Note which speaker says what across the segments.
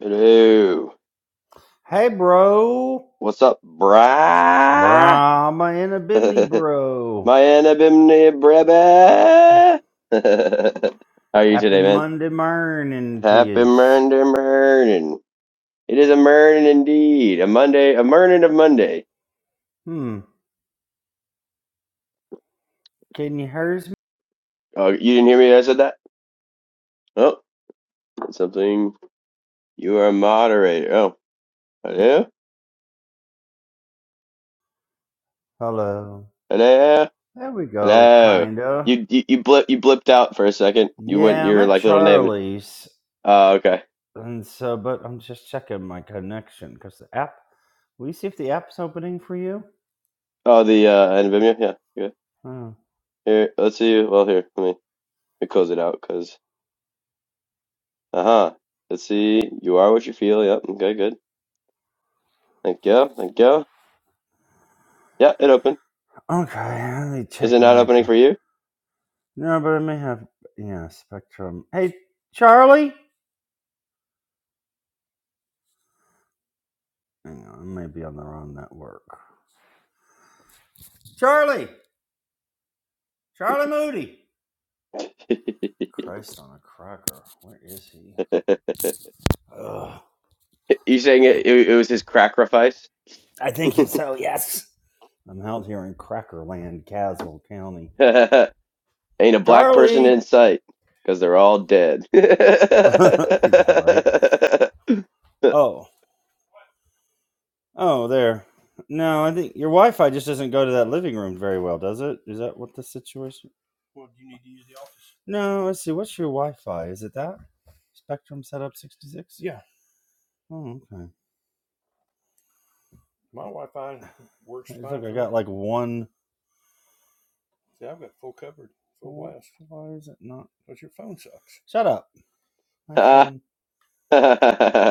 Speaker 1: Hello.
Speaker 2: Hey, bro.
Speaker 1: What's up, brah?
Speaker 2: Brahma and a Bimini,
Speaker 1: My
Speaker 2: bro.
Speaker 1: anabimni brebe. How are you
Speaker 2: Happy
Speaker 1: today, man?
Speaker 2: Monday morning to
Speaker 1: Happy
Speaker 2: yous.
Speaker 1: murder morning. It is a morning indeed. A Monday, a morning of Monday.
Speaker 2: Hmm, can you hear me?
Speaker 1: Oh, you didn't hear me? when I said that. Oh, something. You are a moderator. Oh, hello,
Speaker 2: Hello.
Speaker 1: hello,
Speaker 2: There we go,
Speaker 1: hello.
Speaker 2: kinda.
Speaker 1: You you you, blip, you blipped out for a second. You went
Speaker 2: Yeah, I'm
Speaker 1: your
Speaker 2: at
Speaker 1: like little name.
Speaker 2: Charlie's.
Speaker 1: Oh, okay.
Speaker 2: And so, but I'm just checking my connection because the app, will you see if the app's opening for you?
Speaker 1: Oh, the uh, anabimnia. Yeah. yeah.
Speaker 2: Oh.
Speaker 1: Here, let's see. Well, here, let me, let me close it out because, uh huh. Let's see. You are what you feel. Yep. Okay, good. Thank you. Thank you. Yeah, it opened.
Speaker 2: Okay, let me
Speaker 1: Is it
Speaker 2: check
Speaker 1: not
Speaker 2: my.
Speaker 1: opening
Speaker 2: co-
Speaker 1: for you?
Speaker 2: No, but I may have. Yeah, Spectrum. Hey, Charlie? Hang on, I may be on the wrong network. Charlie, Charlie Moody.
Speaker 1: you
Speaker 2: Christ on a cracker. Where is he? Ugh.
Speaker 1: saying it, it, it was his sacrifice.
Speaker 2: I think he's so, yes. I'm out here in Crackerland, Caswell County.
Speaker 1: Ain't a black person in
Speaker 2: Charlie!
Speaker 1: sight because they're all dead.
Speaker 2: yeah, right. Oh, oh, there. No, I think your Wi Fi just doesn't go to that living room very well, does it? Is that what the situation? No, let's see. What's your Wi Fi? Is it that? Spectrum setup 66? Oh, okay. It's like I got like one. Why is it not? Shut up. iPhone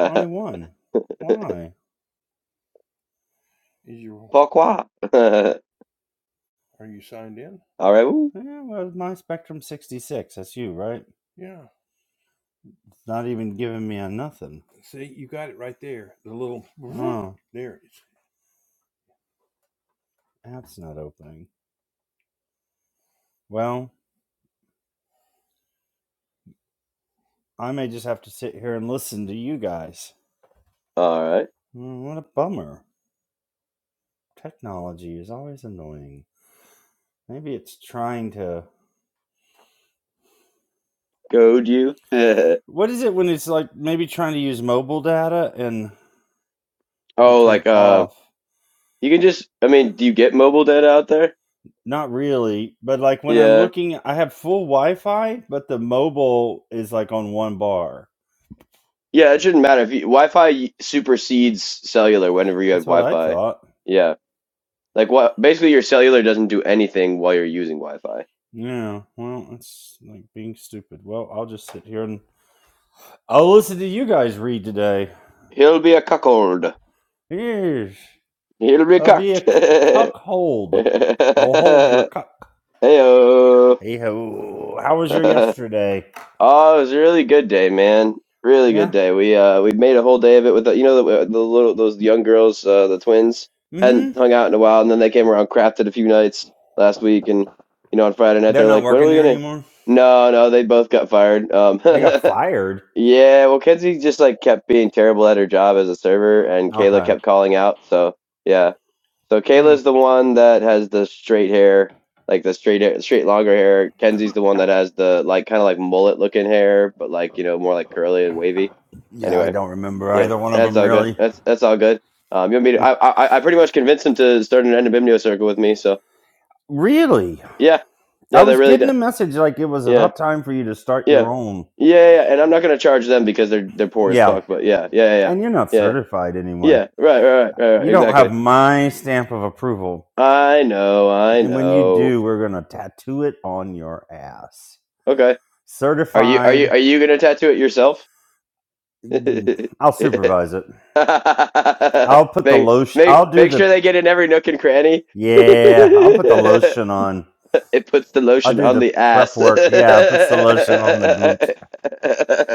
Speaker 2: only one. Why?
Speaker 1: Pourquoi? all right. Woo.
Speaker 2: Yeah, well, my Spectrum 66. That's you, right? It's not even giving me a nothing. Oh, app's not opening. Well, I may just have to sit here and listen to you guys.
Speaker 1: All right.
Speaker 2: Mm, What a bummer. Technology is always annoying. Maybe it's trying to.
Speaker 1: Goad you. oh,
Speaker 2: What is it when it's like maybe trying to use mobile data and I turn
Speaker 1: like, uh.
Speaker 2: off?
Speaker 1: You can just, I mean, do you get mobile data out there?
Speaker 2: Not really, but like when I'm
Speaker 1: Yeah.
Speaker 2: looking, I have full Wi-Fi, but the mobile is like on one bar.
Speaker 1: Yeah, it shouldn't matter if you, Wi-Fi supersedes cellular whenever you have
Speaker 2: That's what I
Speaker 1: Wi-Fi.
Speaker 2: thought.
Speaker 1: Yeah. Like what, basically your cellular doesn't do anything while you're using Wi-Fi.
Speaker 2: Yeah, well, it's like being stupid. Well, I'll just sit here and I'll listen to you guys read today.
Speaker 1: He'll be a cuckold.
Speaker 2: Yeesh.
Speaker 1: He'll be
Speaker 2: I'll be a c-
Speaker 1: cucked.
Speaker 2: cuckold. I'll hold your cuck.
Speaker 1: Heyo.
Speaker 2: Hey ho! How was your yesterday?
Speaker 1: Oh, it was a really good day, man. Really good
Speaker 2: Yeah.
Speaker 1: day. We uh we made a whole day of it with the, you know the, uh, the little those young girls, uh, the twins, hadn't
Speaker 2: Mm-hmm.
Speaker 1: hung out in a while, and then they came around, crafted a few nights last week, and you know on Friday night
Speaker 2: They're
Speaker 1: they're
Speaker 2: not
Speaker 1: like, when are
Speaker 2: working
Speaker 1: we
Speaker 2: there
Speaker 1: gonna?
Speaker 2: anymore.
Speaker 1: No, no, they both got fired. Um,
Speaker 2: They got fired.
Speaker 1: Yeah, well, Kenzie just like kept being terrible at her job as a server, and Kayla
Speaker 2: Okay.
Speaker 1: kept calling out. So yeah, so
Speaker 2: Hmm.
Speaker 1: Kayla's the one that has the straight hair, like the straight hair, straight longer hair. Kenzie's the one that has the like kind of like mullet looking hair, but like you know more like curly and wavy.
Speaker 2: Yeah, I
Speaker 1: Anyway,
Speaker 2: don't remember
Speaker 1: yeah,
Speaker 2: either one of
Speaker 1: that's
Speaker 2: them
Speaker 1: all good.
Speaker 2: really.
Speaker 1: That's that's all good. Um, you want me to? I I, I pretty much convinced him to start an Endobimnio circle with me. So
Speaker 2: Really?
Speaker 1: yeah,
Speaker 2: I
Speaker 1: yeah, they're
Speaker 2: was
Speaker 1: really
Speaker 2: getting
Speaker 1: done.
Speaker 2: a message like it was
Speaker 1: Yeah.
Speaker 2: about time for you to start your
Speaker 1: Yeah.
Speaker 2: own.
Speaker 1: Yeah, yeah, yeah. and I'm not gonna charge them because they're they're poor as
Speaker 2: Yeah.
Speaker 1: fuck. But yeah, yeah, yeah, yeah,
Speaker 2: And you're not
Speaker 1: yeah.
Speaker 2: certified
Speaker 1: Yeah,
Speaker 2: anyway.
Speaker 1: Yeah, Right, right, right, right, right.
Speaker 2: You don't
Speaker 1: Exactly.
Speaker 2: have my stamp of approval.
Speaker 1: I know, I
Speaker 2: And when you
Speaker 1: know.
Speaker 2: do, we're going to tattoo it on your ass.
Speaker 1: Okay. Are you are you
Speaker 2: Certified.
Speaker 1: are you gonna tattoo it yourself?
Speaker 2: mm,
Speaker 1: make
Speaker 2: I'll supervise it. I'll put the lotion.
Speaker 1: make
Speaker 2: I'll do
Speaker 1: make
Speaker 2: the.
Speaker 1: sure they get in every nook and cranny.
Speaker 2: Yeah, I'll put the
Speaker 1: it
Speaker 2: lotion on.
Speaker 1: puts the
Speaker 2: I'll
Speaker 1: lotion
Speaker 2: do
Speaker 1: on
Speaker 2: the
Speaker 1: the
Speaker 2: prep
Speaker 1: ass.
Speaker 2: work. Yeah, puts the lotion on the glute.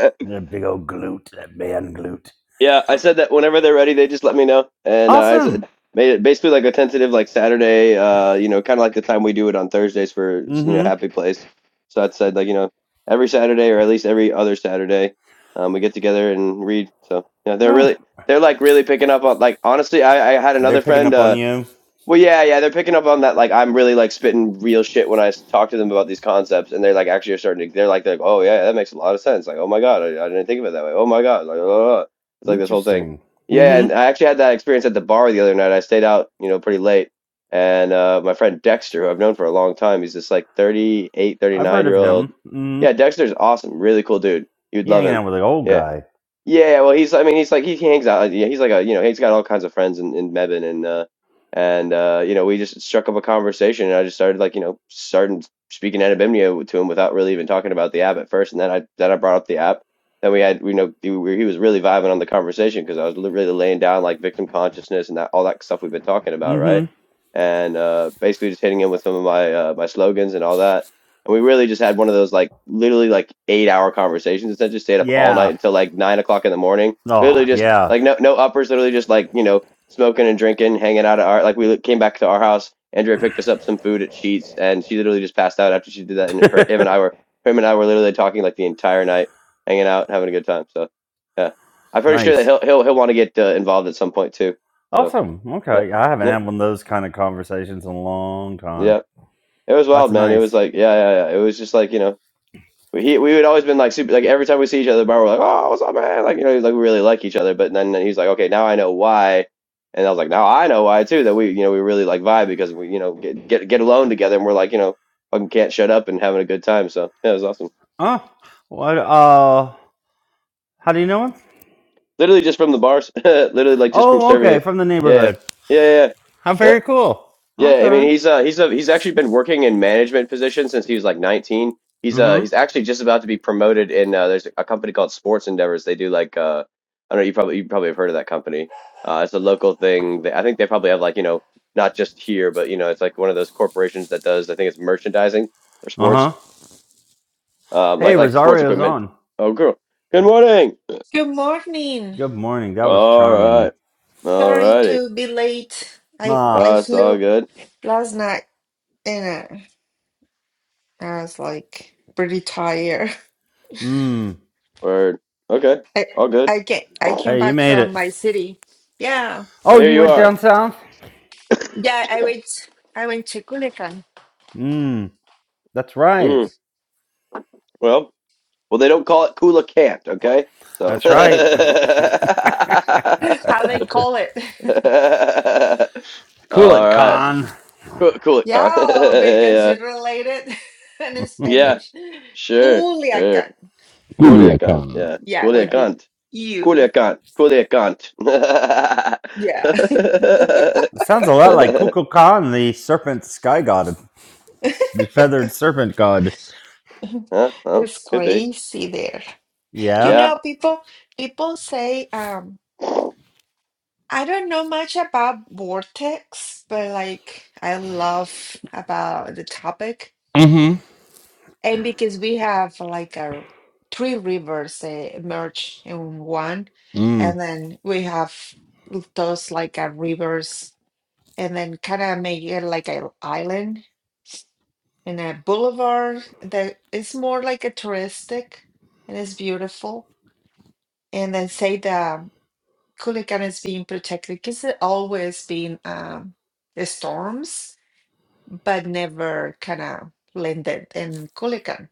Speaker 2: That big old glute. That man glute.
Speaker 1: Yeah, I said that whenever they're ready, they just let me know, and uh, I
Speaker 2: Awesome.
Speaker 1: said made it basically like a tentative like Saturday, uh, you know, kind of like the time we do it on Thursdays for you know
Speaker 2: Mm hmm.
Speaker 1: Happy Place. So I said like you know every Saturday or at least every other Saturday, um, we get together and read. So yeah, they're
Speaker 2: Oh,
Speaker 1: really they're like really picking up on like honestly, I, I had
Speaker 2: They're
Speaker 1: another
Speaker 2: picking
Speaker 1: friend.
Speaker 2: up on
Speaker 1: Uh,
Speaker 2: you.
Speaker 1: well, yeah, yeah, they're picking up on that. Like, I'm really like spitting real shit when I s- talk to them about these concepts, and they're like actually are starting to. They're like, they're like, oh yeah, that makes a lot of sense. Like, oh my god, I, I didn't think of it that way. Oh my god, like, uh, it's like this whole thing.
Speaker 2: Interesting.
Speaker 1: Yeah, and
Speaker 2: Mm-hmm.
Speaker 1: I actually had that experience at the bar the other night. I stayed out, you know, pretty late, and uh, my friend Dexter, who I've known for a long time, he's this like 38,
Speaker 2: I've heard
Speaker 1: 39
Speaker 2: of
Speaker 1: year old.
Speaker 2: him. Mm-hmm.
Speaker 1: Yeah, Dexter's awesome, really cool dude. You'd
Speaker 2: He
Speaker 1: love
Speaker 2: hanging
Speaker 1: him.
Speaker 2: out with an old
Speaker 1: Yeah,
Speaker 2: guy.
Speaker 1: yeah, well, he's. I mean, he's like he hangs out. Yeah, he's like a you know he's got all kinds of friends in in Mebane and uh and uh you know we just struck up a conversation and I just started like you know starting speaking Anabimnio to him without really even talking about the app at first and then I then I brought up the app. Then we had you know he, we- he was really vibing on the conversation because I was li- really laying down like victim consciousness and that all that stuff we've been talking about, right?
Speaker 2: Mm-hmm.
Speaker 1: And uh basically just hitting him with some of my uh, my slogans and all that and we really just had one of those like literally like eight hour conversations. Instead, just stayed up all night
Speaker 2: Yeah.
Speaker 1: until like nine o'clock in the morning.
Speaker 2: Oh,
Speaker 1: Literally just
Speaker 2: yeah.
Speaker 1: like no no uppers. Literally just like you know smoking and drinking, hanging out at our like we came back to our house. Andrea picked us up some food at Sheets, and she literally just passed out after she did that. And her him and I were him and I were literally talking like the entire night, hanging out, having a good time. So yeah, I'm pretty sure that
Speaker 2: nice.
Speaker 1: he'll he'll he'll want to get uh, involved at some point too. So
Speaker 2: Awesome.
Speaker 1: yeah,
Speaker 2: Okay. I haven't
Speaker 1: yeah,
Speaker 2: had one of those kind of conversations in a long time.
Speaker 1: yeah. It was
Speaker 2: That's
Speaker 1: wild, man. It was
Speaker 2: nice.
Speaker 1: like yeah, yeah, yeah. It was just like you know. He, we would always been like super, like every time we see each other at the bar, we're like, oh, what's up, man? Like, you know, like we really like each other. But then then he's like, okay, now I know why. And I was like, now I know why too, that we, you know, we really like vibe because we, you know, get, get, get alone together and we're like, you know, fucking can't shut up and having a good time. So yeah, it was awesome.
Speaker 2: Oh, what? Uh, how do you know him?
Speaker 1: Literally just from the bars, literally like just from
Speaker 2: Oh,
Speaker 1: serving
Speaker 2: okay.
Speaker 1: it.
Speaker 2: From the
Speaker 1: Yeah.
Speaker 2: neighborhood.
Speaker 1: Yeah. Yeah. yeah.
Speaker 2: How
Speaker 1: Yep.
Speaker 2: very cool.
Speaker 1: Yeah, I
Speaker 2: Okay.
Speaker 1: mean he's uh he's a he's actually been working in management positions since he was like 19. He's uh
Speaker 2: Mm-hmm.
Speaker 1: he's actually just about to be promoted in uh there's a company called Sports Endeavors. They do like uh I don't know you probably you probably have heard of that company. Uh it's a local thing. They, I think they probably have like, you know, not just here, but you know, it's like one of those corporations that does I think it's merchandising for sports.
Speaker 2: Uh-huh.
Speaker 1: Um
Speaker 2: Hey,
Speaker 1: like like sports
Speaker 2: Rosario's
Speaker 1: equipment.
Speaker 2: on.
Speaker 1: Oh girl. Good morning.
Speaker 3: Good morning.
Speaker 2: Good morning. That was
Speaker 1: All
Speaker 2: charming.
Speaker 1: right. All
Speaker 3: Sorry
Speaker 1: righty.
Speaker 3: to be late. I I
Speaker 2: Ah.
Speaker 1: Uh it's all
Speaker 3: flew
Speaker 1: good.
Speaker 3: last night and uh, I was like pretty tired.
Speaker 2: Hmm.
Speaker 1: Word. Okay.
Speaker 3: I
Speaker 1: All good.
Speaker 3: I came I
Speaker 1: Well,
Speaker 3: came
Speaker 2: Hey, you
Speaker 3: back
Speaker 2: made
Speaker 3: from
Speaker 2: it.
Speaker 3: my city. Yeah,
Speaker 2: Oh,
Speaker 1: here
Speaker 2: you
Speaker 1: you
Speaker 2: went
Speaker 1: are.
Speaker 2: down south?
Speaker 3: yeah. I went I went to Culiacan.
Speaker 2: Mmm, that's right.
Speaker 1: Mm. Well, Well, they don't call it Kula Kant, okay? So.
Speaker 2: That's right.
Speaker 3: How they call it?
Speaker 2: cool
Speaker 1: All
Speaker 2: it,
Speaker 1: right.
Speaker 2: Khan.
Speaker 1: Cool, cool
Speaker 3: yeah, because
Speaker 1: yeah,
Speaker 3: you're related in
Speaker 1: yeah,
Speaker 3: Spanish.
Speaker 1: sure, sure.
Speaker 3: Culiacan.
Speaker 1: Cool
Speaker 2: Guliakan.
Speaker 1: it,
Speaker 2: It Khan.
Speaker 1: Yeah.
Speaker 3: Yeah,
Speaker 1: Cool it,
Speaker 3: with the
Speaker 1: Kant. Cool
Speaker 3: U.
Speaker 1: Kant. Cool Kant.
Speaker 3: Yeah,
Speaker 2: It sounds a lot like Kukulkan, Khan, the serpent sky god, the feathered serpent god.
Speaker 1: huh? Well,
Speaker 3: it's
Speaker 1: could be.
Speaker 3: crazy there. You
Speaker 2: Yeah.
Speaker 1: Yeah.
Speaker 3: know, people people say um. I don't know much about vortex, but like I love about the topic.
Speaker 2: Mm-hmm.
Speaker 3: And because we have like our three rivers uh, merge in one,
Speaker 2: Mm.
Speaker 3: and then we have those like uh, rivers, and then kind of make it like an island and a boulevard that is more like a touristic and it's beautiful. And then say the. Kulikan is being protected because it always been um, the storms, but never kind of landed in Kulikan.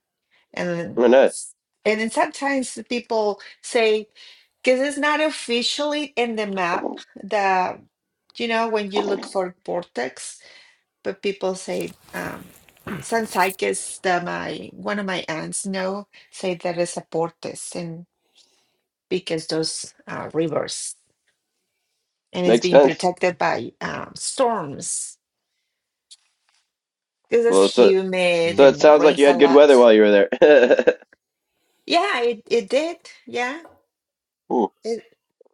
Speaker 3: And then
Speaker 1: Oh, nice.
Speaker 3: s- and then sometimes the people say because it's not officially in the map that you know when you look for vortex, but people say um, Sansicus that my one of my aunts know say that it's a vortex, and because those uh, rivers. and it's
Speaker 1: Makes
Speaker 3: being
Speaker 1: sense.
Speaker 3: protected by um, storms because
Speaker 1: Well,
Speaker 3: it's
Speaker 1: so
Speaker 3: humid
Speaker 1: so
Speaker 2: Mm.
Speaker 1: it
Speaker 3: and
Speaker 1: sounds like you
Speaker 3: rains a
Speaker 1: had good weather
Speaker 3: lot.
Speaker 1: while you were there.
Speaker 3: Yeah, it, it did. Yeah,
Speaker 1: Hmm,
Speaker 3: it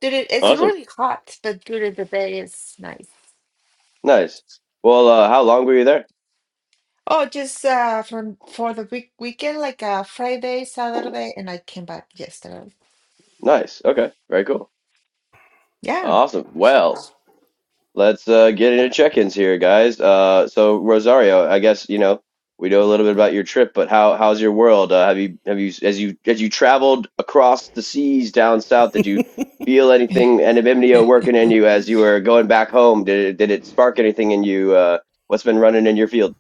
Speaker 3: did. It, it's
Speaker 1: awesome.
Speaker 3: really hot, but during the day it's nice.
Speaker 1: Nice. Well, uh, how long were you there?
Speaker 3: Oh, just uh, from for the week weekend, like uh, Friday, Saturday, and I came back yesterday.
Speaker 1: Nice. Okay. Very cool.
Speaker 3: Yeah.
Speaker 1: Awesome. Well, let's uh, get into check-ins here, guys. Uh, so Rosario, I guess you know we know a little bit about your trip, but how how's your world? Uh, have you have you as you as you traveled across the seas down south? Did you feel anything anonymity working in you as you were going back home? Did it, did it spark anything in you? Uh, what's been running in your field?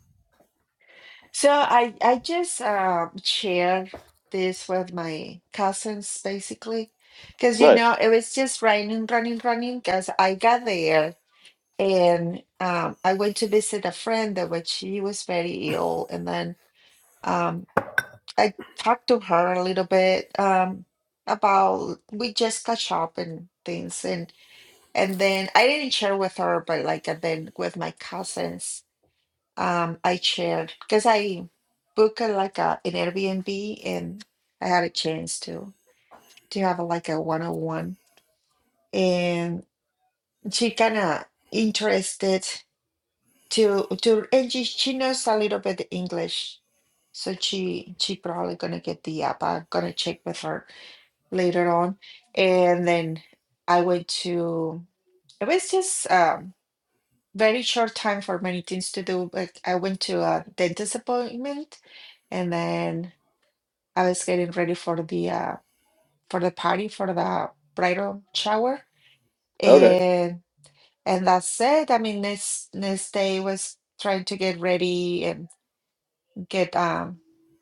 Speaker 3: So I I just uh, shared this with my cousins basically, because you
Speaker 1: Nice.
Speaker 3: know it was just raining, running, running. Because I got there And um, I went to visit a friend that when she was very ill, and then um, I talked to her a little bit um, about we just catch up and things, and and then I didn't share with her, but like and then with my cousins, um, I shared because I booked a, like a an Airbnb, and I had a chance to to have a, like a one on one, and she kind of interested. to to and she she knows a little bit English, so she she probably gonna get the app. I'm gonna check with her later on. And then I went to it was just um very short time for many things to do, but I went to a dentist appointment and then I was getting ready for the uh for the party for the bridal shower
Speaker 1: Okay.
Speaker 3: and and that's it. I mean, next next day was trying to get ready and. get um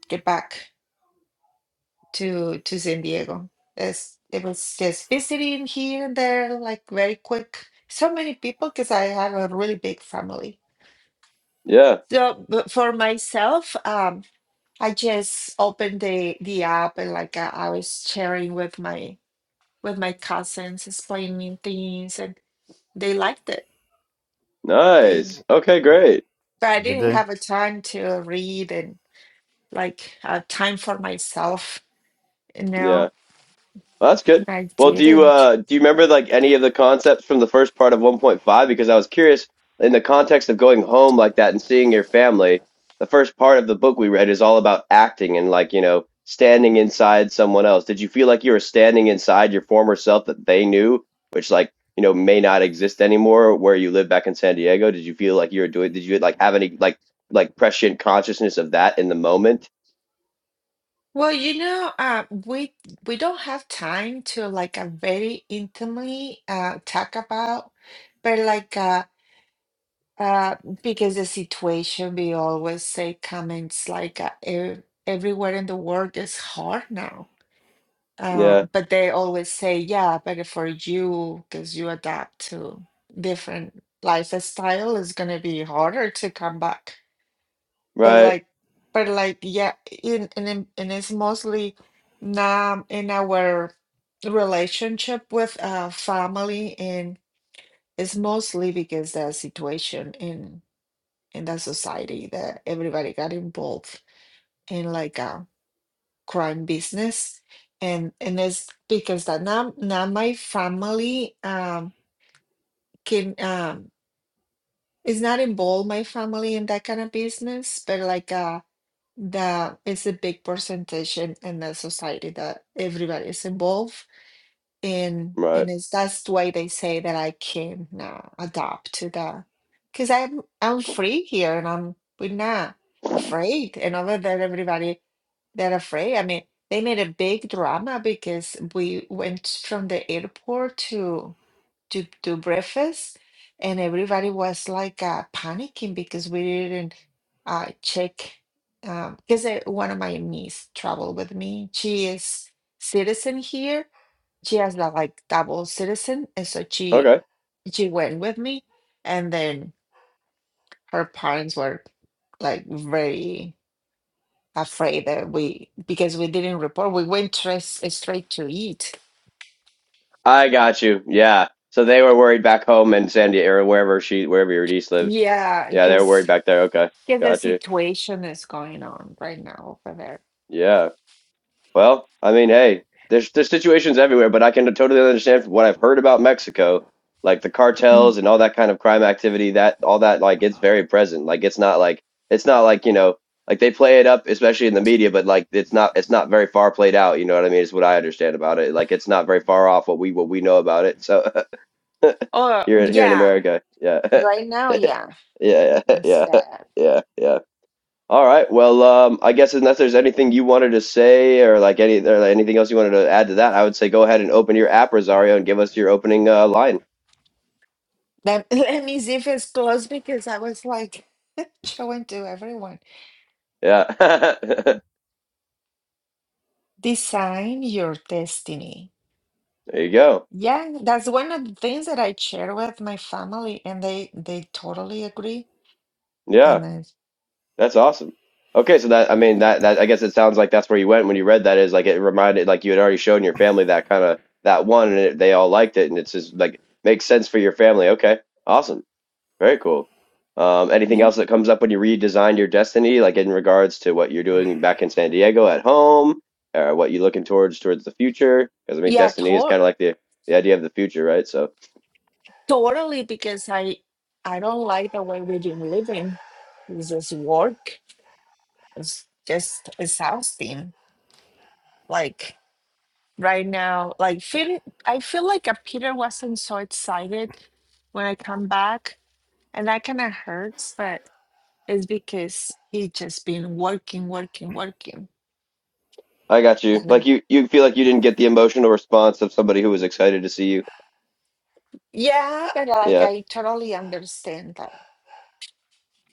Speaker 3: get back to to San Diego. It's, it was just visiting here and there, like very quick. So many people because I have a really big family.
Speaker 1: Yeah.
Speaker 3: So but for myself, um, I just opened the the app and like uh, I was sharing with my with my cousins, explaining things, and they liked it. They
Speaker 1: Nice. Okay. Great.
Speaker 3: but I
Speaker 2: Did
Speaker 3: didn't
Speaker 2: they
Speaker 3: have a time to read and like uh, time for myself. You
Speaker 1: Yeah.
Speaker 3: know,
Speaker 1: Well, that's good.
Speaker 3: I
Speaker 1: Well, do you
Speaker 3: didn't.
Speaker 1: uh do you remember like any of the concepts from the first part of 1.5? Because I was curious in the context of going home like that and seeing your family. The first part of the book we read is all about acting and like, you know, standing inside someone else. Did you feel like you were standing inside your former self that they knew, which like, you know, may not exist anymore where you live back in San Diego? Did you feel like you were doing, did you like have any like like prescient consciousness of that in the moment?
Speaker 3: Well, you know, uh, we we don't have time to like uh, very intimately uh, talk about, but like uh, uh, because the situation, we always say comments like uh, ev everywhere in the world is hard now. Uh,
Speaker 1: Yeah.
Speaker 3: but they always say, yeah, but for you, because you adapt to different lifestyle, it's gonna be harder to come back. But
Speaker 1: Right.
Speaker 3: like, but like, yeah, in and in, and it's mostly now in our relationship with uh family, and it's mostly because the situation in in the society that everybody got involved in like a crime business, and and it's because that now now my family um can um is not involved my family in that kind of business, but like uh that is a big percentage in, in the society that everybody is involved in
Speaker 1: Right.
Speaker 3: and it's that's why they say that I can uh, adapt to that because I'm I'm free here and I'm we're not afraid and over there everybody they're afraid I mean they made a big drama because we went from the airport to to do breakfast, and everybody was like uh, panicking because we didn't uh, check. Because one of my niece traveled with me. She is citizen here. She has the, like double citizen, and so she
Speaker 1: Okay.
Speaker 3: she went with me, and then her parents were like very afraid that we because we didn't report. We went straight straight to eat.
Speaker 1: I got you. Yeah. So they were worried back home in San Diego or wherever she wherever your niece lives.
Speaker 3: Yeah,
Speaker 1: Yeah, they were
Speaker 3: because
Speaker 1: worried back there. Okay.
Speaker 3: Yeah, the
Speaker 1: Got you.
Speaker 3: situation that's going on right now over there.
Speaker 1: Yeah. Well, I mean, hey, there's there's situations everywhere, but I can totally understand from what I've heard about Mexico, like the
Speaker 3: Mhm.
Speaker 1: cartels and all that kind of crime activity, that all that like it's very present. Like it's not like it's not like, you know, like they play it up, especially in the media, but like it's not it's not very far played out, you know what I mean? Is what I understand about it. Like it's not very far off what we what we know about it. So
Speaker 3: Oh,
Speaker 1: here in here in
Speaker 3: yeah,
Speaker 1: America. Yeah.
Speaker 3: right now, yeah,
Speaker 1: Yeah,
Speaker 3: it's
Speaker 1: yeah,
Speaker 3: bad.
Speaker 1: yeah, yeah. All right. Well, um, I guess unless there's anything you wanted to say or like any or like anything else you wanted to add to that, I would say go ahead and open your app, Rosario, and give us your opening uh, line.
Speaker 3: Let, let me see if it's closed because I was like showing to everyone.
Speaker 1: Yeah.
Speaker 3: Design your destiny.
Speaker 1: There you go.
Speaker 3: Yeah, that's one of the things that I share with my family, and they they totally agree.
Speaker 1: Yeah,
Speaker 3: And I,
Speaker 1: that's awesome. Okay, so that I mean that that I guess it sounds like that's where you went when you read that is like it reminded like you had already shown your family that kind of that one and it, they all liked it and it's just like makes sense for your family. Okay. Awesome. Very cool. Um, anything
Speaker 3: yeah,
Speaker 1: else that comes up when you redesign your destiny, like in regards to what you're doing back in San Diego at home, or what you're looking towards towards the future? Because I mean,
Speaker 3: yeah,
Speaker 1: destiny is
Speaker 3: to
Speaker 1: kind of like the the idea of the future, right? So
Speaker 3: totally because I I don't like the way we've been living. It's just work. it's just exhausting. Like right now, like feel I feel like a Peter wasn't so excited when I come back, and that kind of hurts. But it's because he just been working, working, working,
Speaker 1: I got you.
Speaker 3: and uh,
Speaker 1: Like you, you feel like you didn't get the emotional response of somebody who was excited to see you.
Speaker 3: yeah, but like
Speaker 1: Yeah.
Speaker 3: I totally understand that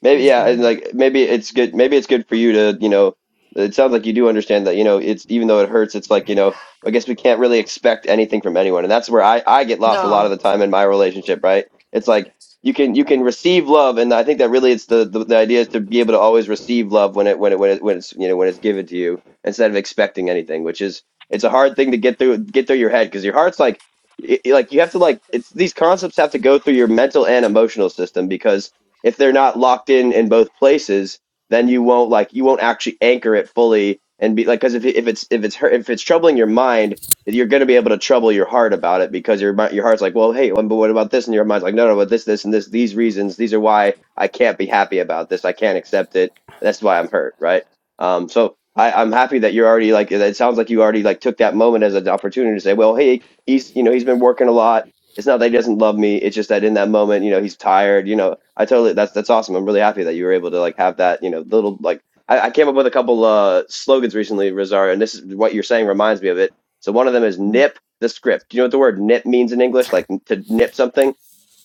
Speaker 1: Maybe
Speaker 3: he's
Speaker 1: yeah,
Speaker 3: been
Speaker 1: and like maybe it's good. Maybe it's good for you to you know. It sounds like you do understand that you know it's even though it hurts, it's like you know. I guess we can't really expect anything from anyone, and that's where I I get lost a lot of
Speaker 3: no
Speaker 1: the time in my relationship. Right? It's like you can you can receive love, and I think that really it's the the, the idea is to be able to always receive love when it when it when it when it's you know when it's given to you instead of expecting anything, which is it's a hard thing to get through get through your head because your heart's like. It, it- like you have to like it's these concepts have to go through your mental and emotional system because if they're not locked in in both places, then you won't like you won't actually anchor it fully and be like because if it- if it's if it's hurt, if it's troubling your mind, you're going to be able to trouble your heart about it because your mi- your heart's like, well, hey, um, but what about this? And your mind's like, no, no, but this, this, and this. These reasons, these are why I can't be happy about this. I can't accept it. That's why I'm hurt, right? Um, so I, I'm happy that you're already like. It sounds like you already like took that moment as an opportunity to say, well, hey, he's you know he's been working a lot. It's not that he doesn't love me. It's just that in that moment, you know, he's tired. You know, I totally that's that's awesome. I'm really happy that you were able to like have that, you know, little like I, I came up with a couple uh slogans recently, Rosario, and this is what you're saying reminds me of it. So one of them is
Speaker 3: mm,
Speaker 1: nip the script. Do you know what the word nip means in English? Like to nip something?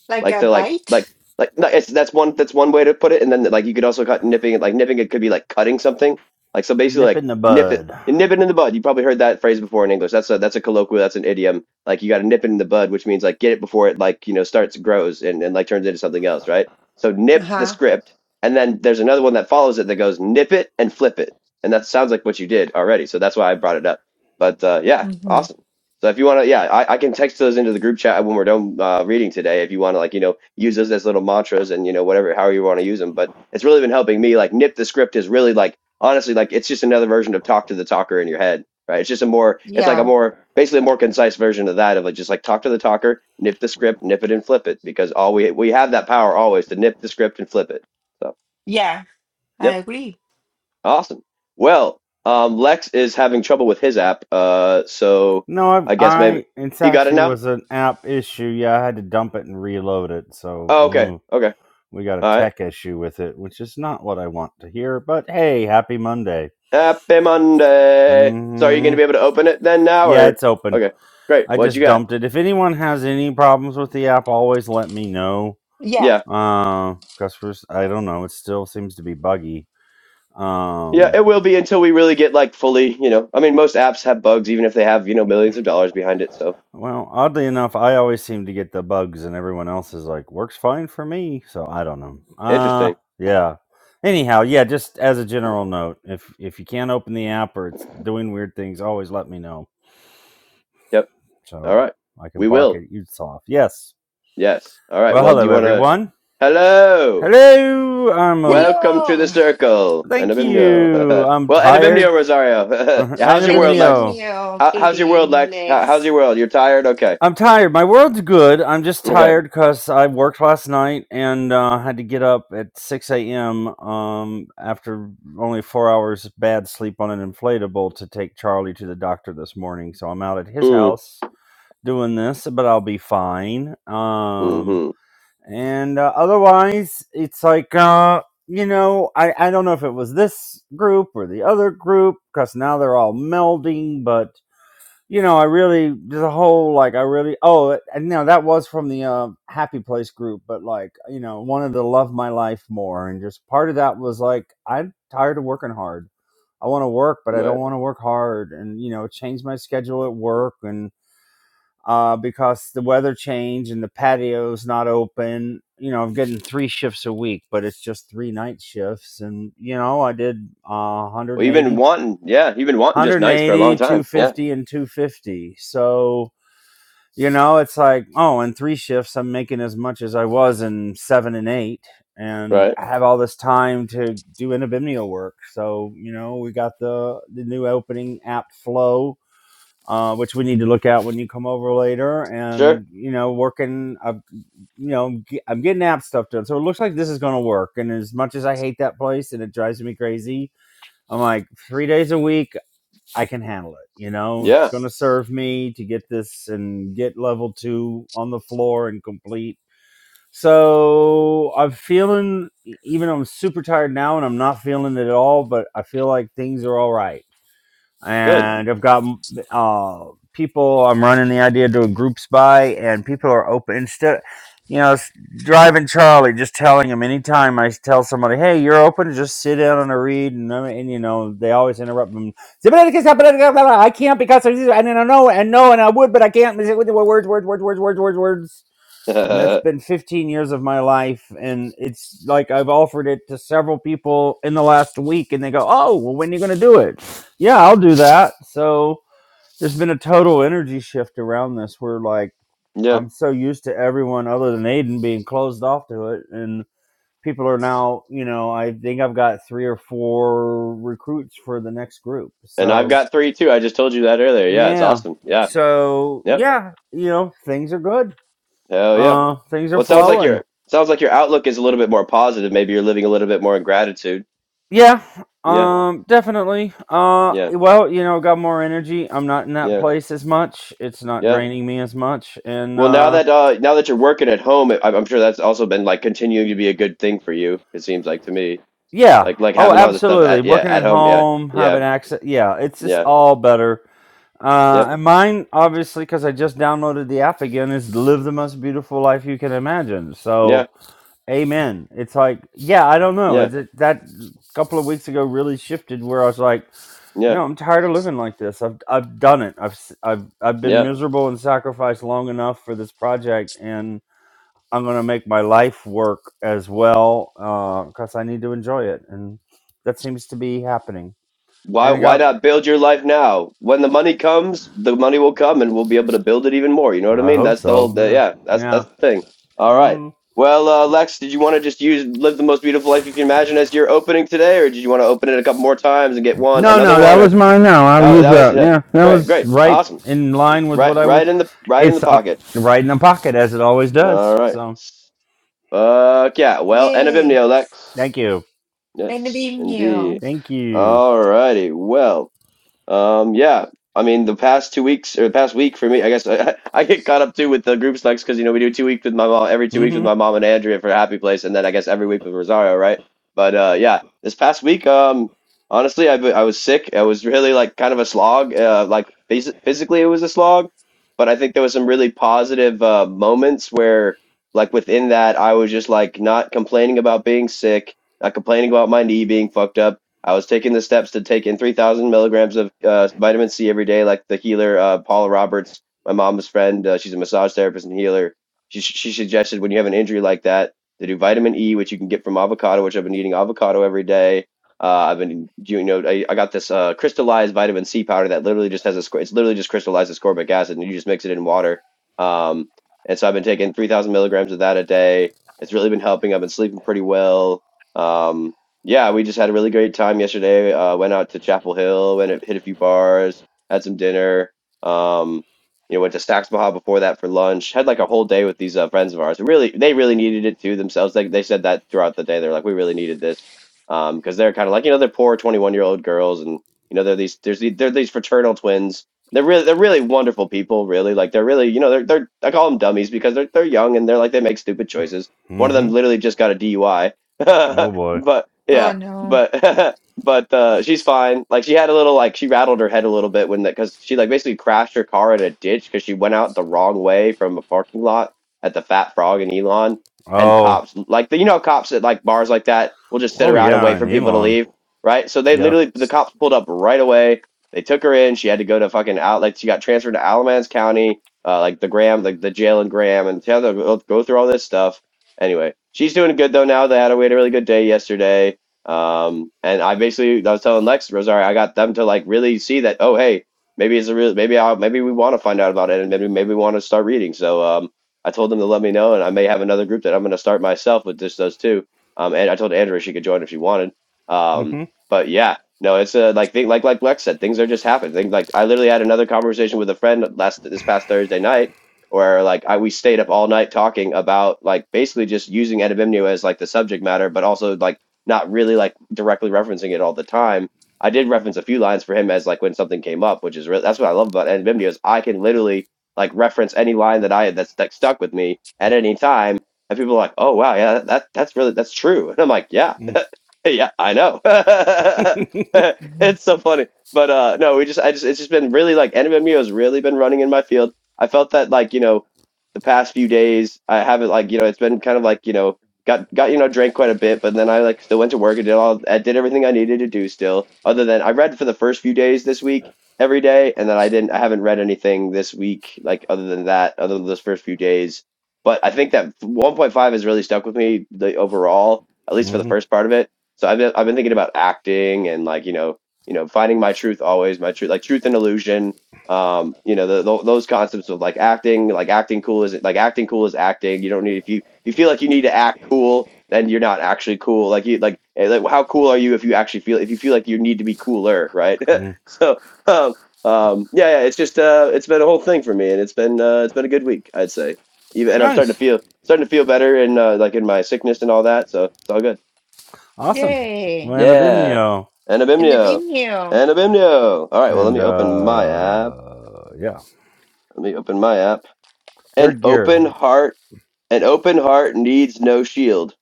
Speaker 3: like
Speaker 1: Like
Speaker 3: a
Speaker 1: they're like like
Speaker 3: bite.
Speaker 1: like no, it's that's one that's one way to put it, and then like you could also cut nipping it like nipping it could be like cutting something. Like so basically
Speaker 2: nip
Speaker 1: like
Speaker 2: in the
Speaker 1: nip it
Speaker 2: bud?
Speaker 1: nip it in the bud. You probably heard that phrase before in English. That's a that's a colloquial, that's an idiom. Like you gotta nip it in the bud, which means like get it before it like, you know, starts grows and, and like turns into something else, right? So
Speaker 3: Uh
Speaker 1: nip the
Speaker 3: huh.
Speaker 1: script and then there's another one that follows it that goes nip it and flip it. And that sounds like what you did already. So that's why I brought it up. But uh, yeah,
Speaker 3: Mm-hmm.
Speaker 1: awesome. So if you want to, yeah, I, I can text those into the group chat when we're done uh, reading today. If you want to, like, you know, use those as little mantras and you know whatever, however you want to use them. But it's really been helping me. Like, nip the script is really like honestly, like it's just another version of talk to the talker in your head, right? It's just a more, it's like a
Speaker 3: Yeah.
Speaker 1: more basically a more concise version of that of like just like talk to the talker, nip the script, nip it and flip it because all we we have that power always to nip the script and flip it. So
Speaker 3: Yeah. I
Speaker 1: yep,
Speaker 3: agree.
Speaker 1: awesome. Well, um, Lex is having trouble with his app, uh, so
Speaker 2: No,
Speaker 1: I guess
Speaker 2: I,
Speaker 1: maybe
Speaker 2: I it
Speaker 1: you got it
Speaker 2: actually
Speaker 1: now.
Speaker 2: was an app issue. Yeah, I had to dump it and reload it. So
Speaker 1: Oh, okay.
Speaker 2: mm,
Speaker 1: Okay.
Speaker 2: we got a
Speaker 1: All right.
Speaker 2: tech issue with it, which is not what I want to hear. But hey, happy Monday.
Speaker 1: Happy Monday. So are you
Speaker 2: Mm-hmm.
Speaker 1: going to be able to open it then now
Speaker 2: Yeah,
Speaker 1: or?
Speaker 2: it's open.
Speaker 1: Okay. Great.
Speaker 2: I
Speaker 1: What you
Speaker 2: just
Speaker 1: got?
Speaker 2: dumped it. If anyone has any problems with the app, always let me know.
Speaker 3: Yeah.
Speaker 1: Yeah.
Speaker 2: Uh, customers, I don't know. It still seems to be buggy.
Speaker 1: Yeah,
Speaker 2: Um,
Speaker 1: it will be until we really get like fully, you know. I mean, most apps have bugs even if they have, you know, millions of dollars behind it. So,
Speaker 2: well, oddly enough, I always seem to get the bugs, and everyone else is like, works fine for me. So I don't know. Uh,
Speaker 1: interesting.
Speaker 2: yeah. Anyhow, yeah. Just as a general note, if if you can't open the app or it's doing weird things, always let me know
Speaker 1: Yep. All
Speaker 2: so
Speaker 1: right.
Speaker 2: I can
Speaker 1: We
Speaker 2: bark
Speaker 1: will.
Speaker 2: at you soft. Yes.
Speaker 1: Yes. All right.
Speaker 2: Well,
Speaker 1: Well, do
Speaker 2: hello
Speaker 1: you want to
Speaker 2: everyone.
Speaker 1: Hello.
Speaker 2: Hello, I'm a.
Speaker 1: Welcome to the
Speaker 3: Hello.
Speaker 1: circle.
Speaker 2: Thank you.
Speaker 1: Anabimnio.
Speaker 2: I'm
Speaker 1: well,
Speaker 2: tired.
Speaker 1: Anabimnio Rosario.
Speaker 2: Uh,
Speaker 1: yeah, how's your
Speaker 3: And a
Speaker 1: world,
Speaker 3: big
Speaker 1: Lex?
Speaker 2: Anabimnio.
Speaker 3: meal,
Speaker 1: How, how's your world,
Speaker 3: eating
Speaker 1: Lex? How,
Speaker 3: legs.
Speaker 1: how's your world? You're tired? Okay.
Speaker 2: I'm tired. My world's good. I'm just
Speaker 1: Okay.
Speaker 2: tired because I worked last night and uh, had to get up at 6 a.m. Um, after only four hours bad sleep on an inflatable to take Charlie to the doctor this morning. So I'm out at his
Speaker 1: Mm.
Speaker 2: house doing this, but I'll be fine. Um,
Speaker 1: Mhm.
Speaker 2: and uh, otherwise it's like uh you know i i don't know if it was this group or the other group because now they're all melding but you know i really there's a whole like i really oh it- and no that was from the uh, happy place group but like you know wanted to love my life more and just part of that was like i'm tired of working hard i want to work but i
Speaker 1: Right.
Speaker 2: don't want to work hard and you know change my schedule at work and uh, because the weather changed and the patio's not open. You know, I'm getting three shifts a week, but it's just three night shifts. And, you know, I did uh,
Speaker 1: Well, you've been
Speaker 2: 180,
Speaker 1: wanting, yeah, you've been wanting just nights for a long
Speaker 2: 180,
Speaker 1: time. Yeah.
Speaker 2: 250, and 250. So, you know, it's like, oh, in three shifts, I'm making as much as I was in seven and eight. And
Speaker 1: Right.
Speaker 2: I have all this time to do inabimnio work. So, you know, we got the, the new opening app flow uh, which we need to look at when you come over later.
Speaker 1: Sure.
Speaker 2: And you know, working, uh, you know, ge- I'm getting app stuff done, so it looks like this is going to work. And as much as I hate that place and it drives me crazy, I'm like three days a week, I can handle it. You know, if it's
Speaker 1: Yeah.
Speaker 2: going to serve me to get this and get level two on the floor and complete. So I'm feeling, e, even though I'm super tired now and I'm not feeling it at all, but I feel like things are all right
Speaker 1: Good.
Speaker 2: and I've got uh, people. I'm running the idea to a groups by, and people are open instead. You know, s- driving Charlie, just telling him anytime I tell somebody, "Hey, you're open," just sit down and read, and, uh, and you know they always interrupt them. I can't because I and I know and no and I would, but I can't. Words, words, words, words, words, words, words and that's
Speaker 1: yeah.
Speaker 2: been 15 years of my life and it's like i've offered it to several people in the last week and they go oh well when are you going to do it yeah i'll do that so there's been a total energy shift around this We're like i'm so used to everyone other than aiden being closed off to it and people are now you know i think i've got three or four recruits for the next group
Speaker 1: And I've
Speaker 2: so
Speaker 1: got three too. I just told you that earlier. Yeah, it's
Speaker 2: yeah
Speaker 1: awesome. Yeah.
Speaker 2: so
Speaker 1: Yep.
Speaker 2: yeah you know things are good
Speaker 1: Hell yeah.
Speaker 2: uh things are
Speaker 1: Well, it sounds like
Speaker 2: flowing
Speaker 1: your sounds like your outlook is a little bit more positive. Maybe you're living a little bit more in gratitude.
Speaker 2: Yeah,
Speaker 1: Yeah.
Speaker 2: um, definitely. Uh,
Speaker 1: Yeah.
Speaker 2: well, you know, got more energy. I'm not in that
Speaker 1: Yeah.
Speaker 2: place as much. It's not
Speaker 1: Yeah.
Speaker 2: draining me as much, and
Speaker 1: Well, now
Speaker 2: uh,
Speaker 1: that uh, now that you're working at home, I- I'm sure that's also been like continuing to be a good thing for you. It seems like to me,
Speaker 2: yeah.
Speaker 1: like like
Speaker 2: Oh,
Speaker 1: having all this stuff
Speaker 2: absolutely.
Speaker 1: at yeah
Speaker 2: Working
Speaker 1: at
Speaker 2: at
Speaker 1: home. Yeah.
Speaker 2: home,
Speaker 1: Yeah.
Speaker 2: having access. Yeah, it's just
Speaker 1: Yeah.
Speaker 2: all better. Uh,
Speaker 1: Yep.
Speaker 2: and mine, obviously, because I just downloaded the app again, is live the most beautiful life you can imagine.
Speaker 1: Yeah.
Speaker 2: So, amen. It's like, yeah, I don't know.
Speaker 1: Yeah.
Speaker 2: It's, it, that couple of weeks ago really shifted where I was like.
Speaker 1: Yeah.
Speaker 2: No, I'm tired of living like this. I've I've done it. I've s- I've I've been
Speaker 1: Yeah.
Speaker 2: miserable and sacrificed long enough for this project, and I'm gonna make my life work as well because I need to enjoy it, and that seems to be happening.
Speaker 1: Why
Speaker 2: And I
Speaker 1: why
Speaker 2: got.
Speaker 1: not build your life now? When the money comes, the money will come and we'll be able to build it even more. You know what I
Speaker 2: I
Speaker 1: mean?
Speaker 2: hope
Speaker 1: That's the whole
Speaker 2: so.
Speaker 1: the,
Speaker 2: Yeah.
Speaker 1: yeah, that's
Speaker 2: Yeah.
Speaker 1: that's the thing. All right.
Speaker 2: hmm
Speaker 1: Well, uh, Lex, did you want to just use live the most beautiful life you can imagine as your opening today, or did you want to open it a couple more times and get one
Speaker 2: No,
Speaker 1: another
Speaker 2: no, that
Speaker 1: one?
Speaker 2: was
Speaker 1: Or
Speaker 2: mine. No, I'll
Speaker 1: that
Speaker 2: use
Speaker 1: that was
Speaker 2: that.
Speaker 1: uh,
Speaker 2: Yeah, that
Speaker 1: great,
Speaker 2: was
Speaker 1: great,
Speaker 2: right
Speaker 1: awesome.
Speaker 2: in line with
Speaker 1: Right,
Speaker 2: what I
Speaker 1: right
Speaker 2: was.
Speaker 1: in the right in the
Speaker 2: It's uh,
Speaker 1: pocket.
Speaker 2: right in the pocket as it always
Speaker 1: All
Speaker 2: does.
Speaker 1: right.
Speaker 2: So
Speaker 1: Fuck yeah. Well, end of
Speaker 3: Yay!
Speaker 1: Lex.
Speaker 2: thank you.
Speaker 3: And the
Speaker 1: Yes,
Speaker 3: beam you.
Speaker 1: indeed.
Speaker 2: Thank you.
Speaker 1: All righty. Well. Um, yeah, I mean, the past two weeks or the past week for me, I guess I, I get caught up too with the group selects because you know we do two weeks with my mom every two weeks with
Speaker 2: Mm-hmm.
Speaker 1: my mom and Andrea for Happy Place, and then I guess every week with Rosario, right? But uh, yeah, this past week, um, honestly, I I was sick. It was really like kind of a slog. Uh, like phys- physically, it was a slog, but I think there was some really positive uh, moments where, like within that, I was just like not complaining about being sick, not complaining about my knee being fucked up I was taking the steps to take in 3,000 milligrams of uh, vitamin C every day, like the healer uh, Paula Roberts, my mom's friend. Uh, she's a massage therapist and healer. She, she suggested when you have an injury like that to do vitamin E, which you can get from avocado, which I've been eating avocado every day. Uh, I've been, you know, I, I got this uh, crystallized vitamin C powder that literally just has a, ascor- it's literally just crystallized ascorbic acid, and you just mix it in water. Um, and so I've been taking 3,000 milligrams of that a day. It's really been helping. I've been sleeping pretty well. Um, yeah, we just had a really great time yesterday. Uh, went out to Chapel Hill, went and hit a few bars, had some dinner. Um, you know, went to Stacks Baja before that for lunch. Had like a whole day with these uh, friends of ours. Really, they really needed it too themselves. They they said that throughout the day. They're like, we really needed this Um, because they're kind of like you know they're poor twenty one year old girls, and you know they're these there's these, they're these fraternal twins. They're really they're really wonderful people. Really, like they're really you know they're they're I call them dummies because they're they're young and they're like they make stupid choices. One of them
Speaker 2: Mm-hmm.
Speaker 1: literally just got a DUI.
Speaker 2: Oh boy.
Speaker 1: but
Speaker 3: Oh
Speaker 1: yeah,
Speaker 3: no.
Speaker 1: but but uh, she's fine. Like she had a little like she rattled her head a little bit when that because she like basically crashed her car in a ditch because she went out the wrong way from a parking lot at the Fat Frog in Elon. And
Speaker 2: Oh,
Speaker 1: cops like the you know how cops at like bars like that will just sit
Speaker 2: oh
Speaker 1: around and
Speaker 2: yeah,
Speaker 1: wait for
Speaker 2: and
Speaker 1: people to
Speaker 2: Elon.
Speaker 1: leave, right? So they
Speaker 2: Yeah.
Speaker 1: literally the cops pulled up right away. They took her in. She had to go to fucking out like she got transferred to Alamance County, uh, like the Graham, like the jail in Graham, and she had to go go through all this stuff anyway, she's doing good though now. They had a, we had a really good day yesterday. Um, and I basically I was telling Lex Rosario, I got them to like really see that. Oh, hey, maybe it's a real. Maybe I maybe we want to find out about it, and maybe maybe we want to start reading. So um, I told them to let me know, and I may have another group that I'm going to start myself with just those two. Um, and I told Andrea she could join if she wanted. Um, but yeah. No, it's a like thing, like like Lex said, things are just happening. Things like I literally had another conversation with a friend last this past Thursday night, where like I we stayed up all night talking about like basically just using Edibimnio as like the subject matter, but also like not really like directly referencing it all the time. I did reference a few lines for him as like when something came up, which is really that's what I love about Edibimnio is I can literally like reference any line that I had that's that stuck with me at any time, and people are like, "Oh wow, yeah, that that's really that's true," and I'm like, "Yeah." Yeah, I know.
Speaker 3: Mhm.
Speaker 1: It's so funny. But uh no, we just I just it's just been really like NMMU has really been running in my field. I felt that like, you know, the past few days I haven't like, you know, it's been kind of like, you know, got got you know, drank quite a bit, but then I like still went to work and did all I did everything I needed to do still. Other than I read for the first few days this week every day and then I didn't I haven't read anything this week like other than that, other than those first few days. But I think that 1.5 has really stuck with me the overall, at least for the
Speaker 2: Mm-hmm.
Speaker 1: first part of it so I've been, I've been thinking about acting and like, you know, you know, finding my truth always, my truth, like truth and illusion. Um, you know, the, tho- those concepts of like acting, like acting cool is like acting cool is acting. You don't need if you you feel like you need to act cool, then you're not actually cool. Like you like eh, like how cool are you if you actually feel if you feel like you need to be cooler, right?
Speaker 2: mm-hmm.
Speaker 1: so um, um, yeah, yeah, it's just uh, it's been a whole thing for me, and it's been uh, it's been a good week, I'd say. Even and I'm starting to
Speaker 2: Nice.
Speaker 1: feel starting to feel better and uh, like in my sickness and all that, so it's all good.
Speaker 2: Awesome. Well,
Speaker 3: Yay!
Speaker 2: and
Speaker 1: Yeah.
Speaker 2: Abimnio.
Speaker 3: And the
Speaker 1: Anabimnio.
Speaker 3: beam you.
Speaker 1: Anabimnio. All right, well, let
Speaker 2: And
Speaker 1: me open my app.
Speaker 2: uh yeah.
Speaker 1: Let me open my app. An
Speaker 2: Third gear.
Speaker 1: open heart, an open heart needs no shield.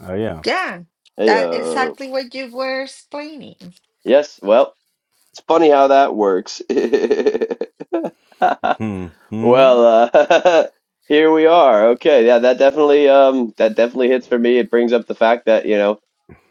Speaker 2: Oh yeah.
Speaker 3: Yeah, that
Speaker 1: Heyo.
Speaker 3: exactly what you were explaining.
Speaker 1: Yes, well, it's funny how that works.
Speaker 2: Hmm. Hmm.
Speaker 1: well, uh, here we are. Okay, yeah, that definitely um that definitely hits for me. It brings up the fact that, you know,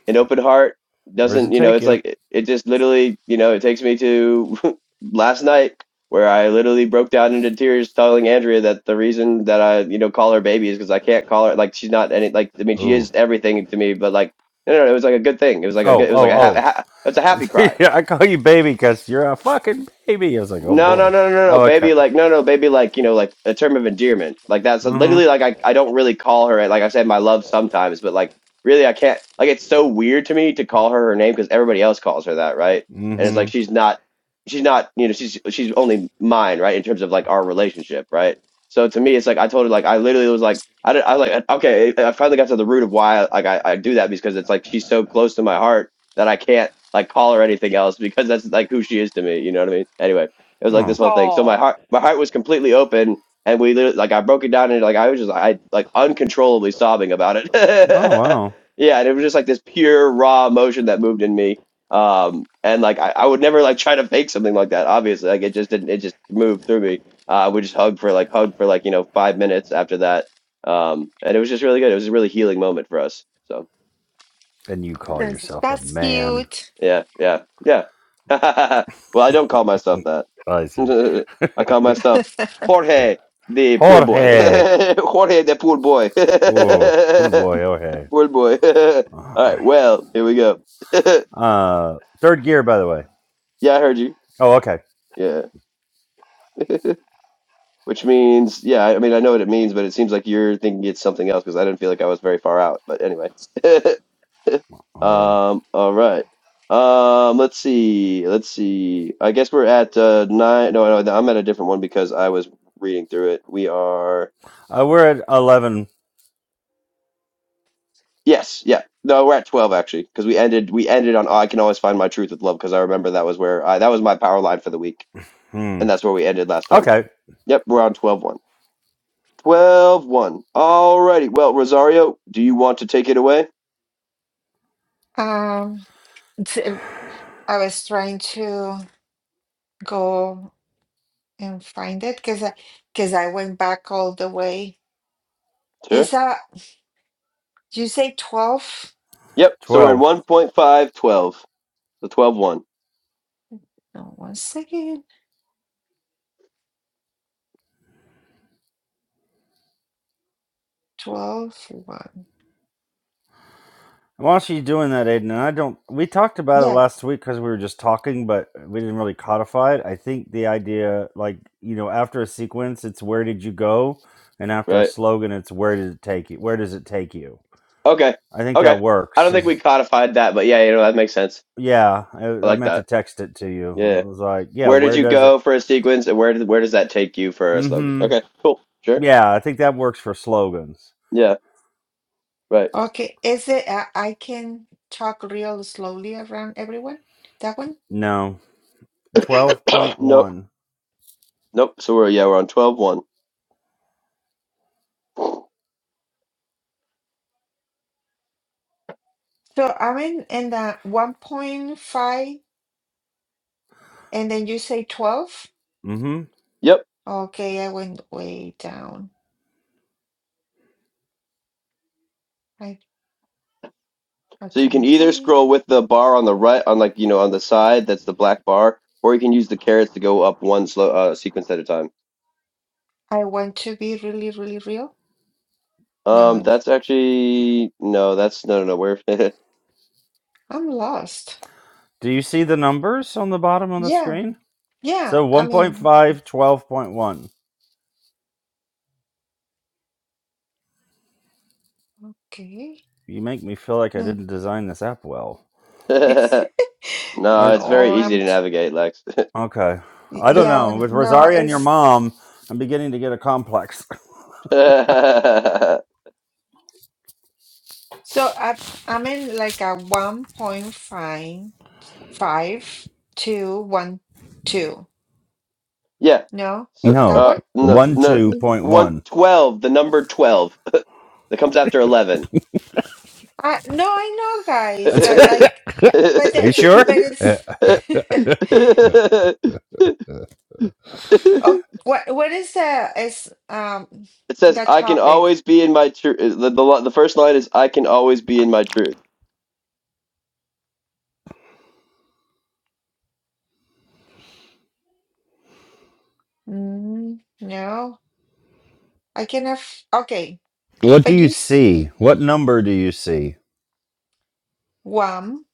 Speaker 1: An open heart
Speaker 2: Where does
Speaker 1: doesn't
Speaker 2: it
Speaker 1: you know
Speaker 2: take
Speaker 1: it's
Speaker 2: you?
Speaker 1: like it, it just literally you know it takes me to last night where i literally broke down into tears telling andrea that the reason that i you know call her baby is because i can't call her like she's not any like i mean she
Speaker 2: Ooh.
Speaker 1: is everything to me but like no no no, it was like a good thing it was like a good
Speaker 2: Oh,
Speaker 1: it was like
Speaker 2: oh,
Speaker 1: a ha-
Speaker 2: oh.
Speaker 1: ha- it's a happy cry
Speaker 2: yeah, I call you baby because you're a fucking baby. I was like, oh
Speaker 1: no, no,
Speaker 2: boy.
Speaker 1: no, no, no, no.
Speaker 2: Oh, okay.
Speaker 1: baby. Like, no, no, baby. Like, you know, like a term of endearment. Like that's literally
Speaker 2: Mm-hmm.
Speaker 1: like I, I don't really call her. Like I said, my love sometimes, but like really, I can't. Like it's so weird to me to call her her name because everybody else calls her that, right? And it's like
Speaker 2: Mm-hmm.
Speaker 1: she's not, she's not. You know, she's she's only mine, right? In terms of like our relationship, right? So to me, it's like I told her, like I literally was like, I, did, I like okay, I finally got to the root of why like I, I do that because it's like she's so close to my heart that I can't like call her anything else because that's like who she is to me. You know what I mean? Anyway. It was like this
Speaker 2: Oh.
Speaker 1: whole thing. So my
Speaker 3: Oh,
Speaker 1: heart, my heart was completely open, and we literally, like I broke it down and like I was just I like uncontrollably sobbing about it.
Speaker 2: Oh wow.
Speaker 1: yeah, and it was just like this pure raw emotion that moved in me. Um, and like I, I would never like try to fake something like that. Obviously, like it just didn't. It just moved through me. Uh, we just hugged for like hugged for like you know five minutes after that. Um, and it was just really good. It was a really healing moment for us. So.
Speaker 2: And you call
Speaker 3: That's
Speaker 2: yourself a
Speaker 3: that's
Speaker 2: man.
Speaker 3: cute.
Speaker 1: Yeah, yeah, yeah. Well, I don't call myself that.
Speaker 2: I see.
Speaker 1: I call myself Jorge the poor boy.
Speaker 2: Jorge.
Speaker 1: Jorge the poor boy.
Speaker 2: Oh, poor boy, Jorge.
Speaker 1: Poor boy. All
Speaker 2: Oh.
Speaker 1: right, well, here we go.
Speaker 2: Uh, third gear, by the way.
Speaker 1: Yeah, I heard you.
Speaker 2: Oh, okay.
Speaker 1: Yeah. Which means, yeah, I I mean, I know what it means, but it seems like you're thinking it's something else because I didn't feel like I was very far out. But anyway.
Speaker 2: Or
Speaker 1: Um, all right. Um, let's see. Let's see. I guess we're at uh nine. No, no, I'm at a different one because I was reading through it. We are,
Speaker 2: uh, we're at eleven.
Speaker 1: yes, yeah. No, we're at 12 actually because we ended we ended on I can always find my truth with love because I remember that was where I that was my power line for the week
Speaker 2: Hmm.
Speaker 1: and that's where we ended last time.
Speaker 2: Okay,
Speaker 1: Yep, we're on twelve one. Twelve one. 1. Alrighty. Well, Rosario, do you want to take it away?
Speaker 3: Um, t- I was trying to go and find it because I because I went back all the way.
Speaker 1: Sure.
Speaker 3: Is that you say twelve?
Speaker 1: Yep. So we're in
Speaker 2: twelve.
Speaker 1: one point five twelve. 12. So 12 one,
Speaker 3: No, one second. Twelve one.
Speaker 2: While she's doing that, Aiden, and I don't. We talked about it
Speaker 3: Yeah.
Speaker 2: last week because we were just talking, but we didn't really codify it. I think the idea, like you know, after a sequence, it's where did you go, and after a
Speaker 1: Right.
Speaker 2: slogan, it's where did it take you. Where does it take you?
Speaker 1: Okay.
Speaker 2: I think
Speaker 1: Okay.
Speaker 2: that
Speaker 1: I
Speaker 2: works.
Speaker 1: don't think we
Speaker 2: Is
Speaker 1: codified that, but yeah, you know, that makes sense.
Speaker 2: yeah. I,
Speaker 1: I
Speaker 2: I
Speaker 1: like
Speaker 2: meant to
Speaker 1: that.
Speaker 2: text it to you.
Speaker 1: Yeah.
Speaker 2: It was like, yeah,
Speaker 1: Where did
Speaker 2: where
Speaker 1: you
Speaker 2: does it?
Speaker 1: go for a sequence and where did, where does that take you for a slogan?
Speaker 2: Mm-hmm.
Speaker 1: Okay. Cool. Sure.
Speaker 2: Yeah, I think that works for slogans.
Speaker 1: Yeah. Right.
Speaker 3: Okay, is it I, I can talk real slowly around everyone? That one?
Speaker 2: No. 12.1.
Speaker 1: nope. Nope. So we're, yeah, we're on twelve one.
Speaker 3: So I'm in in the 1.5 and then you say 12?
Speaker 2: Mm-hmm.
Speaker 1: Yep.
Speaker 3: Okay, I went way down. I
Speaker 1: So you
Speaker 3: okay,
Speaker 1: can
Speaker 3: I'm
Speaker 1: either
Speaker 3: coming.
Speaker 1: scroll with the bar on the right, on like you know on the side that's the black bar, or you can use the carrots to go up one slow uh, sequence at a time.
Speaker 3: I want to be really, really real. No,
Speaker 1: Um,
Speaker 3: it's-
Speaker 1: that's actually no, that's no, no, no. We're
Speaker 3: I'm lost.
Speaker 2: Do you see the numbers on the bottom of the
Speaker 3: Yeah,
Speaker 2: screen?
Speaker 3: yeah.
Speaker 2: So
Speaker 3: I
Speaker 2: one point
Speaker 3: mean,
Speaker 2: five, twelve point one.
Speaker 3: okay.
Speaker 2: You make me feel like I
Speaker 3: No,
Speaker 2: didn't design this app well.
Speaker 1: no,
Speaker 2: I,
Speaker 1: it's
Speaker 2: I,
Speaker 1: very
Speaker 3: no,
Speaker 1: easy
Speaker 3: I'm
Speaker 1: to
Speaker 3: t-
Speaker 1: navigate, Lex.
Speaker 2: okay.
Speaker 3: y-
Speaker 2: I don't know.
Speaker 3: yeah,
Speaker 2: With
Speaker 3: no,
Speaker 2: Rosaria and your
Speaker 3: it's
Speaker 2: mom, I'm beginning to get a complex.
Speaker 1: yeah.
Speaker 3: so I I'm in like a 1.5 five two one two
Speaker 1: Yeah.
Speaker 3: no
Speaker 1: So
Speaker 3: that
Speaker 2: No,
Speaker 3: one
Speaker 1: uh, no, no,
Speaker 3: Mm.
Speaker 1: one
Speaker 2: 12.1.
Speaker 1: twelve, the number twelve that comes after eleven.
Speaker 3: I, no i know guys but like but
Speaker 2: Are
Speaker 3: the,
Speaker 2: you sure?
Speaker 3: but
Speaker 2: Uh,
Speaker 3: it's oh what what is the is um
Speaker 1: It says,
Speaker 3: the
Speaker 1: "I can
Speaker 3: topic
Speaker 1: always be in my truth." The, the the first line is, "I can always be in my truth."
Speaker 3: mm, no i cannot. have okay
Speaker 2: what do
Speaker 3: but
Speaker 2: you
Speaker 3: you s-
Speaker 2: see? What number do you see?
Speaker 3: one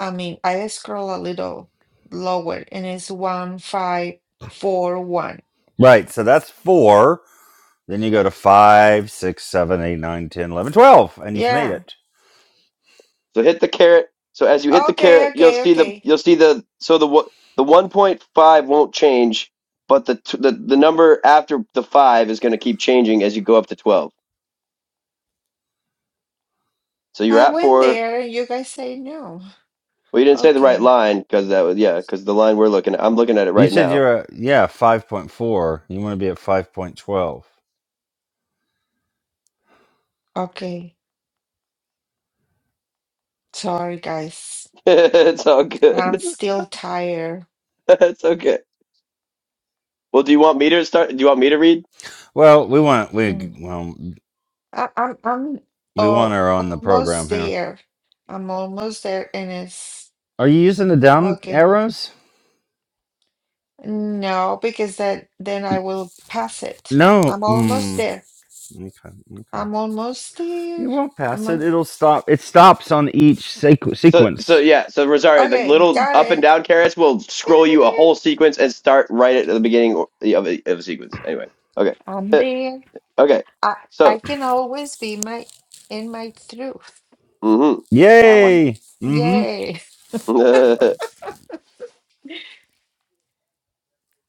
Speaker 3: i mean i scroll a little lower and it's one five four one
Speaker 2: Right, so that's four. Then you go to five, six, seven, eight, nine, ten, eleven, twelve, and you've made
Speaker 3: yeah
Speaker 2: it.
Speaker 1: So hit the carrot. So as you hit the
Speaker 3: okay
Speaker 1: carrot, you'll
Speaker 3: okay
Speaker 1: see the
Speaker 3: okay
Speaker 1: you'll see the so the the one point five won't change, but the the the number after the five is going to keep changing as you go up to twelve. So you're
Speaker 3: i
Speaker 1: at
Speaker 3: went
Speaker 1: four.
Speaker 3: there and you guys say no
Speaker 1: Well, you didn't say the right
Speaker 3: Okay,
Speaker 1: line because that was yeah because the line we're looking at. I'm looking at it
Speaker 2: You
Speaker 1: right
Speaker 2: said
Speaker 1: now.
Speaker 2: you're at, yeah, 5.4. You want to be at 5.12.
Speaker 3: okay. Sorry, guys.
Speaker 1: it's all
Speaker 3: I'm
Speaker 1: good.
Speaker 3: still tired.
Speaker 1: it's okay. Well, do you want me to start? Do you want me to read?
Speaker 2: Well, we want we
Speaker 3: Mm.
Speaker 2: well
Speaker 3: I, I'm I'm
Speaker 2: we want
Speaker 3: oh,
Speaker 2: her on the program
Speaker 3: almost
Speaker 2: here.
Speaker 3: there. I'm almost there, and it's
Speaker 2: Are you using the down
Speaker 3: okay.
Speaker 2: arrows?
Speaker 3: No, because that then I will pass it.
Speaker 2: No.
Speaker 3: I'm almost
Speaker 2: Mm,
Speaker 3: there.
Speaker 2: okay. Okay.
Speaker 3: I'm almost there.
Speaker 2: You won't
Speaker 3: I'm
Speaker 2: pass it.
Speaker 3: on,
Speaker 2: It'll stop. It stops on each sequ-
Speaker 1: So so
Speaker 2: sequence.
Speaker 1: yeah, so Rosario, the
Speaker 3: okay.
Speaker 1: little
Speaker 3: Got
Speaker 1: up and
Speaker 3: it.
Speaker 1: down carrots will scroll
Speaker 3: Got
Speaker 1: you a
Speaker 3: it.
Speaker 1: whole sequence and start right at the beginning of a, of a sequence. Anyway, okay,
Speaker 3: I'm
Speaker 1: Eh,
Speaker 3: there.
Speaker 1: okay.
Speaker 3: I I
Speaker 1: So,
Speaker 3: can always be my in my truth.
Speaker 1: hmm
Speaker 3: That one.
Speaker 2: Yay. Mm-hmm.
Speaker 3: Yay.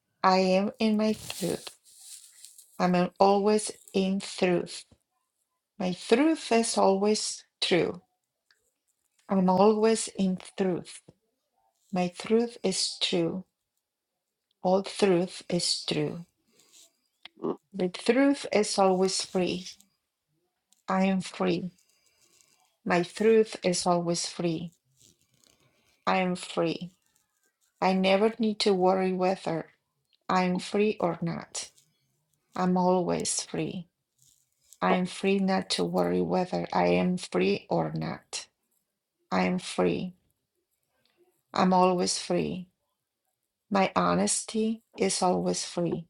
Speaker 3: I am in my truth. I'm always in truth. My truth is always true. I'm always in truth. My truth is true. All truth is true. The truth is always free. I am free. My truth is always free. I am free. I never need to worry whether I am free or not. I'm always free. I am free not to worry whether I am free or not. I am free. I'm always free. My honesty is always free.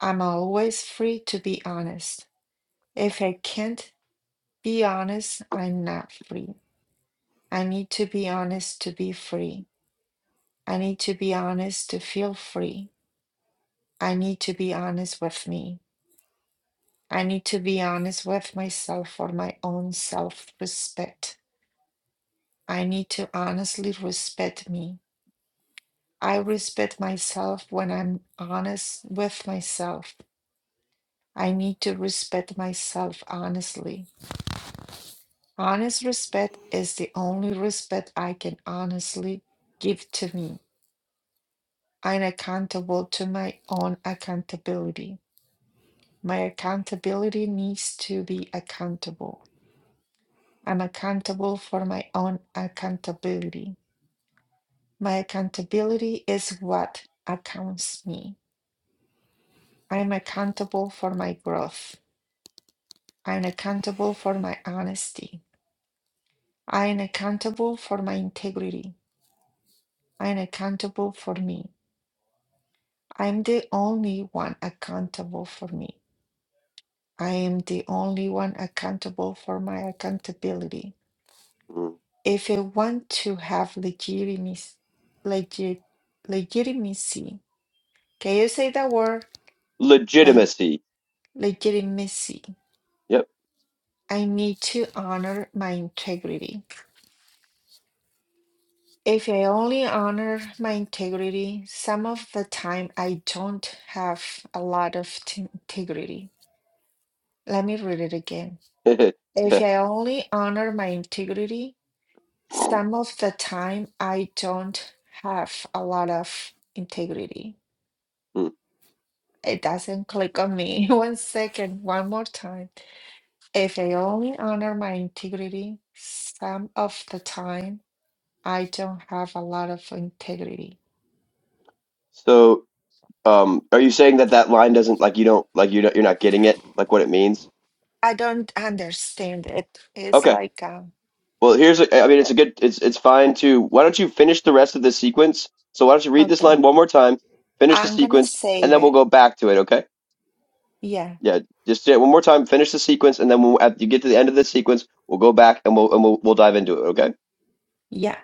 Speaker 3: I'm always free to be honest. If I can't be honest, I'm not free. I need to be honest to be free. I need to be honest to feel free. I need to be honest with me. I need to be honest with myself for my own self respect. I need to honestly respect me. I respect myself when I'm honest with myself. I need to respect myself honestly. Honest respect is the only respect I can honestly give to me. I'm accountable to my own accountability. My accountability needs to be accountable. I'm accountable for my own accountability. My accountability is what accounts me. I'm accountable for my growth. I'm accountable for my honesty. I'm accountable for my integrity. I'm accountable for me. I'm the only one accountable for me. I am the only one accountable for my accountability. If I want to have legitimacy, legit, legitimacy, can you say that word? Like
Speaker 1: legitimacy.
Speaker 3: legitimacy.
Speaker 1: Yep.
Speaker 3: I need to honor my integrity. If I only honor my integrity, some of the time I don't have a lot of t- integrity. Let me read it again. If
Speaker 1: yeah.
Speaker 3: I only honor my integrity, some of the time I don't have a lot of integrity.
Speaker 1: Mm.
Speaker 3: It doesn't click on me. One second, one more time. If I only honor my integrity, some of the time I don't have a lot of integrity.
Speaker 1: So, um, are you saying that that line doesn't like you don't like you don't you're not getting it like what it means?
Speaker 3: I don't understand it. It's
Speaker 1: Okay.
Speaker 3: like, um,
Speaker 1: Well, here's a, I mean, it's a good, it's it's fine to. Why don't you finish the rest of the sequence? So why don't you read this
Speaker 3: okay,
Speaker 1: line one more time, finish the
Speaker 3: I'm gonna
Speaker 1: sequence, and
Speaker 3: save
Speaker 1: then we'll
Speaker 3: it.
Speaker 1: go back to it. Okay?
Speaker 3: Yeah,
Speaker 1: Yeah, just do it one more time. Finish the sequence, and then when at, you get to the end of the sequence, we'll go back and we'll and we'll we'll dive into
Speaker 3: yeah,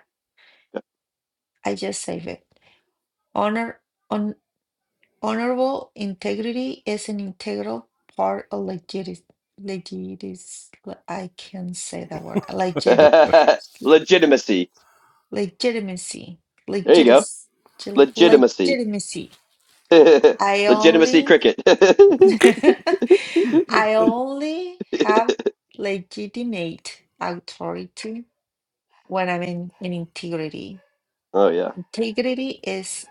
Speaker 3: I just save it. Honor. on. Honorable integrity is an integral part of legit legis I can say that word
Speaker 1: it.
Speaker 3: legit
Speaker 1: Okay? Legitimacy.
Speaker 3: legitimacy
Speaker 1: There you go.
Speaker 3: legitimacy
Speaker 1: Legitimacy.
Speaker 3: legitimacy. I
Speaker 1: Legitimacy
Speaker 3: only
Speaker 1: cricket.
Speaker 3: I only have legitimate authority when I'm in, in integrity.
Speaker 1: oh yeah.
Speaker 3: Integrity is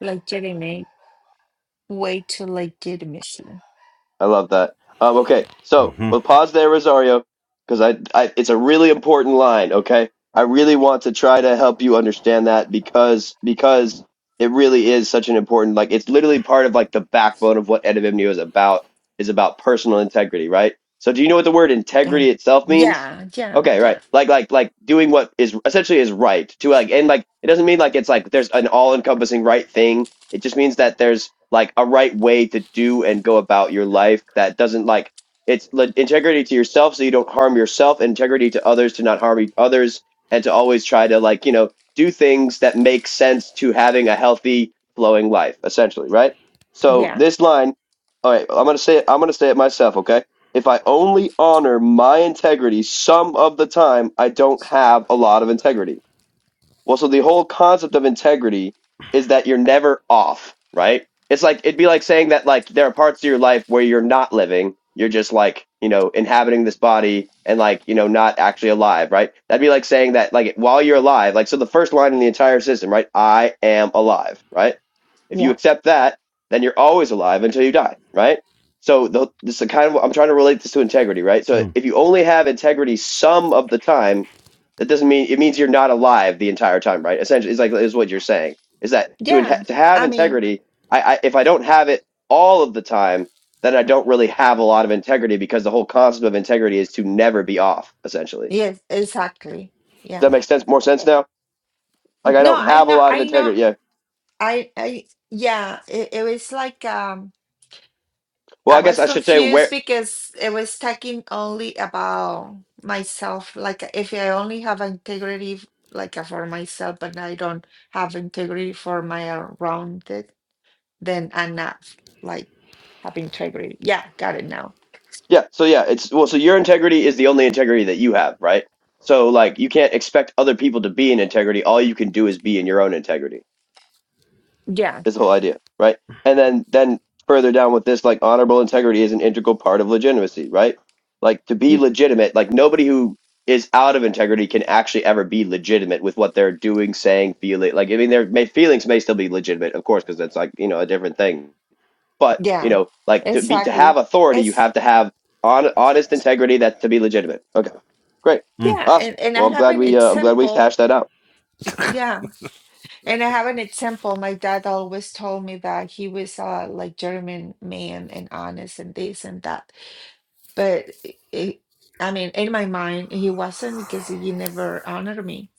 Speaker 3: legitimate way to legitimacy.
Speaker 1: I love that. Um, okay, so we'll
Speaker 2: Mm-hmm.
Speaker 1: pause there, Rosario, because I, I, it's a really important line. Okay, I really want to try to help you understand that because because it really is such an important like it's literally part of like the backbone of what Edivimnio is about is about personal integrity, right? So do you know what the word
Speaker 3: Yeah,
Speaker 1: integrity itself means?
Speaker 3: yeah, yeah.
Speaker 1: Okay,
Speaker 3: yeah.
Speaker 1: right. Like like like doing what is essentially is right to like and like it doesn't mean like it's like there's an all encompassing right thing it just means that there's like a right way to do and go about your life that doesn't like it's like, integrity to yourself so you don't harm yourself, integrity to others to not harm e- others, and to always try to like, you know, do things that make sense to having a healthy flowing life, essentially, right? So
Speaker 3: Yeah,
Speaker 1: this line, all right, I'm gonna say it, I'm gonna say it myself, okay? If I only honor my integrity some of the time, I don't have a lot of integrity well, so the whole concept of integrity is that you're never off, right? It's like it'd be like saying that like there are parts of your life where you're not living, you're just like, you know, inhabiting this body and like, you know, not actually alive, right? That'd be like saying that like while you're alive, like so the first line in the entire system, right? I am alive, right? If you
Speaker 3: yeah,
Speaker 1: accept that, then you're always alive until you die, right? So the, this is kind of I'm trying to relate this to integrity, right? So
Speaker 2: Mm.
Speaker 1: if you only have integrity some of the time, that doesn't mean it means you're not alive the entire time, right? Essentially, it's like is what you're saying is that to inha-
Speaker 3: yeah.
Speaker 1: to have
Speaker 3: I mean,
Speaker 1: integrity, I, I if I don't have it all of the time, then I don't really have a lot of integrity because the whole concept of integrity is to never be off. Essentially, does
Speaker 3: yes, exactly. Yeah.
Speaker 1: that make sense? More sense now? Like I
Speaker 3: No,
Speaker 1: don't
Speaker 3: I
Speaker 1: have a
Speaker 3: know,
Speaker 1: lot of
Speaker 3: I know,
Speaker 1: integrity. Yeah.
Speaker 3: I, I, yeah, it, it was like, um,
Speaker 1: Well,
Speaker 3: I
Speaker 1: I guess
Speaker 3: was
Speaker 1: I should say where
Speaker 3: confused because it was talking only about myself. Like, if I only have integrity, f- like uh, for myself, but I don't have integrity for my around it, then I'm not like have integrity. Yeah, got it now.
Speaker 1: Yeah, so yeah, it's well, so your integrity is the only integrity that you have, right? So like you can't expect other people to be in integrity. All you can do is be in your own integrity.
Speaker 3: Yeah,
Speaker 1: Is the whole idea, right? And then then further down with this, like honorable integrity is an integral part of legitimacy, right? Like to be
Speaker 3: mm,
Speaker 1: legitimate, like nobody who is out of integrity can actually ever be legitimate with what they're doing, saying, feeling. Like I mean, their may, feelings may still be legitimate, of course, because that's like you know a different thing but you
Speaker 3: yeah,
Speaker 1: know, like to be to
Speaker 3: exactly.
Speaker 1: have authority, you
Speaker 3: It's.
Speaker 1: have to have on, honest integrity that to be legitimate. Okay, great,
Speaker 2: Mm.
Speaker 3: Yeah,
Speaker 1: awesome.
Speaker 3: and and I
Speaker 1: Well, I'm
Speaker 3: have
Speaker 1: glad
Speaker 3: an
Speaker 1: we uh, I'm glad we've
Speaker 3: example.
Speaker 1: hashed that out.
Speaker 3: Yeah, and I have an example. My dad always told me that he was uh like German man and honest and this and that. But it, it, I mean, in my mind, he wasn't because he never honored me.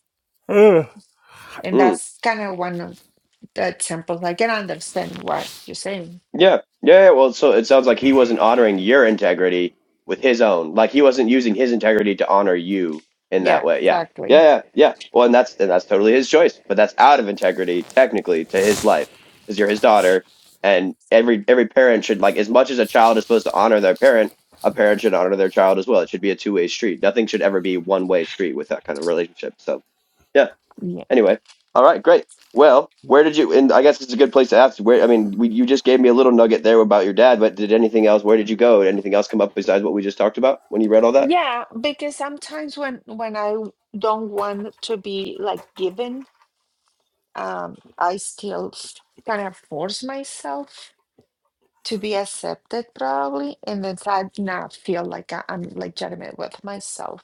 Speaker 3: And
Speaker 1: Mm.
Speaker 3: that's kind of one of the examples. I can understand what you're saying.
Speaker 1: Yeah, yeah, yeah. Well, so it sounds like he wasn't honoring your integrity with his own. Like he wasn't using his integrity to honor you in
Speaker 3: Yeah,
Speaker 1: that way. Yeah, yeah,
Speaker 3: exactly.
Speaker 1: yeah, yeah. Well, and that's and that's totally his choice. But that's out of integrity, technically, to his life, because you're his daughter, and every every parent should like as much as a child is supposed to honor their parent, a parent should honor their child as well. It should be a two way street. Nothing should ever be one way street with that kind of relationship. So yeah.
Speaker 3: Yeah.
Speaker 1: Anyway, all right, great. Well, where did you? And I guess it's a good place to ask. Where I mean, we, you just gave me a little nugget there about your dad, but did anything else? Where did you go? Did anything else come up besides what we just talked about when you read all that?
Speaker 3: Yeah, because sometimes when when I don't want to be like given um, I still kind of force myself to be accepted, probably, and then I now feel like I, I'm like legitimate with myself.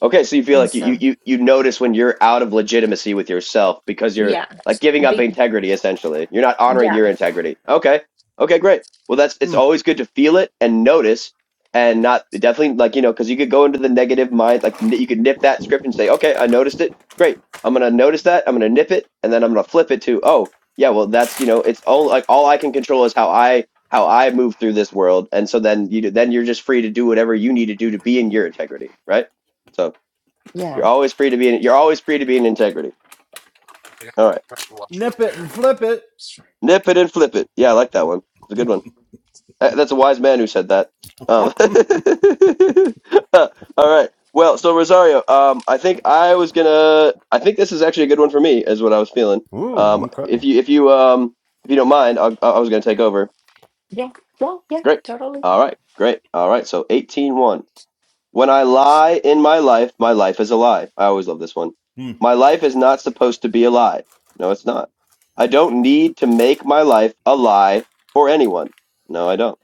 Speaker 1: Okay, so you feel
Speaker 3: And
Speaker 1: like you you
Speaker 3: so,
Speaker 1: you you notice when you're out of legitimacy with yourself because you're
Speaker 3: yeah,
Speaker 1: like giving up
Speaker 3: big,
Speaker 1: integrity essentially. You're not honoring your
Speaker 3: yeah,
Speaker 1: integrity. Okay. Okay, great. Well, that's it's always good to feel it and notice and not definitely like you know because you could go into the negative mind like n- you could nip that script and say okay i noticed it great i'm gonna notice that i'm gonna nip it and then i'm gonna flip it to oh yeah well that's you know it's all like all i can control is how i how i move through this world and so then you then you're just free to do whatever you need to do to be in your integrity right so you're
Speaker 3: yeah,
Speaker 1: always free to be in. You're always free to be in integrity. All right,
Speaker 2: Nip it and flip it.
Speaker 1: nip it and flip it. Yeah, I like that one. It's a good one. That- That's a wise man who said that. Um, all right. Well, so Rosario, um, I think I was gonna. I think this is actually a good one for me, is what I was feeling.
Speaker 2: Ooh.
Speaker 1: Um, if
Speaker 2: Okay.
Speaker 1: you if you um if you don't mind, I, I was gonna take over.
Speaker 3: yeah, well, yeah,
Speaker 1: Great.
Speaker 3: totally.
Speaker 1: All right. Great. All right. So eighteen one. When I lie in my life, my life is a lie. I always love this one.
Speaker 2: Mm.
Speaker 1: My life is not supposed to be a lie. No, it's not. I don't need to make my life a lie for anyone. No, I don't.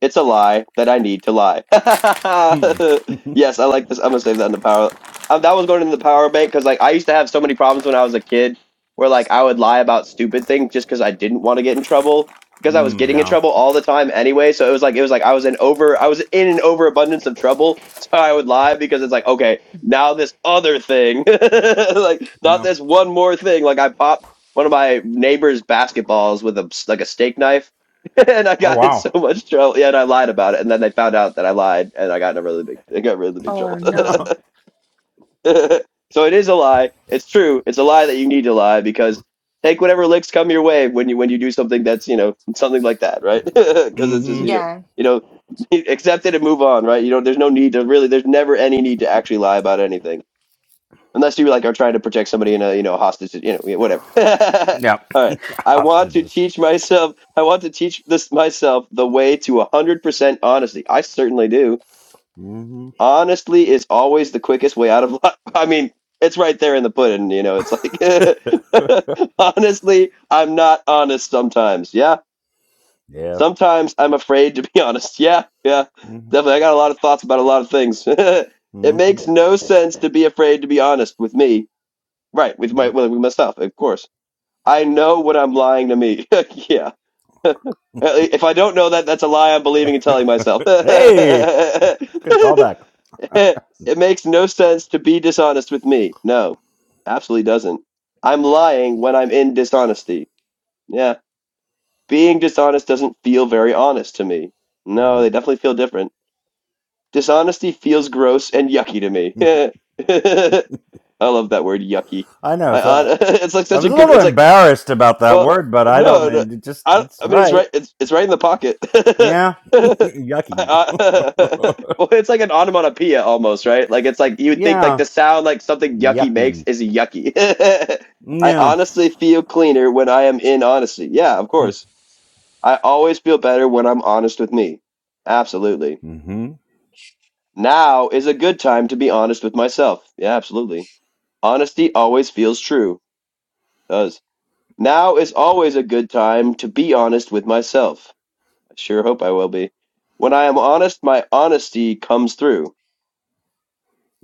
Speaker 1: It's a lie that I need to lie.
Speaker 2: Mm.
Speaker 1: yes, I like this. I'm gonna save that in the power. Um, that was going in the power bank because like I used to have so many problems when I was a kid, where like I would lie about stupid things just because I didn't want to get in trouble because I was
Speaker 2: mm,
Speaker 1: getting in
Speaker 2: yeah.
Speaker 1: trouble all the time anyway. So it was like it was like I was in over I was in an overabundance of trouble, so I would lie because it's like okay now this other thing, like not
Speaker 2: No.
Speaker 1: this one more thing. Like I popped one of my neighbor's basketballs with a like a steak knife and I
Speaker 2: Oh
Speaker 1: got in
Speaker 2: wow.
Speaker 1: so much trouble. Yeah, and I lied about it, and then they found out that I lied, and I got in a really big, I got really big
Speaker 3: Or
Speaker 1: trouble.
Speaker 3: no,
Speaker 1: so it is a lie. It's true. It's a lie that you need to lie because take whatever licks come your way when you when you do something that's you know something like that, right? Because it's just
Speaker 2: Mm-hmm.
Speaker 1: you know
Speaker 3: yeah,
Speaker 1: you know accept it and move on, right? You know, there's no need to really. There's never any need to actually lie about anything unless you like are trying to protect somebody in a you know hostage you know whatever
Speaker 2: Yeah.
Speaker 1: all right i want to
Speaker 2: Hostages.
Speaker 1: teach myself i want to teach this myself the way to 100% honesty i certainly do
Speaker 2: Mm-hmm.
Speaker 1: honestly is always the quickest way out of life i mean it's right there in the pudding you know it's like honestly i'm not honest sometimes yeah
Speaker 2: Yeah.
Speaker 1: sometimes i'm afraid to be honest yeah yeah
Speaker 2: Mm-hmm.
Speaker 1: definitely i got a lot of thoughts about a lot of things it makes
Speaker 2: Mm-hmm.
Speaker 1: no sense to be afraid to be honest with me Right, with my well, with myself, of course. I know when I'm lying to me. Yeah. If I don't know that, that's a lie I'm believing and telling myself.
Speaker 2: hey, good
Speaker 1: It
Speaker 2: callback.
Speaker 1: makes no sense to be dishonest with me. No, absolutely doesn't. I'm lying when I'm in dishonesty. Yeah, being dishonest doesn't feel very honest to me. No,
Speaker 2: Nope.
Speaker 1: they definitely feel different. Dishonesty feels gross and yucky to me. I love that word, yucky.
Speaker 2: I know.
Speaker 1: I,
Speaker 2: It's
Speaker 1: hon-
Speaker 2: a,
Speaker 1: it's like
Speaker 2: I
Speaker 1: such
Speaker 2: was
Speaker 1: a
Speaker 2: a
Speaker 1: good.
Speaker 2: little
Speaker 1: It's like
Speaker 2: embarrassed about that
Speaker 1: Well,
Speaker 2: word, but I don't
Speaker 1: no, no,
Speaker 2: know. It just,
Speaker 1: I,
Speaker 2: it's
Speaker 1: I mean it's
Speaker 2: right.
Speaker 1: right. It's it's right in the pocket.
Speaker 2: Yeah. Yucky.
Speaker 1: I- I- well, it's like an onomatopoeia almost, right? Like it's like you would think like
Speaker 2: yeah.
Speaker 1: the sound like something yucky makes
Speaker 2: Yucky.
Speaker 1: is yucky. I
Speaker 2: No.
Speaker 1: honestly feel cleaner when I am in honesty. Yeah, of course. I always feel better when I'm honest with me. Absolutely.
Speaker 2: Mm-hmm.
Speaker 1: Now is a good time to be honest with myself. Yeah, absolutely. Honesty always feels true. Does. Now is always a good time to be honest with myself. I sure hope I will be. When I am honest, my honesty comes through.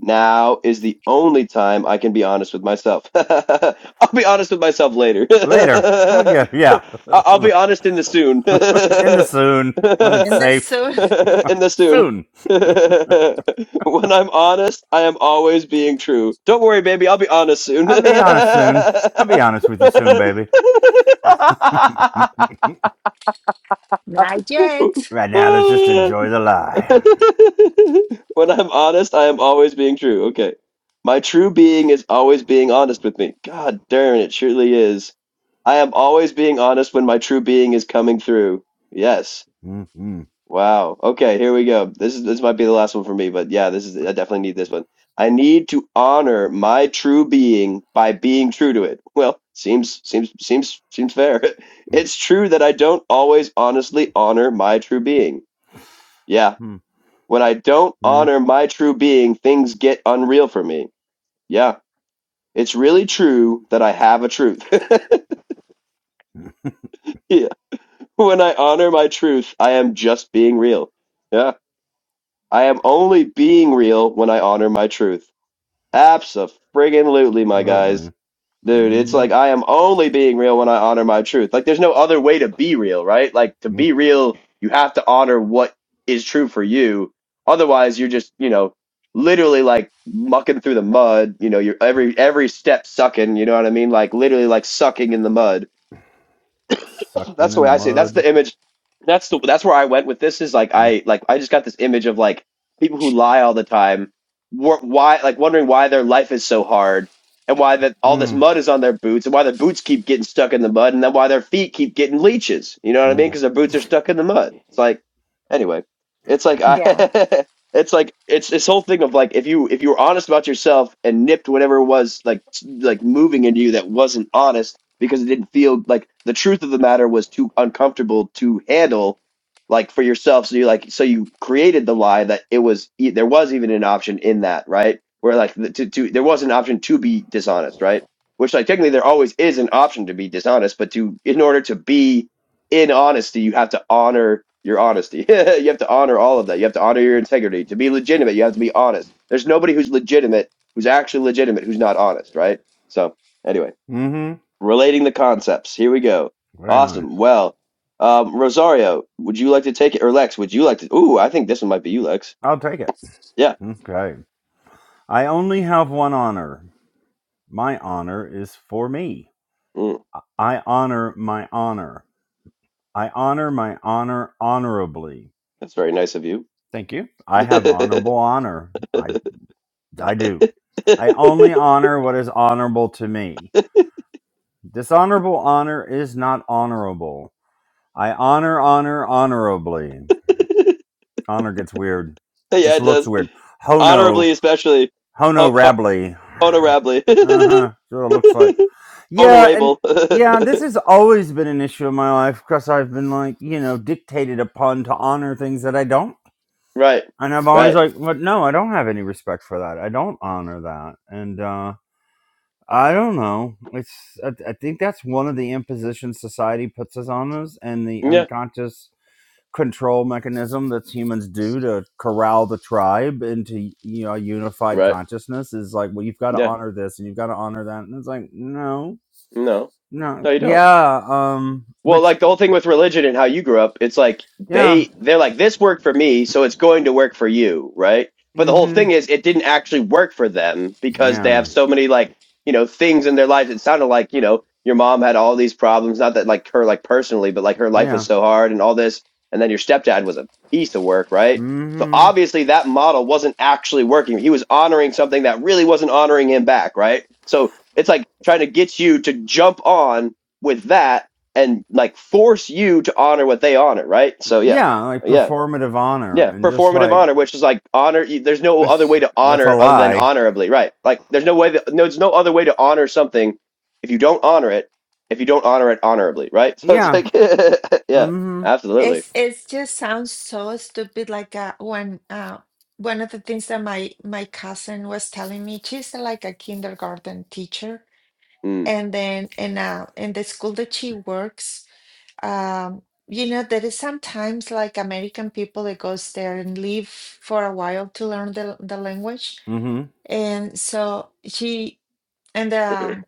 Speaker 1: Now is the only time I can be honest with myself. I'll be honest with myself later.
Speaker 2: Later. We'll
Speaker 1: I-
Speaker 2: get, yeah.
Speaker 1: I'll be honest in the soon.
Speaker 2: In the soon, when it's
Speaker 3: and that's
Speaker 2: safe.
Speaker 3: so
Speaker 1: in the soon.
Speaker 2: Soon.
Speaker 1: when I'm honest, I am always being true. Don't worry, baby, I'll be honest soon.
Speaker 2: I'll be honest soon. I'll be honest with you soon, baby.
Speaker 3: not yet.
Speaker 2: right now, let's just enjoy the lie.
Speaker 1: When I'm honest, I am always being true. Okay. My true being is always being honest with me. God darn, it surely is. I am always being honest when my true being is coming through. Yes.
Speaker 2: Mm-hmm.
Speaker 1: Wow. Okay, here we go. This is this might be the last one for me, but yeah, this is I definitely need this one. I need to honor my true being by being true to it. Well, seems seems seems seems fair. It's true that I don't always honestly honor my true being. Yeah,
Speaker 2: Mm-hmm.
Speaker 1: when I don't
Speaker 2: Yeah,
Speaker 1: honor my true being, things get unreal for me. Yeah, it's really true that I have a truth. yeah. When I honor my truth, I am just being real. Yeah. I am only being real when I honor my truth. Absolutely, my guys.
Speaker 2: absolutely.
Speaker 1: Dude, it's like
Speaker 2: Mm-hmm.
Speaker 1: I am only being real when I honor my truth. Like there's no other way to be real, right? Like to be real, you have to honor what is true for you. Otherwise, you're just, you know, literally like mucking through the mud, you know, you're every every step sucking, you know what I mean? Like literally like sucking in the mud
Speaker 2: Sucking
Speaker 1: that's the
Speaker 2: in
Speaker 1: way
Speaker 2: the
Speaker 1: I see it. That's
Speaker 2: mud.
Speaker 1: the image. That's the that's where I went with this. Is like I like I just got this image of like people who lie all the time. wor- Why like wondering why their life is so hard and why that all this
Speaker 2: Mm-hmm.
Speaker 1: mud is on their boots and why their boots keep getting stuck in the mud and then why their feet keep getting leeches. You know what I mean? Because their boots are stuck in the mud. It's like anyway, it's like
Speaker 3: Yeah,
Speaker 1: I. It's like it's this whole thing of like if you if you were honest about yourself and nipped whatever was like s- like moving into you that wasn't honest because it didn't feel like the truth of the matter was too uncomfortable to handle like for yourself so you like so you created the lie that it was e- there was even an option in that right where like the, to, to there was an option to be dishonest right which like technically there always is an option to be dishonest but to in order to be in honesty you have to honor your honesty you have to honor all of that you have to honor your integrity to be legitimate you have to be honest there's nobody who's legitimate who's actually legitimate who's not honest right so anyway
Speaker 2: Mm-hmm.
Speaker 1: relating the concepts. Here we go.
Speaker 2: Very nice.
Speaker 1: Awesome. Well, um, Rosario, would you like to take it, or Lex? Would you like to? Ooh, I think this one might be you, Lex.
Speaker 2: I'll take it.
Speaker 1: Yeah.
Speaker 2: Okay. I only have one honor. My honor is for me.
Speaker 1: Mm,
Speaker 2: I I honor my honor. I honor my honor honorably.
Speaker 1: that's very nice of you.
Speaker 2: Thank you. I
Speaker 1: yeah,
Speaker 2: have honorable honor. I I do. I only honor what is honorable to me. Dishonorable honor is not honorable. I honor, honor, honorably. Honor gets weird. It Just
Speaker 1: it
Speaker 2: looks
Speaker 1: does.
Speaker 2: weird. Hono,
Speaker 1: Honorably, especially.
Speaker 2: Hono
Speaker 1: Ho- ho-
Speaker 2: Rabley.
Speaker 1: honorably.
Speaker 2: Uh huh. So it looks like. Yeah, and
Speaker 1: Honorable.
Speaker 2: yeah, this has always been an issue in my life because I've been like, you know, dictated upon to honor things that I don't.
Speaker 1: right.
Speaker 2: And I'm always
Speaker 1: Right.
Speaker 2: like, but no, I don't have any respect for that. I don't honor that. And, uh, I don't know. It's I, I think that's one of the impositions society puts us on us, and the
Speaker 1: Yeah.
Speaker 2: unconscious control mechanism that humans do to corral the tribe into you know unified
Speaker 1: Right.
Speaker 2: consciousness is like well you've got to
Speaker 1: Yeah.
Speaker 2: honor this and you've got to honor that and it's like no
Speaker 1: No.
Speaker 2: no
Speaker 1: No, you don't.
Speaker 2: yeah um
Speaker 1: Well,
Speaker 2: which
Speaker 1: like the whole thing with religion and how you grew up, it's like
Speaker 2: yeah
Speaker 1: they they're like this worked for me, so it's going to work for you, right? But the
Speaker 2: mm
Speaker 1: whole
Speaker 2: mhm
Speaker 1: thing is it didn't actually work for them because they
Speaker 2: yeah
Speaker 1: have so many like, you know, things in their lives. It sounded like, you know, your mom had all these problems, not that like her like personally, but like her life was
Speaker 2: yeah
Speaker 1: so hard and all this, and then your stepdad was a piece of work, right?
Speaker 2: mm
Speaker 1: So
Speaker 2: mhm
Speaker 1: obviously that model wasn't actually working. He was honoring something that really wasn't honoring him back, right? So it's like trying to get you to jump on with that and like force you to honor what they honor, right? So yeah,
Speaker 2: yeah like
Speaker 1: yeah,
Speaker 2: performative honor
Speaker 1: yeah.
Speaker 2: and just
Speaker 1: Performative
Speaker 2: like
Speaker 1: honor, which is like honor. There's no other
Speaker 2: that's
Speaker 1: way to
Speaker 2: that's a
Speaker 1: honor other than
Speaker 2: lie
Speaker 1: honorably, right? Like there's no way that no, there's no other way to honor something if you don't honor it. If you don't honor it honorably, right? So it's
Speaker 2: yeah
Speaker 1: like, yeah,
Speaker 2: mm
Speaker 1: absolutely.
Speaker 3: it's it's just sounds so stupid. Like uh, when uh, one of the things that my my cousin was telling me, she's uh, like a kindergarten teacher
Speaker 1: Mm.
Speaker 3: And then in uh in the school that she works, um, you know, there is sometimes like American people that goes there and live for a while to learn the the language.
Speaker 2: mhm mm
Speaker 3: And so she and um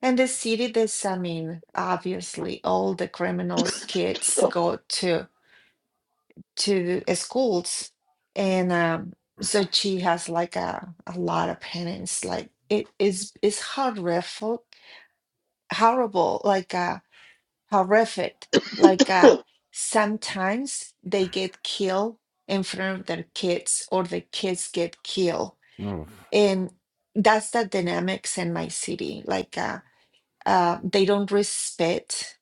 Speaker 3: and the city that's I mean, obviously all the criminals kids go to to the schools and um so she has like a, a lot of penance. Like it is it's horrific, horrible. Like uh horrific. Like uh, sometimes they get killed in front of their kids, or the kids get killed,
Speaker 2: mhm Oof.
Speaker 3: and that's the dynamics in my city. Like uh, uh, they don't respect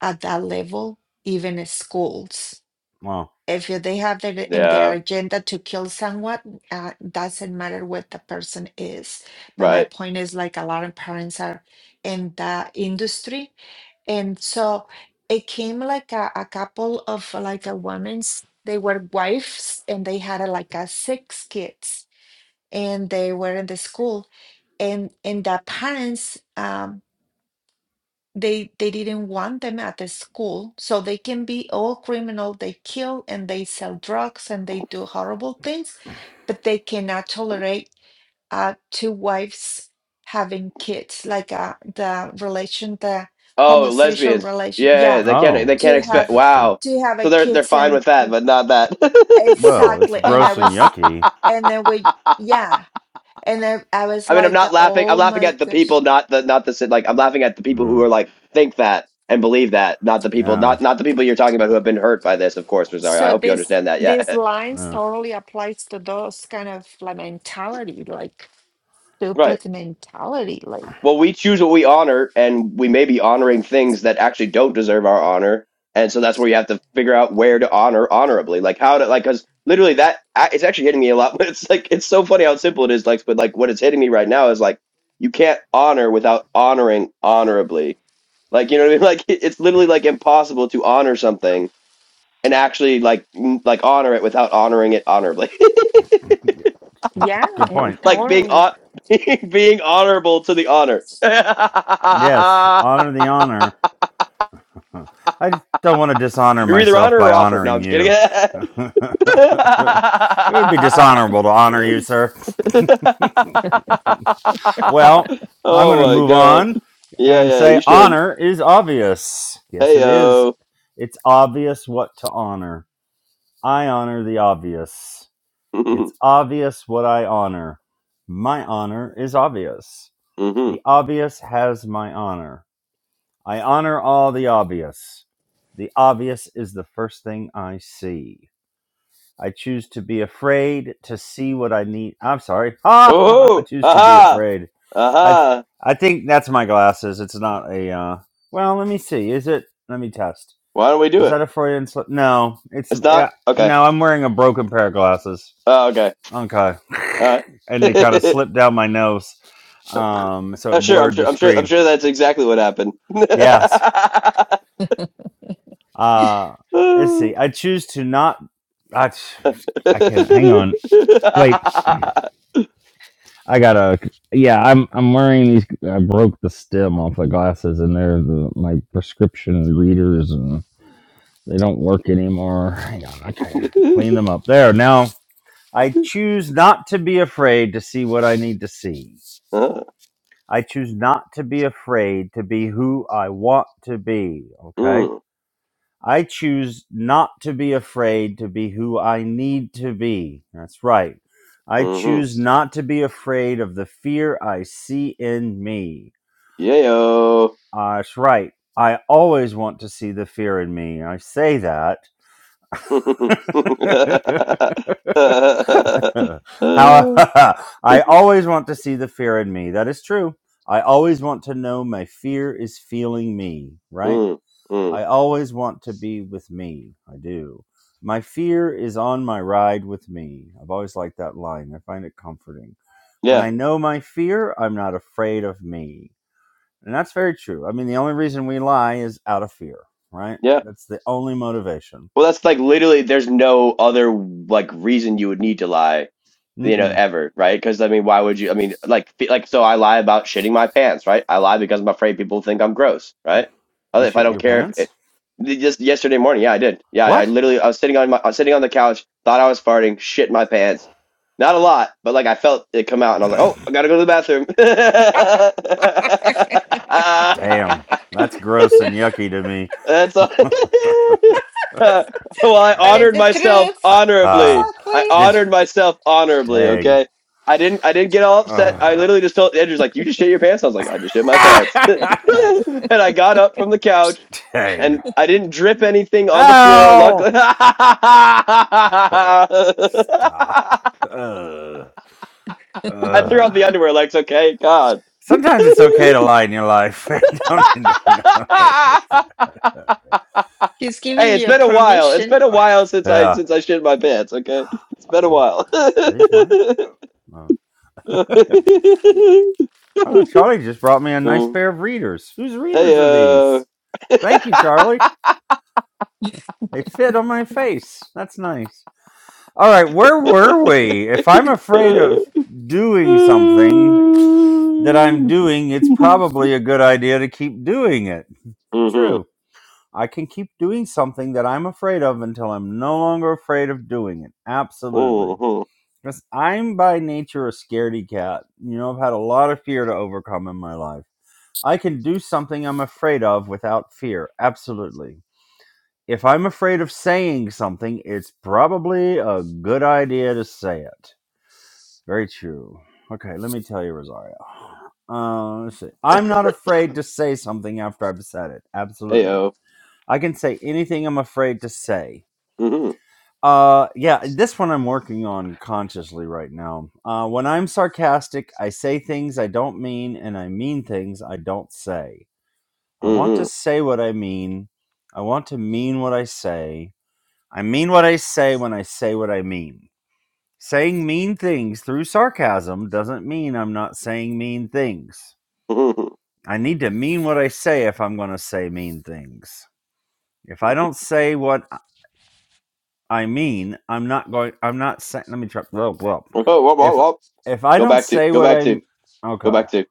Speaker 3: at that level, even in schools.
Speaker 2: wow
Speaker 3: If they have it in their
Speaker 1: Yeah,
Speaker 3: agenda to kill someone, uh, doesn't matter what the person is. But my
Speaker 1: right.
Speaker 3: point is, like a lot of parents are in the industry and so it came like a, a couple of like a women's, they were wives and they had a, like a six kids and they were in the school and and the parents um they they didn't want them at the school so they can be all criminal they kill and they sell drugs and they do horrible things but they cannot tolerate uh two wives having kids like uh the relation the
Speaker 1: Oh,
Speaker 3: homosexual
Speaker 1: lesbians.
Speaker 3: relation yeah
Speaker 1: Yeah, they can't.
Speaker 2: oh
Speaker 1: They can't
Speaker 3: to
Speaker 1: expect.
Speaker 3: have
Speaker 2: interesting
Speaker 1: Wow.
Speaker 3: to have a
Speaker 1: So they're they're fine
Speaker 3: kitchen
Speaker 1: with that, but not
Speaker 2: well it's
Speaker 3: exactly and i
Speaker 2: gross and
Speaker 3: was
Speaker 2: yucky
Speaker 1: that.
Speaker 3: and then we yeah and then i was
Speaker 1: I mean, I'm
Speaker 3: like
Speaker 1: not laughing. I'm
Speaker 3: oh
Speaker 1: laughing
Speaker 3: my
Speaker 1: at the
Speaker 3: gosh
Speaker 1: people, not the not the si, like. I'm laughing at the people who
Speaker 2: Ugh.
Speaker 1: are like think that and believe that, not the people,
Speaker 2: yeah
Speaker 1: not not the people you're talking about who have been hurt by this. Of course, Rosario. I
Speaker 3: so
Speaker 1: hope you
Speaker 3: this
Speaker 1: understand that.
Speaker 3: these
Speaker 1: Yeah,
Speaker 3: lines
Speaker 2: yeah
Speaker 3: totally applies to those kind of like mentality like
Speaker 1: right.
Speaker 3: stupid mentality like
Speaker 1: Well, we choose what we honor, and we may be honoring things that actually don't deserve our honor, and so that's where you have to figure out where to honor honorably, like how to like because literally that I- it's actually hitting me a lot. But it's like it's so funny how simple it is. Like, but like what it's hitting me right now is like you can't honor without honoring honorably Like you know what I mean? Like it- it's literally like impossible to honor something and actually like m- like honor it without honoring it honorably.
Speaker 2: Yeah,
Speaker 3: yeah
Speaker 2: Good
Speaker 3: it
Speaker 2: point.
Speaker 1: like being
Speaker 3: totally
Speaker 1: hon- being honorable to the honor.
Speaker 2: Yes, honor the honor. I don't want to dishonor
Speaker 1: You're either
Speaker 2: myself
Speaker 1: honor
Speaker 2: by
Speaker 1: or offer. No,
Speaker 2: honoring
Speaker 1: I'm just kidding.
Speaker 2: you. it would be dishonorable to honor you, sir. Well, I'm going
Speaker 1: oh
Speaker 2: to
Speaker 1: my
Speaker 2: move
Speaker 1: god.
Speaker 2: on
Speaker 1: Yeah,
Speaker 2: and
Speaker 1: yeah,
Speaker 2: say
Speaker 1: you should.
Speaker 2: honor is obvious. Yes,
Speaker 1: Heyo.
Speaker 2: it is. It's obvious what to honor. I honor the obvious. It's
Speaker 1: oh.
Speaker 2: obvious what I honor. My honor is obvious.
Speaker 1: mm-hmm.
Speaker 2: The obvious has my honor. I honor all the obvious. The obvious is the first thing I see. I choose to be afraid to see what I need. I'm sorry. I
Speaker 1: Oh,
Speaker 2: choose to be
Speaker 1: aha,
Speaker 2: afraid. I
Speaker 1: aha.
Speaker 2: I think that's my glasses. It's not a. Uh, well, let me see. Is it? Let me test.
Speaker 1: Why don't we do
Speaker 2: Is
Speaker 1: it?
Speaker 2: that a Freudian slip? No. It's
Speaker 1: It's not
Speaker 2: yeah.
Speaker 1: okay.
Speaker 2: No, I'm wearing a broken pair of glasses.
Speaker 1: Oh, okay.
Speaker 2: Okay.
Speaker 1: All right.
Speaker 2: And they kind of slipped down my nose, um, so it
Speaker 1: I'm sure. I'm
Speaker 2: blurred the
Speaker 1: sure. I'm sure. I'm
Speaker 2: screen.
Speaker 1: sure that's exactly what happened.
Speaker 2: Yes. Uh, let's see. I choose to not. I, I can not hang on. Wait, I gotta. Yeah, I'm I'm wearing these. I broke the stem off the glasses, and they're the, my prescription readers, and they don't work anymore. Hang on, okay, clean them up. There now. I choose not to be afraid to see what I need to see.
Speaker 1: Uh,
Speaker 2: I choose not to be afraid to be who I want to be. Okay
Speaker 1: mm,
Speaker 2: I choose not to be afraid to be who I need to be. That's right. I
Speaker 1: mm-hmm.
Speaker 2: choose not to be afraid of the fear I see in me.
Speaker 1: Yayo.
Speaker 2: Uh, that's right. I always want to see the fear in me. I say that. How I always want to see the fear in me. That is true. I always want to know my fear is feeling me, right?
Speaker 1: mm, mm.
Speaker 2: I always want to be with me. I do. My fear is on my ride with me. I've always liked that line. I find it comforting. When
Speaker 1: Yeah,
Speaker 2: I know my fear, I'm not afraid of me. And that's very true. I mean, the only reason we lie is out of fear, right?
Speaker 1: yeah.
Speaker 2: That's the only motivation.
Speaker 1: Well, that's like literally. There's no other like reason you would need to lie. you know,
Speaker 2: Mm-mm.
Speaker 1: ever, right? Because I mean, why would you? I mean, like, fe- like, so I lie about shitting my pants, right? I lie because I'm afraid people think I'm gross, right?
Speaker 2: You
Speaker 1: Other- If I
Speaker 2: shit
Speaker 1: don't
Speaker 2: your
Speaker 1: care, if
Speaker 2: pants?
Speaker 1: it, just yesterday morning, yeah, I did. Yeah, I
Speaker 2: What?
Speaker 1: literally, I was sitting on my, I was sitting on the couch, thought I was farting, shit my pants. Not a lot, but like I felt it come out, and I was like, oh, I gotta go to the
Speaker 3: but
Speaker 1: bathroom.
Speaker 2: Damn. That's gross and yucky to me.
Speaker 1: That's all. well, I
Speaker 2: uh,
Speaker 3: it's
Speaker 1: honored
Speaker 3: the
Speaker 1: myself
Speaker 3: truth
Speaker 2: uh,
Speaker 1: honorably. I
Speaker 3: exactly
Speaker 2: did you?
Speaker 1: honored myself honorably.
Speaker 2: Dang.
Speaker 1: Okay, I didn't. I didn't get all upset. I
Speaker 2: Ugh.
Speaker 1: literally just told Andrew's like, "You just shit your pants." I was like, "I just shit my pants," and I got up from the couch
Speaker 2: Dang.
Speaker 1: and I didn't drip anything on the floor.
Speaker 2: Ow!
Speaker 1: Luckily, I
Speaker 2: Ugh, Stop. Ugh.
Speaker 1: threw out
Speaker 2: Ugh.
Speaker 1: the underwear. Like, it's okay, God.
Speaker 2: Sometimes it's okay to lie in your life. Don't need to know.
Speaker 3: he's giving
Speaker 1: Hey, it's
Speaker 3: you a
Speaker 1: been a while. It's
Speaker 3: permission
Speaker 1: been a while since I
Speaker 2: yeah.
Speaker 1: since I shit my pants. Okay, it's been a
Speaker 2: Oh,
Speaker 1: while.
Speaker 2: are these mine? No. No. Oh, Charlie just brought me a nice
Speaker 1: Um,
Speaker 2: pair of readers. Whose
Speaker 1: hey,
Speaker 2: readers are
Speaker 1: uh,
Speaker 2: these? Thank you, Charlie. They fit on my face. That's nice. All right, where were we? If I'm afraid of doing something, that I'm
Speaker 1: mm-hmm.
Speaker 2: doing, it's probably a good idea to keep doing it.
Speaker 1: Mm-hmm.
Speaker 2: True. I can keep doing something that I'm afraid of until I'm no longer afraid of doing it. Absolutely. Because I'm by nature a scaredy cat. You know, I've had a lot of fear to overcome in my life. I can do something I'm afraid of without fear. Absolutely. If I'm afraid of saying something, it's probably a good idea to say it. Very true. Okay, let me tell you, Rosario. Uh, let's see. I'm not afraid to say something after I've said it.
Speaker 1: Hey, uh,
Speaker 2: Absolutely. I can say anything I'm afraid to say.
Speaker 1: mm-hmm.
Speaker 2: Uh, yeah, this one I'm working on consciously right now. Uh, when I'm sarcastic, I say things I don't mean, and I mean things I don't say. I want to
Speaker 1: Mm-hmm.
Speaker 2: say what I mean. I want to mean what I say. I mean what I say when I say what I mean. Saying mean things through sarcasm doesn't mean I'm not saying mean things.
Speaker 1: Mm-hmm.
Speaker 2: I need to mean what I say if I'm going to say mean things. If I don't say what I mean, I'm not going I'm not saying let me try well, well.
Speaker 1: Oh, wop, wop,
Speaker 2: If
Speaker 1: wop.
Speaker 2: if I
Speaker 1: Go
Speaker 2: don't
Speaker 1: back to.
Speaker 2: say
Speaker 1: Go
Speaker 2: what
Speaker 1: back to.
Speaker 2: I'm
Speaker 1: Go
Speaker 2: okay.
Speaker 1: back to.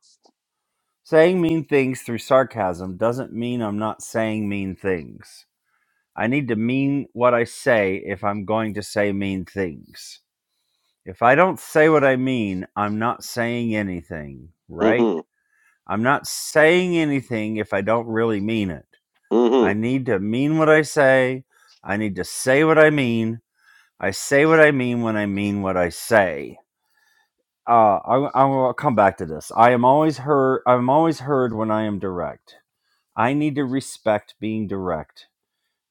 Speaker 2: Saying mean things through sarcasm doesn't mean I'm not saying mean things. I need to mean what I say if I'm going to say mean things. If I don't say what I mean, I'm not saying anything, right?
Speaker 1: Mm-hmm.
Speaker 2: I'm not saying anything if I don't really mean it. I
Speaker 1: Mm-hmm.
Speaker 2: need to mean what I say. I need to say what I mean. I say what I mean when I mean what I say. Uh, I, I will come back to this. I am always heard. I'm always heard when I am direct. I need to respect being direct.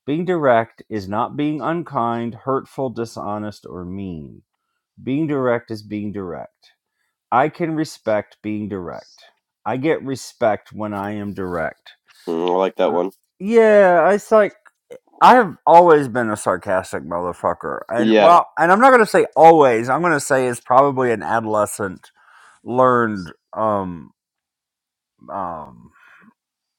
Speaker 2: Being direct is not being unkind, hurtful, dishonest, or mean. Being direct is being direct. I can respect being direct. I get respect when I am direct.
Speaker 1: Mm, I like that
Speaker 2: Uh,
Speaker 1: one.
Speaker 2: yeah, it's like I've always been a sarcastic motherfucker, and
Speaker 1: Yeah.
Speaker 2: well, and I'm not gonna say always. I'm gonna say it's probably an adolescent learned um um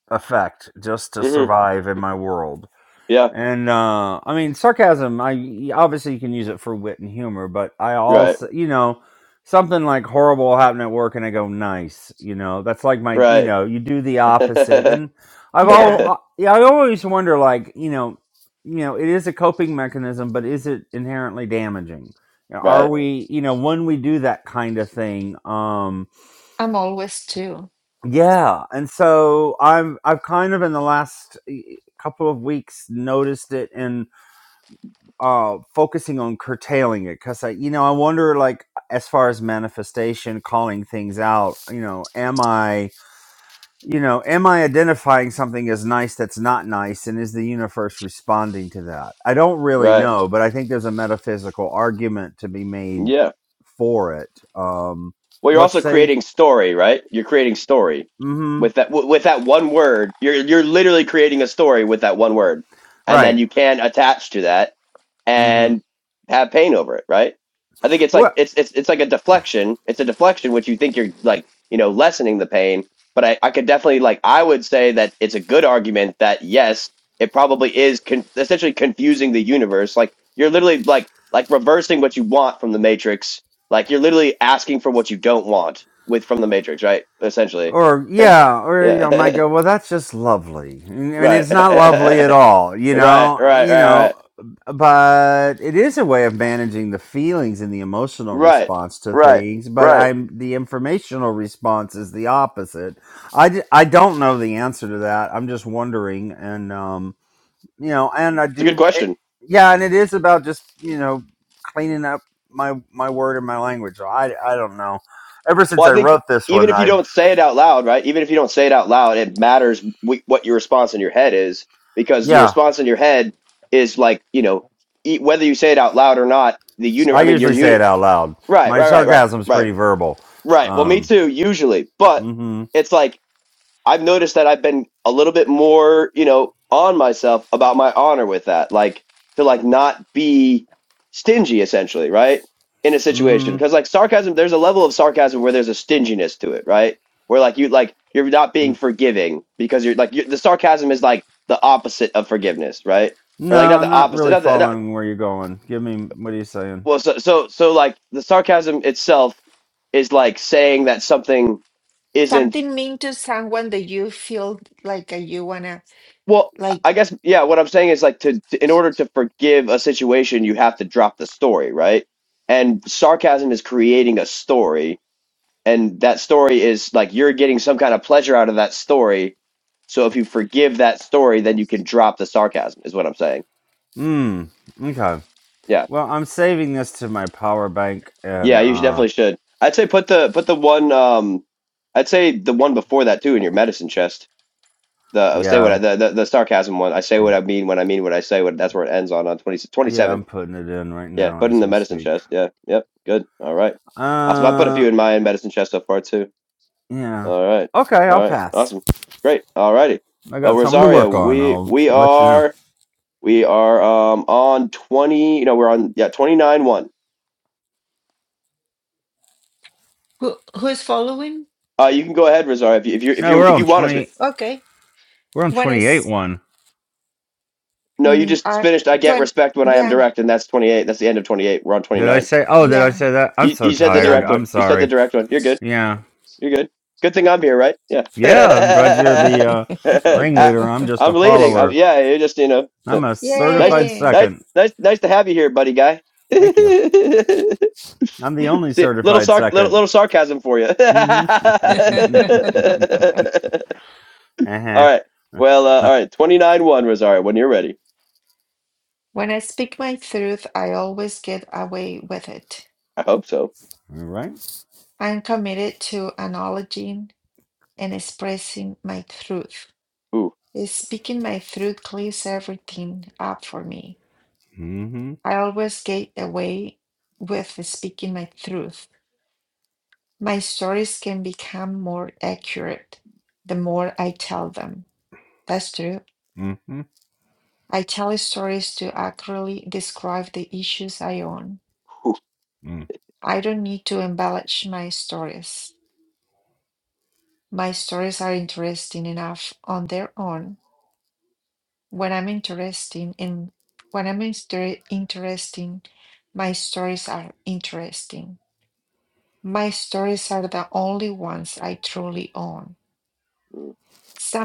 Speaker 2: effect just to
Speaker 1: Mm-hmm.
Speaker 2: survive in my world
Speaker 1: Yeah.
Speaker 2: And uh, I mean, sarcasm. I y- obviously you can use it for wit and humor, but I
Speaker 1: Right.
Speaker 2: also, you know, something like horrible happened at work, and I go nice. You know, that's like my, you
Speaker 1: Right.
Speaker 2: know, you do the opposite. And I've
Speaker 3: yeah
Speaker 2: all, yeah, I always wonder, like, you know, you know, it is a coping mechanism, but is it inherently damaging? You know, Are
Speaker 1: right.
Speaker 2: we, you know, when we do that kind of thing, um,
Speaker 3: i'm always too
Speaker 2: yeah. And so I've, I've kind of in the last eh, couple of weeks noticed it and uh focusing on curtailing it because i you know i wonder like as far as manifestation calling things out you know am i you know am i identifying something as nice that's not nice and is the universe responding to that i don't really
Speaker 1: Right.
Speaker 2: know but i think there's a metaphysical argument to be made
Speaker 1: Yeah.
Speaker 2: for it um
Speaker 1: Well, you're
Speaker 2: let's
Speaker 1: also
Speaker 2: say
Speaker 1: creating story, right? You're creating story
Speaker 2: mm-hmm
Speaker 1: with that w- with that one word. You're you're literally creating a story with that one word, and then
Speaker 2: right
Speaker 1: you can attach to that
Speaker 2: mm-hmm
Speaker 1: and have pain over it, right? I think it's
Speaker 2: Well,
Speaker 1: like it's it's it's like a deflection. It's a deflection which you think you're like, you know, lessening the pain. But I, I could definitely like I would say that it's a good argument that yes, it probably is con- essentially confusing the universe. Like you're literally like like reversing what you want from the matrix. Like you're literally asking for what you don't want with from the matrix, right? Essentially.
Speaker 2: or yeah, or you know, might
Speaker 1: yeah.
Speaker 2: go, well, that's just lovely, and, and
Speaker 1: right.
Speaker 2: it's not lovely at
Speaker 1: right.
Speaker 2: all, you
Speaker 1: Right. Right.
Speaker 2: know, I- you know,
Speaker 1: Right.
Speaker 2: but it is a way of managing the feelings and the emotional
Speaker 1: Right.
Speaker 2: response to
Speaker 1: Right.
Speaker 2: things. But
Speaker 1: Right.
Speaker 2: I'm the informational response is the opposite. I d- I don't know the answer to that. I'm just wondering, and um, you know, and I
Speaker 1: It's a good
Speaker 2: do, it,
Speaker 1: question.
Speaker 2: yeah, and it is about just you know cleaning up my my word and my language. So I I don't know. Ever since
Speaker 1: Well, I
Speaker 2: I
Speaker 1: think
Speaker 2: wrote this
Speaker 1: even
Speaker 2: one,
Speaker 1: if you
Speaker 2: I've
Speaker 1: don't say it out loud, right? Even if you don't say it out loud, it matters w- what your response in your head is because your
Speaker 2: yeah.
Speaker 1: response in your head is like, you know, e- whether you say it out loud or not, the uni
Speaker 2: I
Speaker 1: I mean, your
Speaker 2: usually say it
Speaker 1: uni-
Speaker 2: out loud.
Speaker 1: right,
Speaker 2: My
Speaker 1: right, right, right,
Speaker 2: sarcasm's
Speaker 1: right,
Speaker 2: pretty verbal.
Speaker 1: right. Well, me
Speaker 2: Um,
Speaker 1: too, usually, but
Speaker 2: mm-hmm,
Speaker 1: it's like I've noticed that I've been a little bit more, you know, on myself about my honor with that, like to like not be stingy essentially, right? In a
Speaker 2: mm-hmm.
Speaker 1: situation. Cause like sarcasm, there's a level of sarcasm where there's a stinginess to it, right? Where like you like you're not being
Speaker 2: mm.
Speaker 1: forgiving because you're like you the sarcasm is like the opposite of forgiveness, right? Or like
Speaker 2: No,
Speaker 1: not
Speaker 2: I'm
Speaker 1: the
Speaker 2: not
Speaker 1: opposite,
Speaker 2: really
Speaker 1: not the, not,
Speaker 2: following where you're going. Give me what are you saying?
Speaker 1: well, so, so, so like the sarcasm itself is like saying that something isn't
Speaker 3: something mean to someone that you feel like uh, you wanna
Speaker 1: Well, I
Speaker 3: like
Speaker 1: guess yeah. What I'm saying is like to, to in order to forgive a situation, you have to drop the story, right? And sarcasm is creating a story, and that story is like you're getting some kind of pleasure out of that story. So if you forgive that story, then you can drop the sarcasm. Is what I'm saying.
Speaker 2: Mm. Okay.
Speaker 1: Yeah,
Speaker 2: Well, I'm saving this to my power bank, and
Speaker 1: yeah. You should,
Speaker 2: uh,
Speaker 1: definitely should. I'd say put the put the one. Um, I'd say the one before that too in your medicine chest. The I would say
Speaker 2: yeah,
Speaker 1: what I,
Speaker 2: I'm,
Speaker 1: the, the the sarcasm one. I say what I
Speaker 2: I'm
Speaker 1: mean when I mean what I say. What that's where it ends on on 20 twenty
Speaker 2: yeah,
Speaker 1: seven.
Speaker 2: I'm putting it in right
Speaker 1: Yeah,
Speaker 2: now
Speaker 1: put it in
Speaker 2: as
Speaker 1: the
Speaker 2: we
Speaker 1: medicine
Speaker 2: speak.
Speaker 1: chest. Yeah, yep, good. All right. Awesome. I put a
Speaker 2: Uh,
Speaker 1: few in my medicine chest so far too.
Speaker 2: yeah.
Speaker 1: All right.
Speaker 2: Okay,
Speaker 1: All
Speaker 2: I'll
Speaker 1: right.
Speaker 2: pass.
Speaker 1: Awesome. Great. All righty.
Speaker 2: I
Speaker 1: Well,
Speaker 2: got something to
Speaker 1: Rosario,
Speaker 2: work on.
Speaker 1: we
Speaker 2: I'll
Speaker 1: we
Speaker 2: let you know.
Speaker 1: are we are um on twenty. You know, we're on yeah twenty nine one.
Speaker 3: who who's following
Speaker 1: Uh, you can go ahead, Rosario, if you if you if
Speaker 2: No,
Speaker 1: you
Speaker 2: we're
Speaker 1: if
Speaker 2: on
Speaker 1: you want to.
Speaker 2: twenty.
Speaker 1: Sp-
Speaker 3: okay
Speaker 2: We're on
Speaker 3: what
Speaker 2: twenty-eight
Speaker 3: is
Speaker 2: one.
Speaker 1: no, you
Speaker 3: mm,
Speaker 1: just
Speaker 3: uh,
Speaker 1: finished. I
Speaker 3: to
Speaker 1: get respect when I am
Speaker 3: yeah
Speaker 1: direct, and that's twenty eight. That's the end of twenty eight. We're on twenty
Speaker 2: Did I
Speaker 1: nine.
Speaker 2: say? Oh, did I
Speaker 3: yeah
Speaker 2: say that? I'm
Speaker 1: You
Speaker 2: so
Speaker 1: you said the
Speaker 2: tired.
Speaker 3: yeah
Speaker 1: direct one.
Speaker 2: I'm
Speaker 1: You said the
Speaker 2: sorry.
Speaker 1: direct one. You're good.
Speaker 2: Yeah.
Speaker 1: You're good. Good thing I'm here, right? Yeah.
Speaker 2: Yeah. I'm glad you're the uh,
Speaker 1: I,
Speaker 2: ringleader. I'm just
Speaker 1: I'm
Speaker 2: a
Speaker 1: leading. Um
Speaker 2: follower.
Speaker 1: yeah, you just you know, uh,
Speaker 2: I'm a
Speaker 1: nice to
Speaker 2: certified
Speaker 3: yay
Speaker 1: nice
Speaker 2: second.
Speaker 1: nice nice to have you here, buddy guy.
Speaker 2: Thank you. I'm the only
Speaker 1: See, little
Speaker 2: certified
Speaker 1: sar little,
Speaker 2: second.
Speaker 1: little sarcasm for you.
Speaker 2: Mm-hmm.
Speaker 1: all
Speaker 2: uh-huh.
Speaker 1: right.
Speaker 2: All
Speaker 1: Well, uh, all right. Twenty nine one, Rosario. When you're ready,
Speaker 3: when i speak my truth i always get away with it
Speaker 1: I hope so.
Speaker 2: right.
Speaker 3: i'm committed to acknowledging and expressing my truth
Speaker 1: Ooh.
Speaker 3: speaking my truth clears everything up for me
Speaker 2: Mm-hmm.
Speaker 3: i always get away with speaking my truth My stories can become more accurate the more I tell them. That's true.
Speaker 2: Mm-hmm. Mm. hmm.
Speaker 3: I tell stories to accurately describe the issues I own.
Speaker 2: Mm.
Speaker 3: I don't need to embellish my stories. My stories are interesting enough on their own. When I'm interesting in when I'm inter- interesting, my stories are interesting. My stories are the only ones I truly own.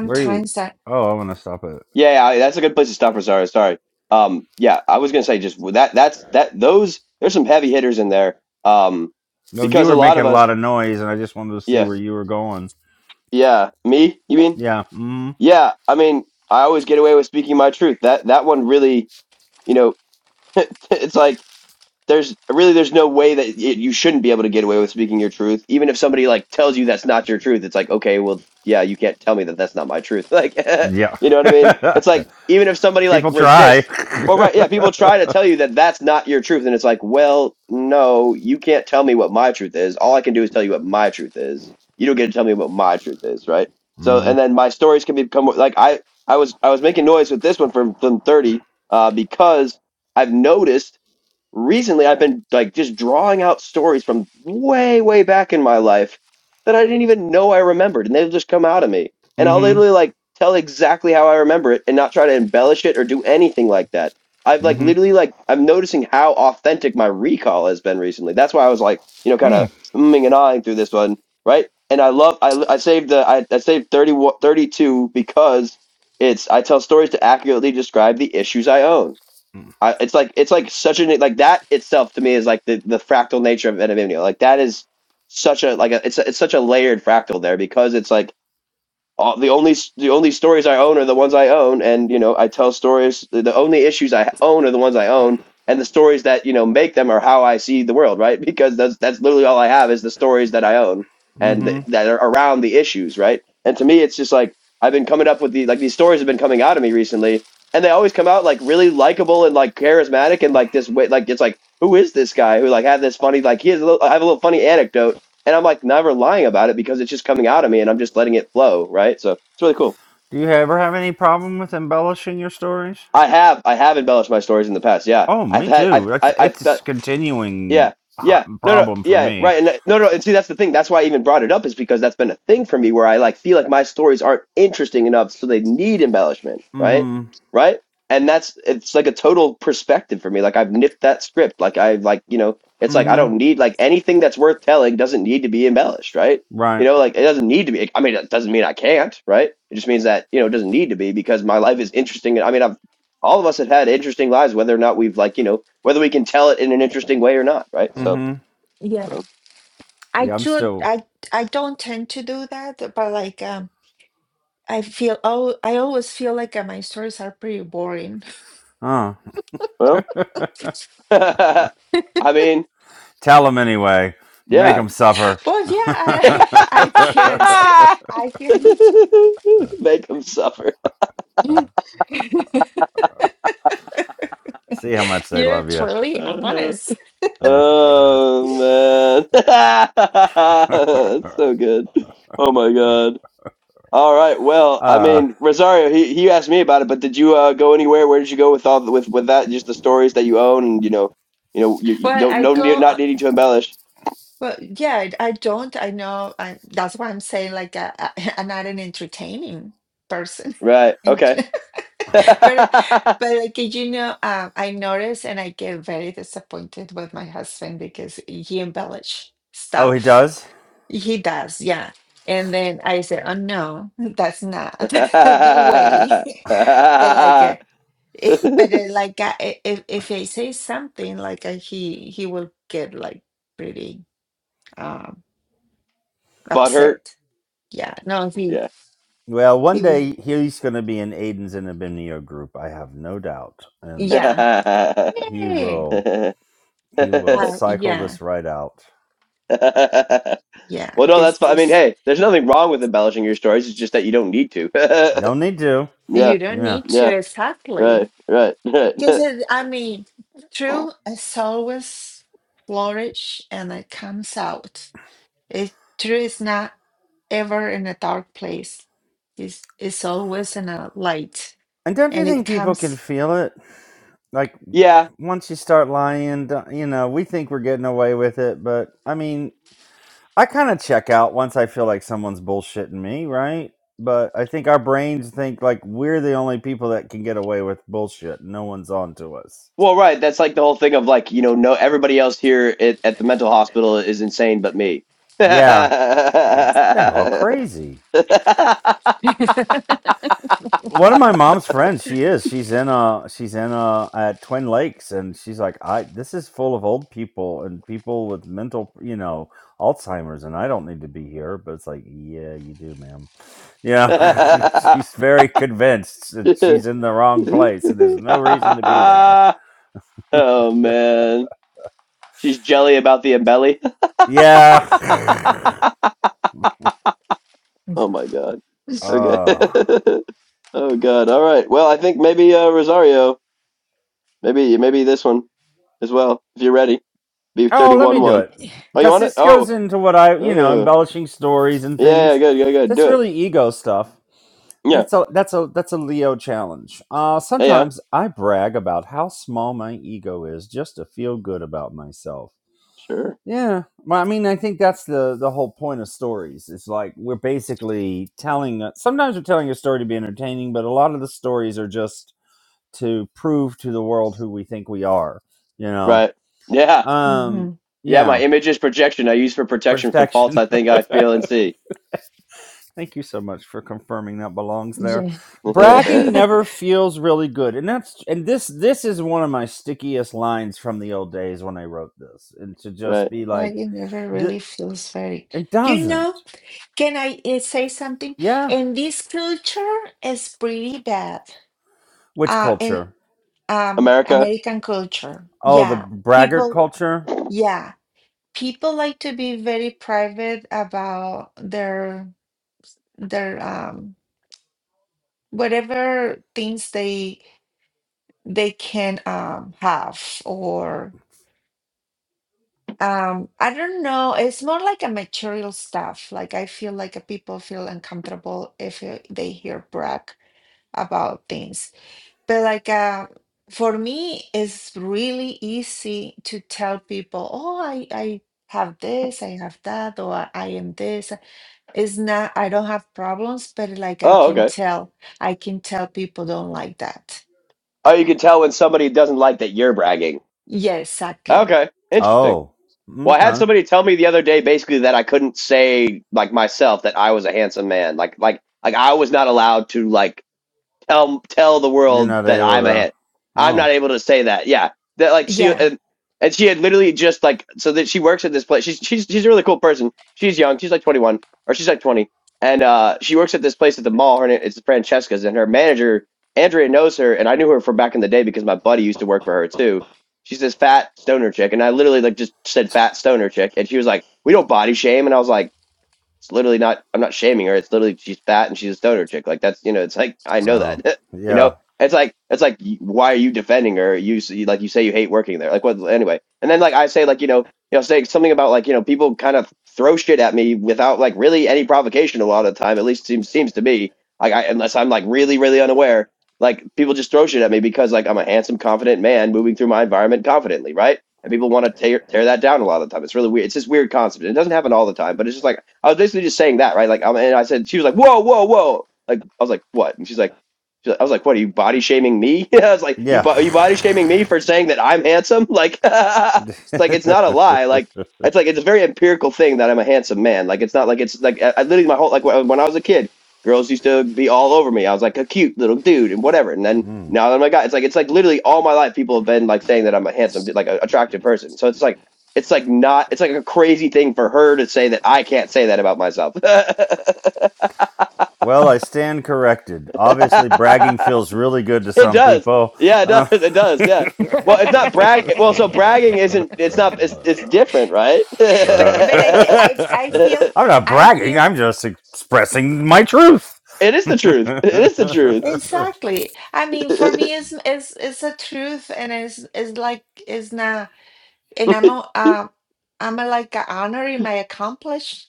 Speaker 2: Where you?
Speaker 3: I
Speaker 2: Oh, I want to stop it.
Speaker 1: Yeah, yeah, I, that's a good place to stop, Rosario. Sorry. Um, yeah, I was gonna say just with that. That's that. Those there's some heavy hitters in there. Um,
Speaker 2: No, you
Speaker 1: because a
Speaker 2: were
Speaker 1: lot
Speaker 2: making
Speaker 1: of
Speaker 2: a
Speaker 1: us,
Speaker 2: lot of noise, and I just wanted to see
Speaker 1: yeah,
Speaker 2: where you were going.
Speaker 1: yeah, me, you mean?
Speaker 2: Yeah. Mm.
Speaker 1: Yeah, I mean, I always get away with speaking my truth. That that one really, you know, it's like there's really there's no way that it, you shouldn't be able to get away with speaking your truth even if somebody like tells you that's not your truth it's like okay well yeah you can't tell me that that's not my truth like
Speaker 2: Yeah.
Speaker 1: you know what i mean it's like even if somebody like
Speaker 2: People try.
Speaker 1: resists well right yeah people try to tell you that that's not your truth and it's like well no you can't tell me what my truth is all i can do is tell you what my truth is you don't get to tell me what my truth is right so and
Speaker 2: mm-hmm.
Speaker 1: then my stories can become like i i was i was making noise with this one from from 30 uh, because i've noticed recently I've been like just drawing out stories from way, way back in my life that I didn't even know I remembered, and they'll just come out of me. And I'll literally like tell exactly how I remember it and not try to embellish it or do anything like that. I've like
Speaker 2: Mm-hmm.
Speaker 1: literally like I'm noticing how authentic my recall has been recently. That's why I was like, you know, kind
Speaker 2: Hmm.
Speaker 1: of umming and ahhing through this one, right? And I love I I saved the I, I saved thirty one thirty two because it's I tell stories to accurately describe the issues I own. I, it's like it's like such a like that itself to me is like the, the fractal nature of anonymity. Like that is such a like a, it's a, it's such a layered fractal there because it's like all, the only the only stories I own are the ones I own, and you know I tell stories. The the only issues I own are the ones I own, and the stories that you know make them are how I see the world, right? Because that's that's literally all I have is the stories that I own and
Speaker 2: Mm-hmm.
Speaker 1: th- that are around the issues, right? And to me, it's just like I've been coming up with the like these stories have been coming out of me recently, and they always come out like really likable and like charismatic and like this way, like it's like who is this guy who like had this funny like he has a little I have a little funny anecdote and I'm like never lying about it because it's just coming out of me and I'm just letting it flow, right? So it's really cool.
Speaker 2: Do you ever have any problem with embellishing your stories?
Speaker 1: I have I have embellished my stories in the past. Yeah,
Speaker 2: Oh,
Speaker 1: I've
Speaker 2: me
Speaker 1: had I've
Speaker 2: too. That's
Speaker 1: I- I've,
Speaker 2: it's a continuing
Speaker 1: Yeah.
Speaker 2: hot
Speaker 1: Yeah. No, no.
Speaker 2: problem for
Speaker 1: Yeah.
Speaker 2: me.
Speaker 1: Right. And uh, no, no. And see, that's the thing. That's why I even brought it up is because that's been a thing for me where I like feel like my stories aren't interesting enough. So they need embellishment. Right.
Speaker 2: Mm-hmm.
Speaker 1: Right. And that's, it's like a total perspective for me. Like I've nipped that script. Like I like, you know, it's like, I
Speaker 2: Mm-hmm.
Speaker 1: don't need like anything that's worth telling doesn't need to be embellished. Right. You
Speaker 2: Right.
Speaker 1: know, like it doesn't need to be. I mean, it doesn't mean I can't. Right. It just means that, you know, it doesn't need to be because my life is interesting. I mean, I've all of us have had interesting lives, whether or not we've like you know whether we can tell it in an interesting way or not, right? So,
Speaker 2: Mm-hmm.
Speaker 3: Yeah.
Speaker 1: so
Speaker 3: I
Speaker 2: Yeah, I'm
Speaker 3: do
Speaker 2: still.
Speaker 3: I I don't tend to do that, but like um I feel oh I always feel like uh, my stories are pretty boring.
Speaker 2: Oh,
Speaker 1: well, I mean,
Speaker 2: tell them anyway. Make
Speaker 1: yeah,
Speaker 2: them suffer.
Speaker 3: But yeah, I I I can't I can't
Speaker 1: make them suffer.
Speaker 2: See how much they
Speaker 3: you're
Speaker 2: love you.
Speaker 3: truly honest.
Speaker 1: Uh, oh man, that's so good. Oh my god. All right. Well, I
Speaker 2: uh,
Speaker 1: mean, Rosario, he, he asked me about it, but did you uh, go anywhere? Where did you go with all the, with with that? Just the stories that you own, and you know, you know, you, you
Speaker 3: Well,
Speaker 1: don't
Speaker 3: I
Speaker 1: no ne-
Speaker 3: go uh,
Speaker 1: not needing to embellish.
Speaker 3: well yeah, I I don't I know I, that's why I'm saying like uh, I, I'm not an entertaining person.
Speaker 1: Right. Okay.
Speaker 3: But but like you know, uh, I notice and I get very disappointed with my husband because he embellish
Speaker 2: oh, he
Speaker 3: stuff.
Speaker 2: does.
Speaker 3: He does, yeah. And then I say, "Oh no, that's not the way." But like, uh, it, but uh, like, uh, i- if if I say something, like uh, he he will get like pretty um
Speaker 1: Butt hurt.
Speaker 3: upset. Yeah, no, he
Speaker 1: Yeah.
Speaker 2: Well, one
Speaker 3: he will.
Speaker 2: day he's going to be in Aiden's and Abimnio group. I have no doubt, and
Speaker 3: Yeah,
Speaker 1: well,
Speaker 2: he
Speaker 3: yeah,
Speaker 2: will he will
Speaker 3: uh,
Speaker 2: cycle
Speaker 3: yeah,
Speaker 2: this right out.
Speaker 3: yeah.
Speaker 1: no,
Speaker 3: Because
Speaker 1: that's fine. I
Speaker 3: this.
Speaker 1: mean, hey, there's nothing wrong with embellishing your stories. It's just that you don't need to.
Speaker 2: Don't need to.
Speaker 3: You
Speaker 1: yeah.
Speaker 3: don't
Speaker 2: Yeah.
Speaker 3: need to
Speaker 1: Yeah.
Speaker 3: exactly.
Speaker 1: Right. Right. Right.
Speaker 3: Because it, I mean, truth is always flourish and it comes out. It truth is not ever in a dark place. It's it's always in a light,
Speaker 2: And don't you
Speaker 3: and it
Speaker 2: think people can
Speaker 3: comes.
Speaker 2: feel it? Like
Speaker 1: yeah.
Speaker 2: once you start lying, don't- you know, we think we're getting away with it, but I mean, I kind of check out once I feel like someone's bullshitting me, right? But I think our brains think like we're the only people that can get away with bullshit. No one's on to us.
Speaker 1: Well, right. That's like the whole thing of like, you know, no, everybody else here at, at the mental hospital is insane but me.
Speaker 2: Yeah, they're all crazy one of my mom's friends she is she's in a. she's in a at twin lakes and she's like i this is full of old people and people with mental you know alzheimer's and i don't need to be here but it's like yeah you do ma'am yeah she's very convinced that she's in the wrong place and there's no reason to be there
Speaker 1: oh, man. She's jelly about the embelly.
Speaker 2: yeah
Speaker 1: Oh, my God. Okay.
Speaker 2: uh
Speaker 1: oh, God. All right. Well, I think maybe uh, Rosario, maybe maybe this one as well, if you're ready. Be
Speaker 2: Oh, let
Speaker 1: 31
Speaker 2: me do
Speaker 1: 1.
Speaker 2: it.
Speaker 1: Oh, you
Speaker 2: Because
Speaker 1: want it?
Speaker 2: this goes
Speaker 1: Oh.
Speaker 2: into what I, you know,
Speaker 1: Uh,
Speaker 2: embellishing stories and
Speaker 1: yeah, yeah,
Speaker 2: things.
Speaker 1: good, good, good.
Speaker 2: That's
Speaker 1: Do it.
Speaker 2: really ego stuff. And
Speaker 1: Yeah.
Speaker 2: so that's a that's a Leo challenge. Uh,
Speaker 1: Yeah. yeah.
Speaker 2: sometimes I brag about how small my ego is just to feel good about myself.
Speaker 1: Sure.
Speaker 2: Yeah, well, I mean, I think that's the the whole point of stories. It's like we're basically telling. a- Sometimes we're telling a story to be entertaining, but a lot of the stories are just to prove to the world who we think we are. You know.
Speaker 1: Right. Yeah.
Speaker 2: Um.
Speaker 3: hmm
Speaker 1: Yeah.
Speaker 2: Yeah
Speaker 1: My image is projection. I use for
Speaker 2: for
Speaker 1: protection from faults
Speaker 2: protection.
Speaker 1: I think I feel and see.
Speaker 2: Thank you so much for confirming that belongs there.
Speaker 3: Yeah,
Speaker 2: Bragging
Speaker 1: right.
Speaker 3: but
Speaker 2: never feels really good, and that's and this this is one of my stickiest lines from the old days when I wrote this, and to just be like,
Speaker 3: it never
Speaker 2: "Th-
Speaker 3: really feels very.
Speaker 2: it
Speaker 3: You
Speaker 2: doesn't.
Speaker 3: know, can I uh, say something?
Speaker 2: Yeah,
Speaker 3: And this culture is pretty bad.
Speaker 2: which
Speaker 3: Uh, in
Speaker 2: culture?
Speaker 3: Um,
Speaker 1: America.
Speaker 3: American culture.
Speaker 2: Oh, the
Speaker 3: Yeah,
Speaker 2: braggart
Speaker 3: people,
Speaker 2: culture.
Speaker 3: yeah, people like to be very private about their their um whatever things they they can um have or um I don't know, it's more like a material stuff. Like I feel like uh, people feel uncomfortable if uh, they hear brag about things. But like uh, for me, it's really easy to tell people, oh, I, I have this, I have that, or I I am this. It's not, I don't have problems, but like I
Speaker 1: Oh,
Speaker 3: can
Speaker 1: okay.
Speaker 3: tell, I can tell people don't like that.
Speaker 1: Oh, you can tell when somebody doesn't like that you're bragging.
Speaker 3: Yeah, exactly.
Speaker 1: Okay. Interesting.
Speaker 2: Oh,
Speaker 1: Well, I had
Speaker 2: okay.
Speaker 1: somebody tell me the other day basically that I couldn't say like myself that I was a handsome man. Like like like I was not allowed to like tell tell the
Speaker 2: You're
Speaker 1: world
Speaker 2: not
Speaker 1: that
Speaker 2: able
Speaker 1: I'm a
Speaker 2: to.
Speaker 1: hit. I'm not
Speaker 2: Oh,
Speaker 1: able to say that. Yeah, that like she
Speaker 3: Yeah.
Speaker 1: and, and she had literally just like so that she works at this place. She's she's she's a really cool person. She's young. She's like 21 or she's like 20, and uh, she works at this place at the mall. Her name it's Francesca's, and her manager Andrea knows her, and I knew her from back in the day because my buddy used to work for her too. She's this fat stoner chick, and I literally like just said fat stoner chick, and she was like, "We don't body shame," and I was like. It's literally not. I'm not shaming her. It's literally she's fat and she's a stoner chick. Like that's you know. It's like I know
Speaker 2: oh,
Speaker 1: that. you
Speaker 2: yeah,
Speaker 1: know. It's like it's like why are you defending her? You s- you- like you say you hate working there. Like what anyway? And then like I say like you know you know say something about like you know people kind of throw shit at me without like really any provocation a lot of the time. At least seems seems to me like I, unless I'm like really really unaware. Like people just throw shit at me because like I'm a handsome confident man moving through my environment confidently, right? and people want to tear tear that down a lot of the time. It's really weird. It's this weird concept. It doesn't happen all the time, but it's just like I was basically just saying that, right? Like, um, and I said she was like, "Whoa, whoa, whoa!" Like I was like, "What?" And she's like, she's like "I was like, what? Are you body shaming me?" I was like, "You bo- are you body
Speaker 2: yeah.
Speaker 1: shaming me for saying that I'm handsome?" Like, it's like it's not a lie. Like it's like it's a very empirical thing that I'm a handsome man. Like it's not like it's like I, I literally my whole like when when I was a kid. Girls used to be all over me. I was like a cute little dude and whatever. And then
Speaker 2: Mm.
Speaker 1: now that I'm a guy, it's like it's like literally all my life people have been like saying that I'm a handsome, like a attractive person. So it's like it's like not it's like a crazy thing for her to say that I can't say that about myself.
Speaker 2: Well, I stand corrected. Obviously, bragging feels really good to
Speaker 1: it
Speaker 2: some
Speaker 1: does,
Speaker 2: people.
Speaker 1: yeah, it does,
Speaker 2: Uh,
Speaker 1: it does, yeah. Well, it's not brag. Well, so bragging isn't. It's not. It's it's different, right?
Speaker 2: uh,
Speaker 3: But but I th- I I
Speaker 1: it
Speaker 3: feel
Speaker 2: I'm not
Speaker 3: I
Speaker 2: bragging,
Speaker 3: feel
Speaker 2: I'm just expressing my truth.
Speaker 1: is the truth. It is the truth.
Speaker 3: exactly. I mean, for me, it's it's it's a truth, and it's it's like it's not. and I'm a- uh, I'm a, like a honoring my accomplishments,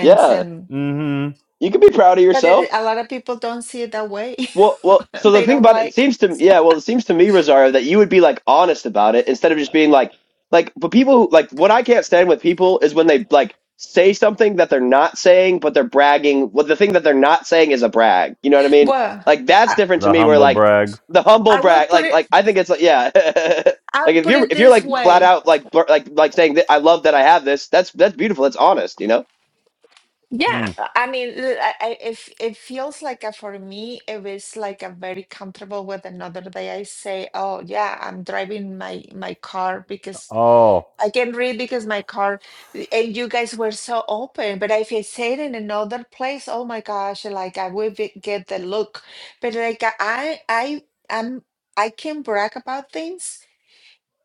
Speaker 1: yeah,
Speaker 3: and
Speaker 2: hmm
Speaker 1: you can be proud of
Speaker 3: but it,
Speaker 1: yourself.
Speaker 3: a lot of people don't see it that way.
Speaker 1: Well, well. So the
Speaker 3: they
Speaker 1: thing
Speaker 3: don't
Speaker 1: about it, it
Speaker 3: like.
Speaker 1: seems to yeah. Well, it seems to me, Rosario, that you would be like honest about it instead of just being like, like. But people, who- like, what I can't stand with people is when they like say something that they're not saying, but they're bragging. Well, the thing that they're not saying is a brag. You know what I mean?
Speaker 3: Well,
Speaker 1: Like that's
Speaker 3: I,
Speaker 1: different to
Speaker 2: The
Speaker 1: me. Where
Speaker 2: humble
Speaker 1: like
Speaker 2: brag.
Speaker 1: the humble
Speaker 3: I will
Speaker 1: brag,
Speaker 3: put
Speaker 1: like,
Speaker 3: it.
Speaker 1: like I think it's like yeah.
Speaker 3: I'll
Speaker 1: like if
Speaker 3: put
Speaker 1: you're
Speaker 3: it
Speaker 1: if you're
Speaker 3: this
Speaker 1: like flat
Speaker 3: way.
Speaker 1: out like blur- like like saying that I love that I have this. That's that's beautiful. That's honest. You know.
Speaker 3: Yeah,
Speaker 2: Hmm.
Speaker 3: I mean, l- I, I, if it feels like a, for me, if it's like a very comfortable with another day, I say, oh yeah, I'm driving my my car because
Speaker 2: Oh.
Speaker 3: I can read because my car, and you guys were so open. But if I said in another place, oh my gosh, like I would be- get the look. But like I, I, I'm, I can brag about things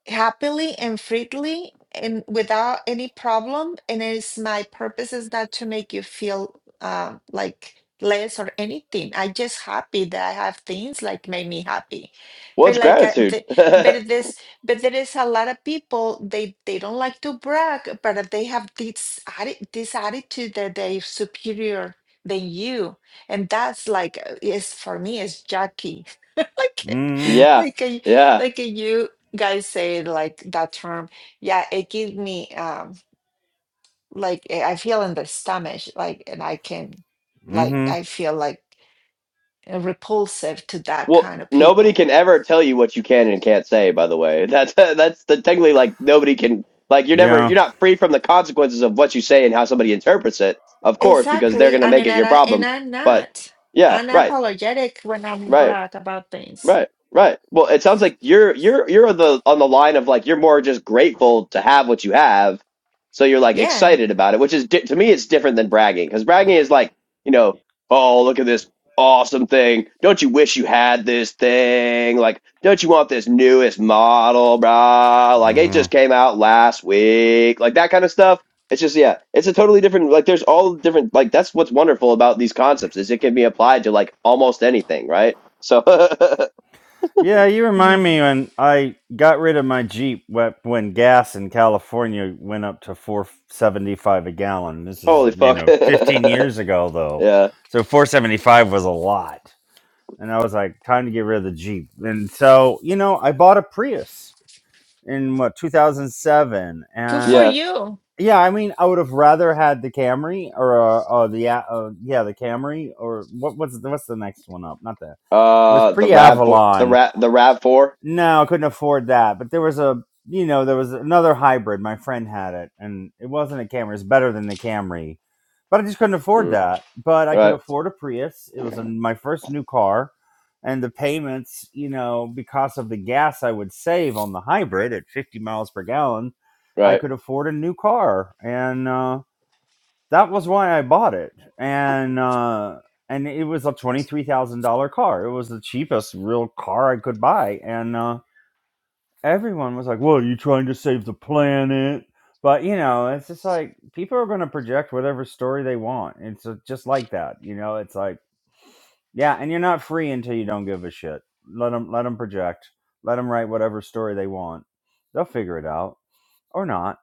Speaker 3: happily and freely and without any problem. And it's my purpose is not to make you feel uh, like less or anything. I just happy that I have things like make me happy.
Speaker 1: Well,
Speaker 3: But
Speaker 1: it's
Speaker 3: like, uh,
Speaker 1: gratitude.
Speaker 3: the, but this, but there is a lot of people they they don't like to brag, but they have this atti- this attitude that they're superior than you, and that's like uh, is for me is Jackie, like
Speaker 2: Mm-hmm.
Speaker 1: yeah.
Speaker 3: like a,
Speaker 1: Yeah.
Speaker 3: like a you guys say like that term, yeah, it gives me um like eh, I feel in the stomach, like and I can like
Speaker 2: Mm-hmm.
Speaker 3: I feel like eh, repulsive to that
Speaker 1: Well,
Speaker 3: kind of
Speaker 1: nobody
Speaker 3: people.
Speaker 1: can ever tell you what you can and can't say. By the way, that's that's the technically like nobody can like you're never
Speaker 2: Yeah.
Speaker 1: you're not free from the consequences of what you say and how somebody interprets it. Of course, because they're
Speaker 3: Exactly.
Speaker 1: gonna
Speaker 3: I
Speaker 1: make
Speaker 3: mean,
Speaker 1: it your
Speaker 3: and I and
Speaker 1: problem.
Speaker 3: I'm
Speaker 1: But
Speaker 3: not.
Speaker 1: yeah,
Speaker 3: unapologetic
Speaker 1: right,
Speaker 3: when I'm
Speaker 1: right.
Speaker 3: brag about things.
Speaker 1: Right, right. Well, it sounds like you're you're you're on the on the line of like you're more just grateful to have what you have, so you're like
Speaker 3: Yeah.
Speaker 1: excited about it, which is di- to me it's different than bragging because bragging is like you know oh look at this awesome thing don't you wish you had this thing like don't you want this newest model brah like it
Speaker 2: Mm-hmm.
Speaker 1: just came out last week like that kind of stuff it's just yeah it's a totally different like there's all different like that's what's wonderful about these concepts is it can be applied to like almost anything right so
Speaker 2: Yeah, you
Speaker 3: Yeah.
Speaker 2: remind me when I got rid of my Jeep wh- when gas in California went up to 475 a gallon. This is,
Speaker 1: Holy
Speaker 2: you
Speaker 1: fuck.
Speaker 2: know, 15 years ago though.
Speaker 1: Yeah.
Speaker 2: So 475 was a lot. And I was like, time to get rid of the Jeep. And so, you know, I bought a Prius in what 2007
Speaker 3: Good for
Speaker 2: and
Speaker 1: Yeah.
Speaker 3: you.
Speaker 2: yeah, I mean, I would have rather had the Camry or uh, uh the A- uh, yeah, the Camry or what what's the, what's the next one up? Not that. It was
Speaker 1: Uh the Rav four the
Speaker 2: pre-Avalon
Speaker 1: Ra the Rav four.
Speaker 2: no, I couldn't afford that. But there was a, you know, there was another hybrid. My friend had it, and it wasn't a Camry. It's better than the Camry, but I just couldn't afford
Speaker 1: Mm,
Speaker 2: that. But I could
Speaker 1: right.
Speaker 2: afford a Prius. It was a, my first new car, and the payments, you know, because of the gas I would save on the hybrid at 50 miles per gallon, I
Speaker 1: Right.
Speaker 2: could afford a new car, and uh, that was why I bought it. And uh, and it was a twenty three thousand dollar car. It was the cheapest real car I could buy, and. Uh, everyone was like, "Well, are you trying to save the planet?" But you know, it's just like people are going to project whatever story they want. It's uh, just like that, you know. It's like, yeah, and you're not free until you don't give a shit. Let them let them project. Let them write whatever story they want. They'll figure it out or not.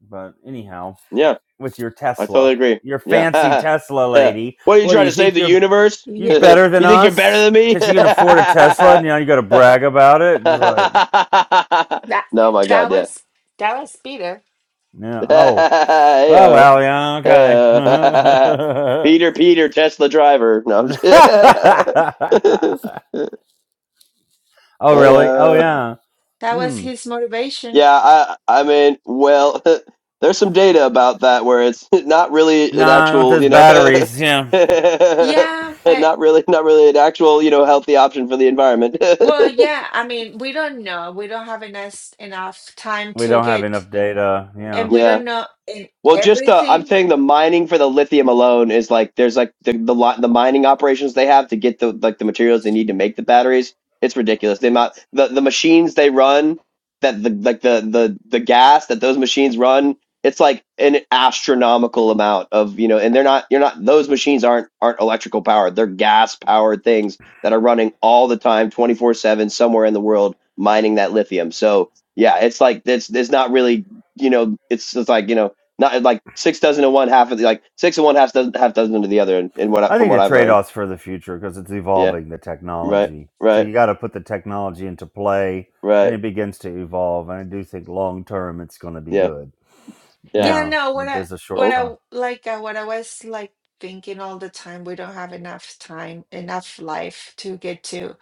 Speaker 2: But anyhow,
Speaker 1: Yeah.
Speaker 2: with your
Speaker 1: I
Speaker 2: Tesla,
Speaker 1: totally agree.
Speaker 2: your
Speaker 1: Yeah.
Speaker 2: fancy Tesla
Speaker 1: Yeah.
Speaker 2: lady,
Speaker 1: What are you
Speaker 2: what do
Speaker 1: trying
Speaker 2: you
Speaker 1: to save
Speaker 2: think
Speaker 1: the
Speaker 2: you're
Speaker 1: universe?
Speaker 3: Yeah.
Speaker 2: you better than
Speaker 1: You think you're better
Speaker 2: us?
Speaker 1: than me?
Speaker 2: Because you can afford a Tesla, and now you got to brag about it. It's like,
Speaker 3: That
Speaker 1: No, my
Speaker 3: that
Speaker 1: God, yeah.
Speaker 3: was that was Peter.
Speaker 2: yeah, oh. Oh
Speaker 1: Heyo.
Speaker 2: well, yeah, okay.
Speaker 1: Heyo. Peter, Peter, Tesla driver. No, I'm just kidding.
Speaker 2: oh really?
Speaker 1: Heyo.
Speaker 2: Oh yeah.
Speaker 3: That was
Speaker 2: Hmm.
Speaker 3: his motivation.
Speaker 1: Yeah, I I mean, well, there's some data about that where it's not really an
Speaker 2: Nah, not
Speaker 1: actual,
Speaker 2: those
Speaker 1: you know,
Speaker 2: batteries. Yeah,
Speaker 3: Yeah, but
Speaker 1: not really not really an actual, you know, healthy option for the environment.
Speaker 3: Well, yeah, I mean, we don't know. We don't have enough enough time
Speaker 2: we
Speaker 3: to
Speaker 2: don't have
Speaker 3: get,
Speaker 2: enough data.
Speaker 3: and
Speaker 2: Yeah,
Speaker 3: we
Speaker 1: Yeah.
Speaker 3: don't know in
Speaker 1: Well, just the I'm
Speaker 3: everything.
Speaker 1: saying the mining for the lithium alone is like there's like the the lot the mining operations they have to get the like the materials they need to make the batteries. It's ridiculous. The amount the, the machines they run that the like the the the gas that those machines run, it's like an astronomical amount of, you know, and they're not you're not those machines aren't aren't electrical powered. They're gas powered things that are running all the time 24/7 somewhere in the world mining that lithium. So, yeah, it's like it's it's not really, you know, it's it's like, you know, not like six dozen to one half of the like six and one half doesn't half dozen to the other. And, and what I,
Speaker 2: I
Speaker 1: from
Speaker 2: think
Speaker 1: what
Speaker 2: the
Speaker 1: I've learned,
Speaker 2: trade-offs for the future because it's
Speaker 1: yeah,
Speaker 2: evolving the
Speaker 1: right,
Speaker 2: technology. So
Speaker 1: right,
Speaker 2: you got to put the technology into play, and
Speaker 1: right,
Speaker 2: it begins to evolve. And I do think long term it's going to be
Speaker 1: yeah,
Speaker 2: good.
Speaker 1: yeah.
Speaker 3: Yeah,
Speaker 2: Yeah,
Speaker 3: no, what
Speaker 2: but
Speaker 3: I
Speaker 2: there's a short
Speaker 3: what
Speaker 1: Oh,
Speaker 3: I
Speaker 2: term.
Speaker 3: like uh, what I was like thinking all the time, we don't have enough time, enough life to get to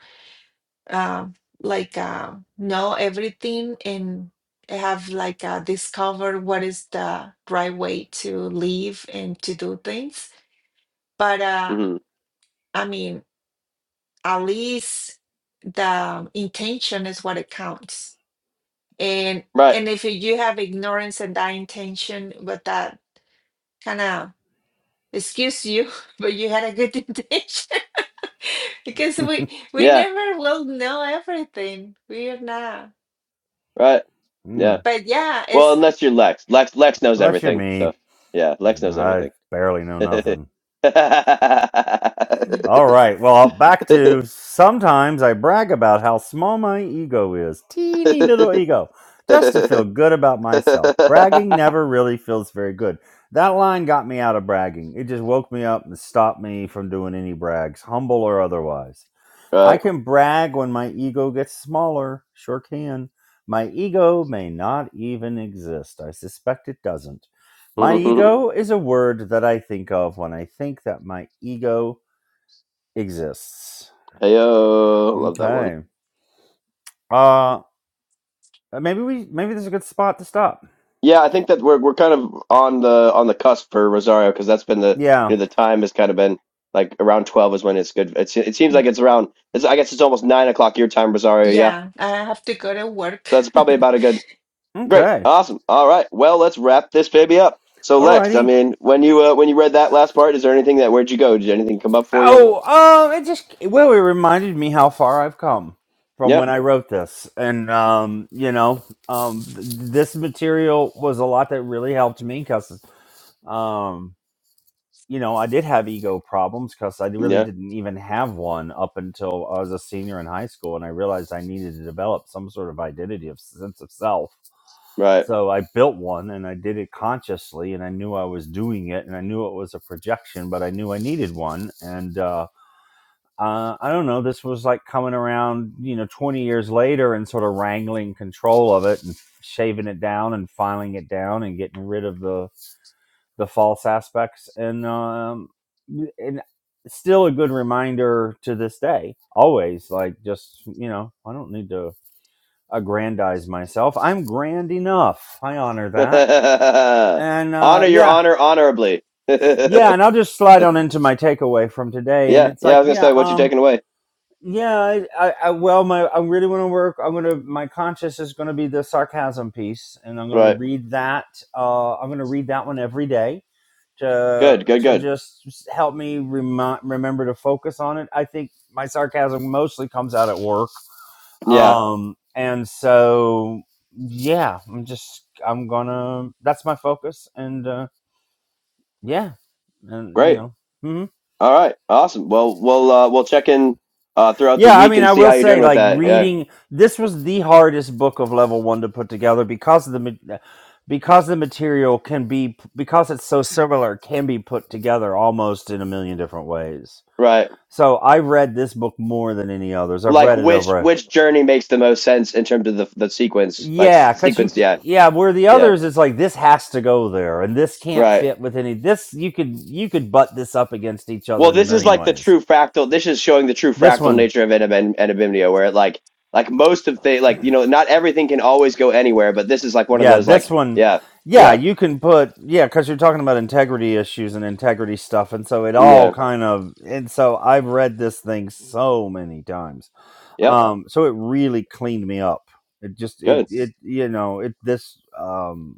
Speaker 3: um like uh, know everything and have like uh, discover what is the right way to live and to do things. But uh
Speaker 1: mm-hmm.
Speaker 3: I mean at least the intention is what it counts. And
Speaker 1: right,
Speaker 3: and if you have ignorance and that intention, but that kind of excuse you, but you had a good intention because we we
Speaker 1: yeah,
Speaker 3: never will know everything. We are not.
Speaker 1: right, yeah.
Speaker 2: mm.
Speaker 3: But yeah,
Speaker 1: Well,
Speaker 3: it's
Speaker 1: unless you're Lex, Lex, Lex knows
Speaker 2: Unless you're
Speaker 1: everything. So
Speaker 2: me,
Speaker 1: yeah, Lex knows
Speaker 2: I
Speaker 1: everything.
Speaker 2: barely know nothing.
Speaker 1: right.
Speaker 3: yeah
Speaker 2: All right. Well, back to sometimes I brag about how small my ego is. Teeny little ego. Just to feel good about myself. Bragging never really feels very good. That line got me out of bragging. It just woke me up and stopped me from doing any brags, humble or otherwise. I can brag when my ego gets smaller. Sure can. My ego may not even exist. I suspect it doesn't. My ego is a word that I think of when I think that my ego exists.
Speaker 1: hey love that one.
Speaker 2: Okay. Uh uh, maybe we maybe this is a good spot to stop.
Speaker 1: Yeah, I think that we're we're kind of on the on the cusp for Rosario because that's been the
Speaker 2: Yeah.
Speaker 1: you know the time has kind of been like around twelve is when it's good. It's, it seems like
Speaker 3: yeah.
Speaker 1: it's around. It's, I guess it's almost nine o'clock your time, Rosario. Yeah,
Speaker 3: Yeah, I have to go to work
Speaker 1: so that's probably about a good. Great,
Speaker 2: Okay.
Speaker 1: awesome. All right, well let's wrap this baby up. So Lex, I
Speaker 2: Alrighty.
Speaker 1: mean, when you uh, when you read that last part, is there anything that where'd you go? Did anything come up for you?
Speaker 2: Oh, um, it just well, it reminded me how far I've come from
Speaker 1: Yeah,
Speaker 2: when I wrote this, and um, you know, um, th- this material was a lot that really helped me because, Um. you know, I did have ego problems because I really
Speaker 1: yeah,
Speaker 2: didn't even have one up until I was a senior in high school, and I realized I needed to develop some sort of identity of sense of self.
Speaker 1: right.
Speaker 2: So I built one, and I did it consciously, and I knew I was doing it, and I knew it was a projection, but I knew I needed one, and uh, uh, I don't know. This was like coming around, you know, twenty years later, and sort of wrangling control of it, and shaving it down, and filing it down, and getting rid of the the false aspects and um and still a good reminder to this day always like just you know i don't need to aggrandize myself i'm grand enough i honor that and uh
Speaker 1: honor your
Speaker 2: yeah
Speaker 1: honor honorably.
Speaker 2: yeah
Speaker 1: yeah,
Speaker 2: and i'll just slide on into my takeaway from today and
Speaker 1: yeah.
Speaker 2: it's
Speaker 1: I
Speaker 2: like
Speaker 1: was gonna
Speaker 2: yeah
Speaker 1: say what you
Speaker 2: um
Speaker 1: taking away.
Speaker 2: yeah i, I, I well my i really want to work i'm gonna my conscious is gonna be the sarcasm piece and i'm gonna
Speaker 1: Right.
Speaker 2: read that uh i'm gonna read that one every day to
Speaker 1: Good. Good.
Speaker 2: to
Speaker 1: Good.
Speaker 2: just help me remi- remember to focus on it. I think my sarcasm mostly comes out at work,
Speaker 1: Yeah.
Speaker 2: um, and so yeah, I'm just I'm gonna that's my focus, and uh, yeah, and you
Speaker 1: Great.
Speaker 2: know. hmm
Speaker 1: All right. Awesome. Well, we'll uh, we'll check in uh, throughout the
Speaker 2: Yeah, I
Speaker 1: week
Speaker 2: mean,
Speaker 1: and
Speaker 2: I
Speaker 1: see
Speaker 2: will
Speaker 1: how you're doing
Speaker 2: say,
Speaker 1: with
Speaker 2: like
Speaker 1: that. Yeah.
Speaker 2: reading this was the hardest book of level one to put together because of the ma- because the material can be because it's so similar can be put together almost in a million different ways
Speaker 1: Right.
Speaker 2: So I read this book more than any others. I've
Speaker 1: Like
Speaker 2: read it
Speaker 1: which
Speaker 2: over. a-
Speaker 1: which journey makes the most sense in terms of the the sequence? Like s-
Speaker 2: Yeah, cause you,
Speaker 1: sequence.
Speaker 2: c-
Speaker 1: Yeah.
Speaker 2: yeah, where the
Speaker 1: Yeah.
Speaker 2: others, it's like this has to go there, and this can't
Speaker 1: Right.
Speaker 2: fit with any. This you could you could butt this up against each other
Speaker 1: Well,
Speaker 2: in a
Speaker 1: this is
Speaker 2: million
Speaker 1: like the
Speaker 2: ways.
Speaker 1: true fractal. This is showing the true
Speaker 2: This
Speaker 1: fractal
Speaker 2: one,
Speaker 1: nature of anab- anabimnio, where it like like most of the like you know not everything can always go anywhere, but this is like one of
Speaker 2: yeah,
Speaker 1: those
Speaker 2: this
Speaker 1: like
Speaker 2: one,
Speaker 1: yeah
Speaker 2: yeah,
Speaker 1: yeah
Speaker 2: you can put yeah, cause you're talking about integrity issues and integrity stuff, and so it all
Speaker 1: yeah
Speaker 2: kind of and so I've read this thing so many times,
Speaker 1: yep
Speaker 2: um, so it really cleaned me up. It just it
Speaker 1: good.
Speaker 2: it you know it this um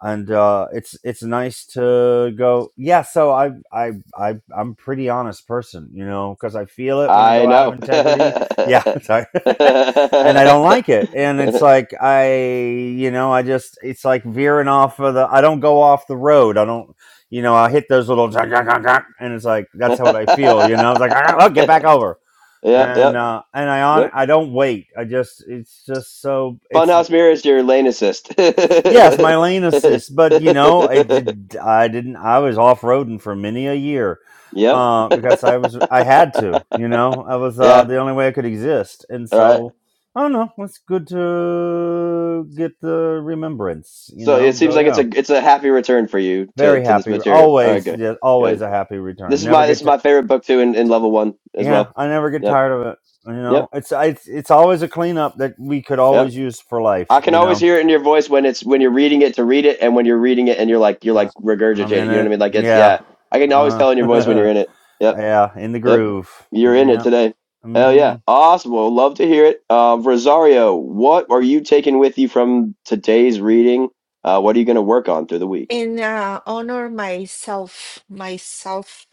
Speaker 2: and uh, it's it's nice to go. Yeah, so I I I I'm a pretty honest person, you know, because I feel it when I
Speaker 1: I
Speaker 2: go out of
Speaker 1: know.
Speaker 2: integrity. Yeah, sorry. and I don't like it, and it's like I you know I just it's like veering off of the. I don't go off the road. I don't. You know, I hit those little zah, zah, zah, zah, and it's like that's what
Speaker 1: yep,
Speaker 2: I feel. You know, it's like "Ah, oh, get back over,
Speaker 1: yep,
Speaker 2: and uh, and I on
Speaker 1: yep.
Speaker 2: I don't wait. I just it's just so it's.
Speaker 1: Funhouse Mirror is your lane assist. yep.
Speaker 2: Yes, my lane assist, but you know, I did. I didn't. I was off roading for many a year
Speaker 1: Yeah.
Speaker 2: uh, because I was. I had to. You know, I was uh, the only way I could exist, and
Speaker 1: All right.
Speaker 2: so I don't know. It's good to get the remembrance. You
Speaker 1: So
Speaker 2: know,
Speaker 1: it seems
Speaker 2: go
Speaker 1: like it's
Speaker 2: yeah.
Speaker 1: a it's a happy return for you to
Speaker 2: Very
Speaker 1: to this
Speaker 2: happy.
Speaker 1: material. All right.
Speaker 2: Always,
Speaker 1: Good.
Speaker 2: yeah,
Speaker 1: Good.
Speaker 2: always a happy return.
Speaker 1: This is
Speaker 2: Never
Speaker 1: my this
Speaker 2: get
Speaker 1: is
Speaker 2: to.
Speaker 1: my favorite book too in, in level one as
Speaker 2: Yeah,
Speaker 1: well.
Speaker 2: I never get
Speaker 1: Yep.
Speaker 2: tired of it. You know,
Speaker 1: Yep.
Speaker 2: it's I, it's it's always a cleanup that we could
Speaker 1: Yep.
Speaker 2: always use for life.
Speaker 1: I can
Speaker 2: You
Speaker 1: always
Speaker 2: know,
Speaker 1: hear it in your voice when it's when you're reading it to read it and when you're reading it and you're like you're
Speaker 2: uh,
Speaker 1: like
Speaker 2: I'm in
Speaker 1: regurgitating. You know what I
Speaker 2: it.
Speaker 1: mean? Like it's
Speaker 2: Yeah.
Speaker 1: yeah. I can always
Speaker 2: Uh,
Speaker 1: tell in your voice when you're in it. Yep.
Speaker 2: Yeah, in the
Speaker 1: Yep.
Speaker 2: groove.
Speaker 1: You're in it
Speaker 2: Yeah.
Speaker 1: today. Hell
Speaker 2: Mm-hmm.
Speaker 1: yeah. Awesome. Well, love to hear it. Uh, Rosario, what are you taking with you from today's reading? Uh, what are you going to work on through the week?
Speaker 3: and uh, honor myself myself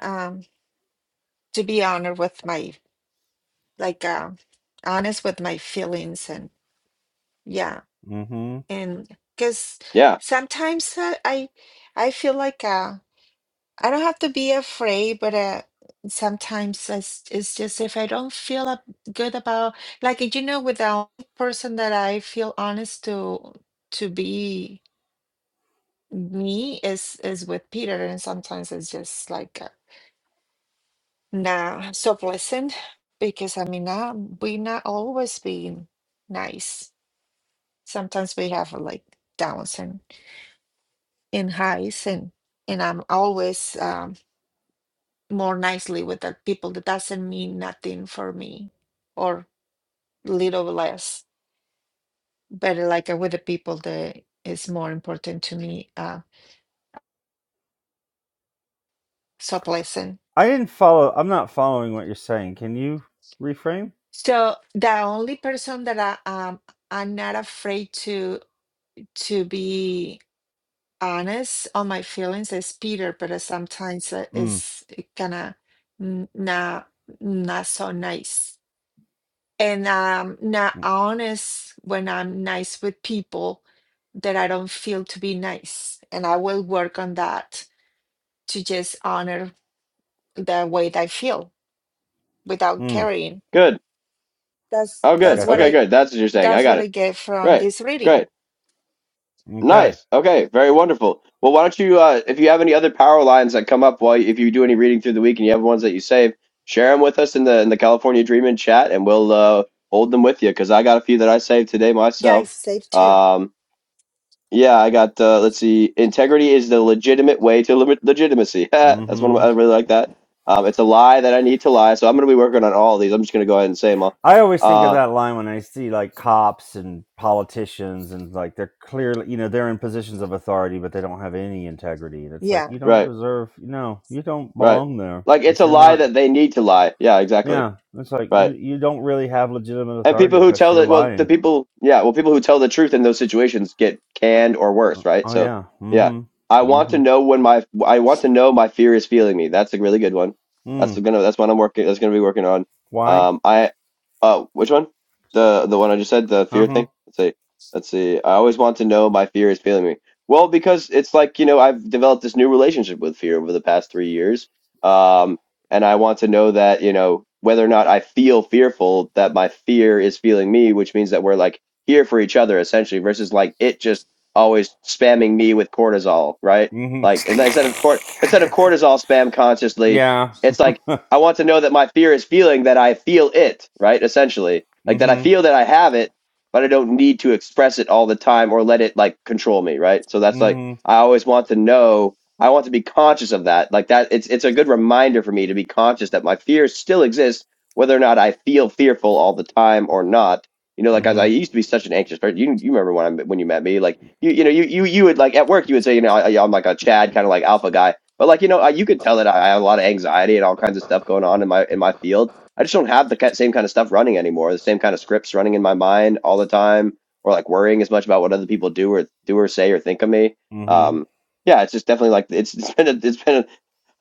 Speaker 3: um to be honored with my. like uh, honest with my feelings and yeah
Speaker 2: Mm-hmm.
Speaker 3: and because
Speaker 1: Yeah.
Speaker 3: sometimes uh, i i feel like uh, i don't have to be afraid but uh, sometimes it's, it's just if i don't feel up good about like you know with the only person that i feel honest to to be me is is with peter and sometimes it's just like uh, nah so pleasant because i mean uh, we not always being nice sometimes we have uh, like downs and, and highs and and i'm always um, more nicely with the people that doesn't mean nothing for me or little less but uh, like uh, with the people that is more important to me uh, so pleasant
Speaker 2: I didn't follow. I'm not following what you're saying. Can you reframe?
Speaker 3: so the only person that i um, i'm not afraid to to be honest on my feelings is peter but uh, sometimes uh,
Speaker 2: Mm.
Speaker 3: is kind of not not so nice and I'm not
Speaker 2: Mm.
Speaker 3: honest when I'm nice with people that I don't feel to be nice. And I will work on that to just honor the way that I feel without
Speaker 2: mm.
Speaker 3: caring.
Speaker 1: Good.
Speaker 3: That's
Speaker 1: Oh,
Speaker 3: that's
Speaker 1: good.
Speaker 3: what
Speaker 2: Gotcha.
Speaker 1: Okay,
Speaker 3: I
Speaker 1: good. That's what you're saying. I
Speaker 3: that's
Speaker 1: got
Speaker 3: what I
Speaker 1: it.
Speaker 3: get from
Speaker 1: Great.
Speaker 3: this
Speaker 1: Great.
Speaker 3: reading.
Speaker 2: Okay.
Speaker 1: Nice. Okay. Very wonderful. Well, why don't you, uh, if you have any other power lines that come up while if you do any reading through the week and you have ones that you save, share them with us in the in the California Dreamin' chat, and we'll uh, hold them with you because I got a few that I saved today
Speaker 3: Yeah,
Speaker 1: myself.
Speaker 3: it's safe too.
Speaker 1: Um, Yeah, I got. Uh, let's see. Integrity is the legitimate way to limit legitimacy. That's one. Of my,
Speaker 2: Mm-hmm.
Speaker 1: I really like that. Um, it's a lie that I need to lie. So I'm going to be working on all of these. I'm just going to go ahead and say them all.
Speaker 2: I always think of
Speaker 1: Uh,
Speaker 2: that line when I see like cops and politicians and like they're clearly, you know, they're in positions of authority, but they don't have any integrity. And it's like
Speaker 3: Yeah.
Speaker 2: you don't
Speaker 1: right,
Speaker 2: deserve. No, you don't
Speaker 1: right.
Speaker 2: belong there.
Speaker 1: Like it's
Speaker 2: Because
Speaker 1: a
Speaker 2: you're
Speaker 1: lie
Speaker 2: not.
Speaker 1: that they need to lie. Yeah, exactly.
Speaker 2: Yeah. It's like you
Speaker 1: Right.
Speaker 2: you don't really have legitimate
Speaker 1: And
Speaker 2: authority
Speaker 1: people who
Speaker 2: because
Speaker 1: tell
Speaker 2: you're
Speaker 1: that, well,
Speaker 2: lying
Speaker 1: the people, yeah, well, people who tell the truth in those situations get canned or
Speaker 2: Uh,
Speaker 1: worse, right?
Speaker 2: oh
Speaker 1: So,
Speaker 2: yeah.
Speaker 1: yeah,
Speaker 2: Mm-hmm.
Speaker 1: I want to
Speaker 2: Mm-hmm.
Speaker 1: know when my, I want to know my fear is feeling me. That's a really good one. That's
Speaker 2: Mm.
Speaker 1: gonna, that's what I'm working, that's gonna be working on.
Speaker 2: Why?
Speaker 1: Um, I, oh, which one? The, the one I just said, the fear
Speaker 2: Uh-huh.
Speaker 1: thing. Let's see, let's see. I always want to know my fear is feeling me. Well, because it's like, you know, I've developed this new relationship with fear over the past three years. Um, and I want to know that you know whether or not I feel fearful that my fear is feeling me, which means that we're like here for each other essentially, versus like it just always spamming me with cortisol, right? Like and instead of cort instead of
Speaker 2: Mm-hmm.
Speaker 1: cortisol spam consciously,
Speaker 2: yeah.
Speaker 1: it's like I want to know that my fear is feeling that I feel it, right? Essentially, like that I
Speaker 2: mm-hmm.
Speaker 1: feel that I have it, but I don't need to express it all the time or let it like control me, right? So that's like
Speaker 2: Mm-hmm.
Speaker 1: I always want to know I want to be conscious of that. Like that, it's it's a good reminder for me to be conscious that my fears still exist, whether or not I feel fearful all the time or not. You know, like as I
Speaker 2: Mm-hmm.
Speaker 1: used to be such an anxious person. You you remember when I when you met me, like you you know you you you would like at work you would say you know I, I'm like a Chad kind of like alpha guy, but like you know I, you could tell that I, I have a lot of anxiety and all kinds of stuff going on in my in my field. I just don't have the ki- same kind of stuff running anymore. The same kind of scripts running in my mind all the time, or like worrying as much about what other people do or do or say or think of me.
Speaker 2: Mm-hmm.
Speaker 1: Um, yeah, it's just definitely like it's it's been a, it's been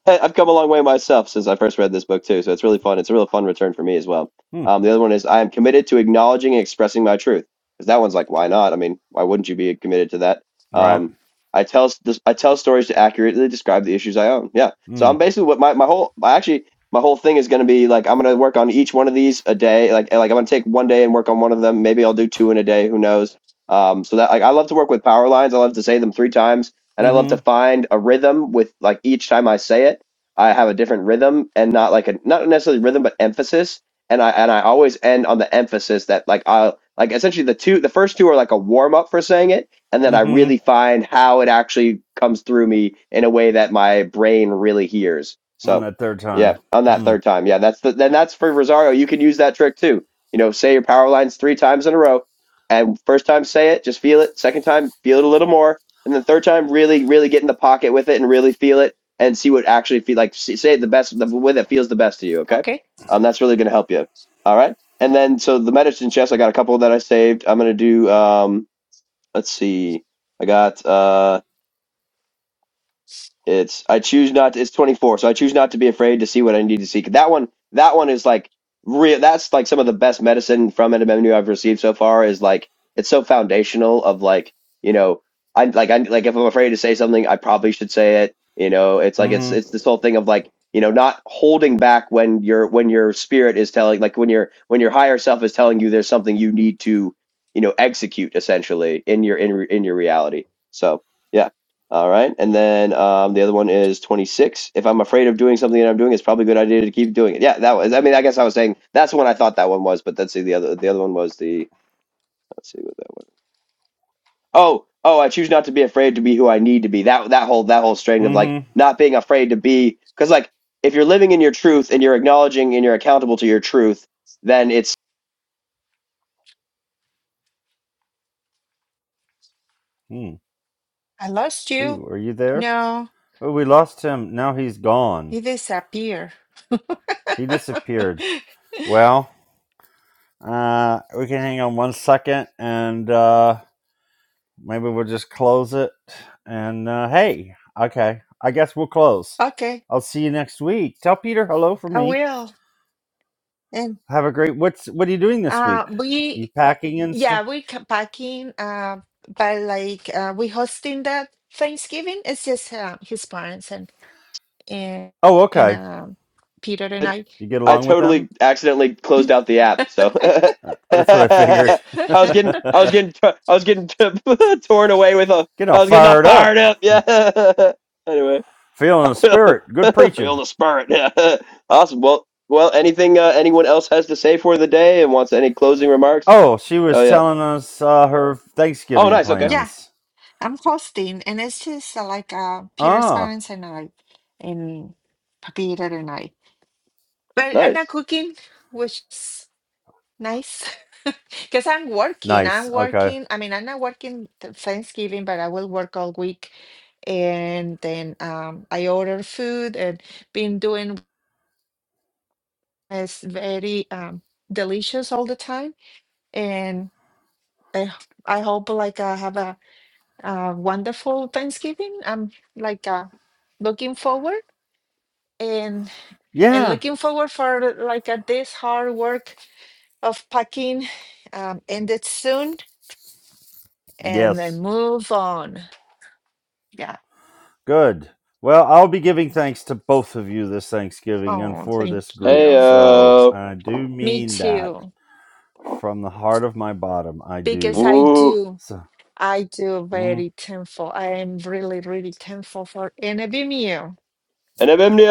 Speaker 1: a, I've come a long way myself since I first read this book too, so it's really fun. It's a real fun return for me as well.
Speaker 2: Hmm.
Speaker 1: Um, the other one is I am committed to acknowledging and expressing my truth because that one's like why not? I mean, why wouldn't you be committed to that?
Speaker 2: Right.
Speaker 1: Um, I tell s- this- I tell stories to accurately describe the issues I own. Yeah, so I'm
Speaker 2: Mm.
Speaker 1: basically what my my whole I actually my whole thing is going to be like I'm going to work on each one of these a day. Like like I'm going to take one day and work on one of them. Maybe I'll do two in a day. Who knows? Um, so that like I love to work with power lines. I love to say them three times and I love to
Speaker 2: Mm-hmm.
Speaker 1: find a rhythm with like each time I say it, I have a different rhythm and not like a not necessarily rhythm but emphasis. And I and I always end on the emphasis that like I like essentially the two the first two are like a warm up for saying it, and then I really
Speaker 2: Mm-hmm.
Speaker 1: find how it actually comes through me in a way that my brain really hears.
Speaker 2: On
Speaker 1: So
Speaker 2: that third
Speaker 1: yeah,
Speaker 2: time.
Speaker 1: on that
Speaker 2: Hmm.
Speaker 1: third time, yeah, that's the then that's for Rosario. You can use that trick too. You know, say your power lines three times in a row, and first time say it, just feel it. Second time, feel it a little more and the third time really really get in the pocket with it and really feel it and see what actually feel like say it the best the way that feels the best to you okay
Speaker 3: Okay.
Speaker 1: um that's really going to help you all right and then so the medicine chest i got a couple that i saved i'm going to do um let's see i got uh it's I choose not. to, It's 24, so I choose not to be afraid to see what I need to see. That one, that one is like real. That's like some of the best medicine from NMMU I've received so far. Is like it's so foundational of like you know I like I like if I'm afraid to say something, I probably should say it. You know, it's like it's
Speaker 2: Mm-hmm.
Speaker 1: it's this whole thing of like you know not holding back when your when your spirit is telling like when your when your higher self is telling you there's something you need to you know execute essentially in your in in your reality. So. Yeah, all right. And then um, the other one is 26. If I'm afraid of doing something that I'm doing, it's probably a good idea to keep doing it. Yeah, that was, I mean, I guess I was saying that's the one I thought that one was, but let's see. The other, the other one was the, let's see what that one. Oh, oh, I choose not to be afraid to be who I need to be. That, that whole, that whole string of like
Speaker 2: Mm-hmm.
Speaker 1: not being afraid to be, because like if you're living in your truth and you're acknowledging and you're accountable to your truth, then it's,
Speaker 2: Mm.
Speaker 3: I lost you.
Speaker 2: Ooh, are you there?
Speaker 3: No,
Speaker 2: Oh, we lost him. Now he's gone.
Speaker 3: you disappear.
Speaker 2: He disappeared. Well, uh, we can hang on one second and uh Maybe we'll just close it. And uh, hey, okay, I guess we'll close.
Speaker 3: okay,
Speaker 2: I'll see you next week. Tell Peter hello for
Speaker 3: I
Speaker 2: me.
Speaker 3: will. And
Speaker 2: Have a great. What's what are you doing this
Speaker 3: uh
Speaker 2: week? You
Speaker 3: we
Speaker 2: packing and
Speaker 3: Yeah,
Speaker 2: stuff?
Speaker 3: we're c- packing, uh, but like uh, we hosting that Thanksgiving. It's just uh, his parents and and
Speaker 2: Oh,
Speaker 3: and
Speaker 2: okay.
Speaker 3: um Peter and I.
Speaker 2: You get
Speaker 1: I
Speaker 2: along with them?
Speaker 1: totally accidentally closed out the app. So
Speaker 2: Uh, That's what I figured.
Speaker 1: I was getting, I was getting, t- I was getting t- torn away with a,
Speaker 2: Get all
Speaker 1: I was getting all
Speaker 2: fired up,
Speaker 1: fired up.
Speaker 2: Hmm.
Speaker 1: Yeah. anyway,
Speaker 2: feeling
Speaker 1: I
Speaker 2: the
Speaker 1: feel,
Speaker 2: spirit. Good
Speaker 1: feel
Speaker 2: preaching.
Speaker 1: the spirit. Yeah. awesome. Well, well, anything uh, anyone else has to say for the day and wants any closing remarks?
Speaker 2: Oh, she
Speaker 1: Oh
Speaker 2: was
Speaker 1: yeah.
Speaker 2: telling us uh, her
Speaker 1: Oh
Speaker 2: Thanksgiving
Speaker 1: nice. Okay.
Speaker 3: Yeah,
Speaker 2: plans.
Speaker 3: I'm hosting, and it's just uh, like uh, Peter's
Speaker 2: Ah,
Speaker 3: parents and I, and Peter and I. But I'm not
Speaker 1: Nice.
Speaker 3: cooking, which. Nice. Because I'm working.
Speaker 2: nice.
Speaker 3: I'm
Speaker 2: Okay.
Speaker 3: working. I mean, I'm not working th- Thanksgiving, but I will work all week. And then um, I order food and been doing is very um, delicious all the time. And I I hope like I have a, uh wonderful Thanksgiving. I'm like uh, looking forward and and
Speaker 2: Yeah.
Speaker 3: looking forward for like uh, this hard work of packing um, ended soon and
Speaker 2: Yes.
Speaker 3: then move on. Yeah.
Speaker 2: Good. Well, I'll be giving thanks to both of you this Thanksgiving and
Speaker 3: Oh,
Speaker 2: for
Speaker 3: thank
Speaker 2: this group.
Speaker 1: Hey.
Speaker 3: you.
Speaker 2: So
Speaker 1: Uh.
Speaker 2: I do
Speaker 3: Me
Speaker 2: mean that
Speaker 3: too.
Speaker 2: from the heart of my bottom. I
Speaker 3: Because
Speaker 2: do.
Speaker 3: I
Speaker 1: Ooh.
Speaker 3: do,
Speaker 2: So
Speaker 3: I do
Speaker 2: mm,
Speaker 3: very thankful. I am really, really thankful for NBMU.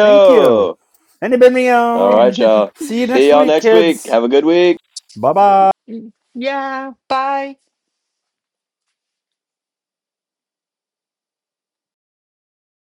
Speaker 2: thank you.
Speaker 1: All
Speaker 2: And
Speaker 1: right, y'all.
Speaker 2: See you
Speaker 1: See
Speaker 2: next
Speaker 1: y'all
Speaker 2: week,
Speaker 1: next week.
Speaker 2: kids.
Speaker 1: Have a good week.
Speaker 2: Bye-bye.
Speaker 3: yeah. Bye.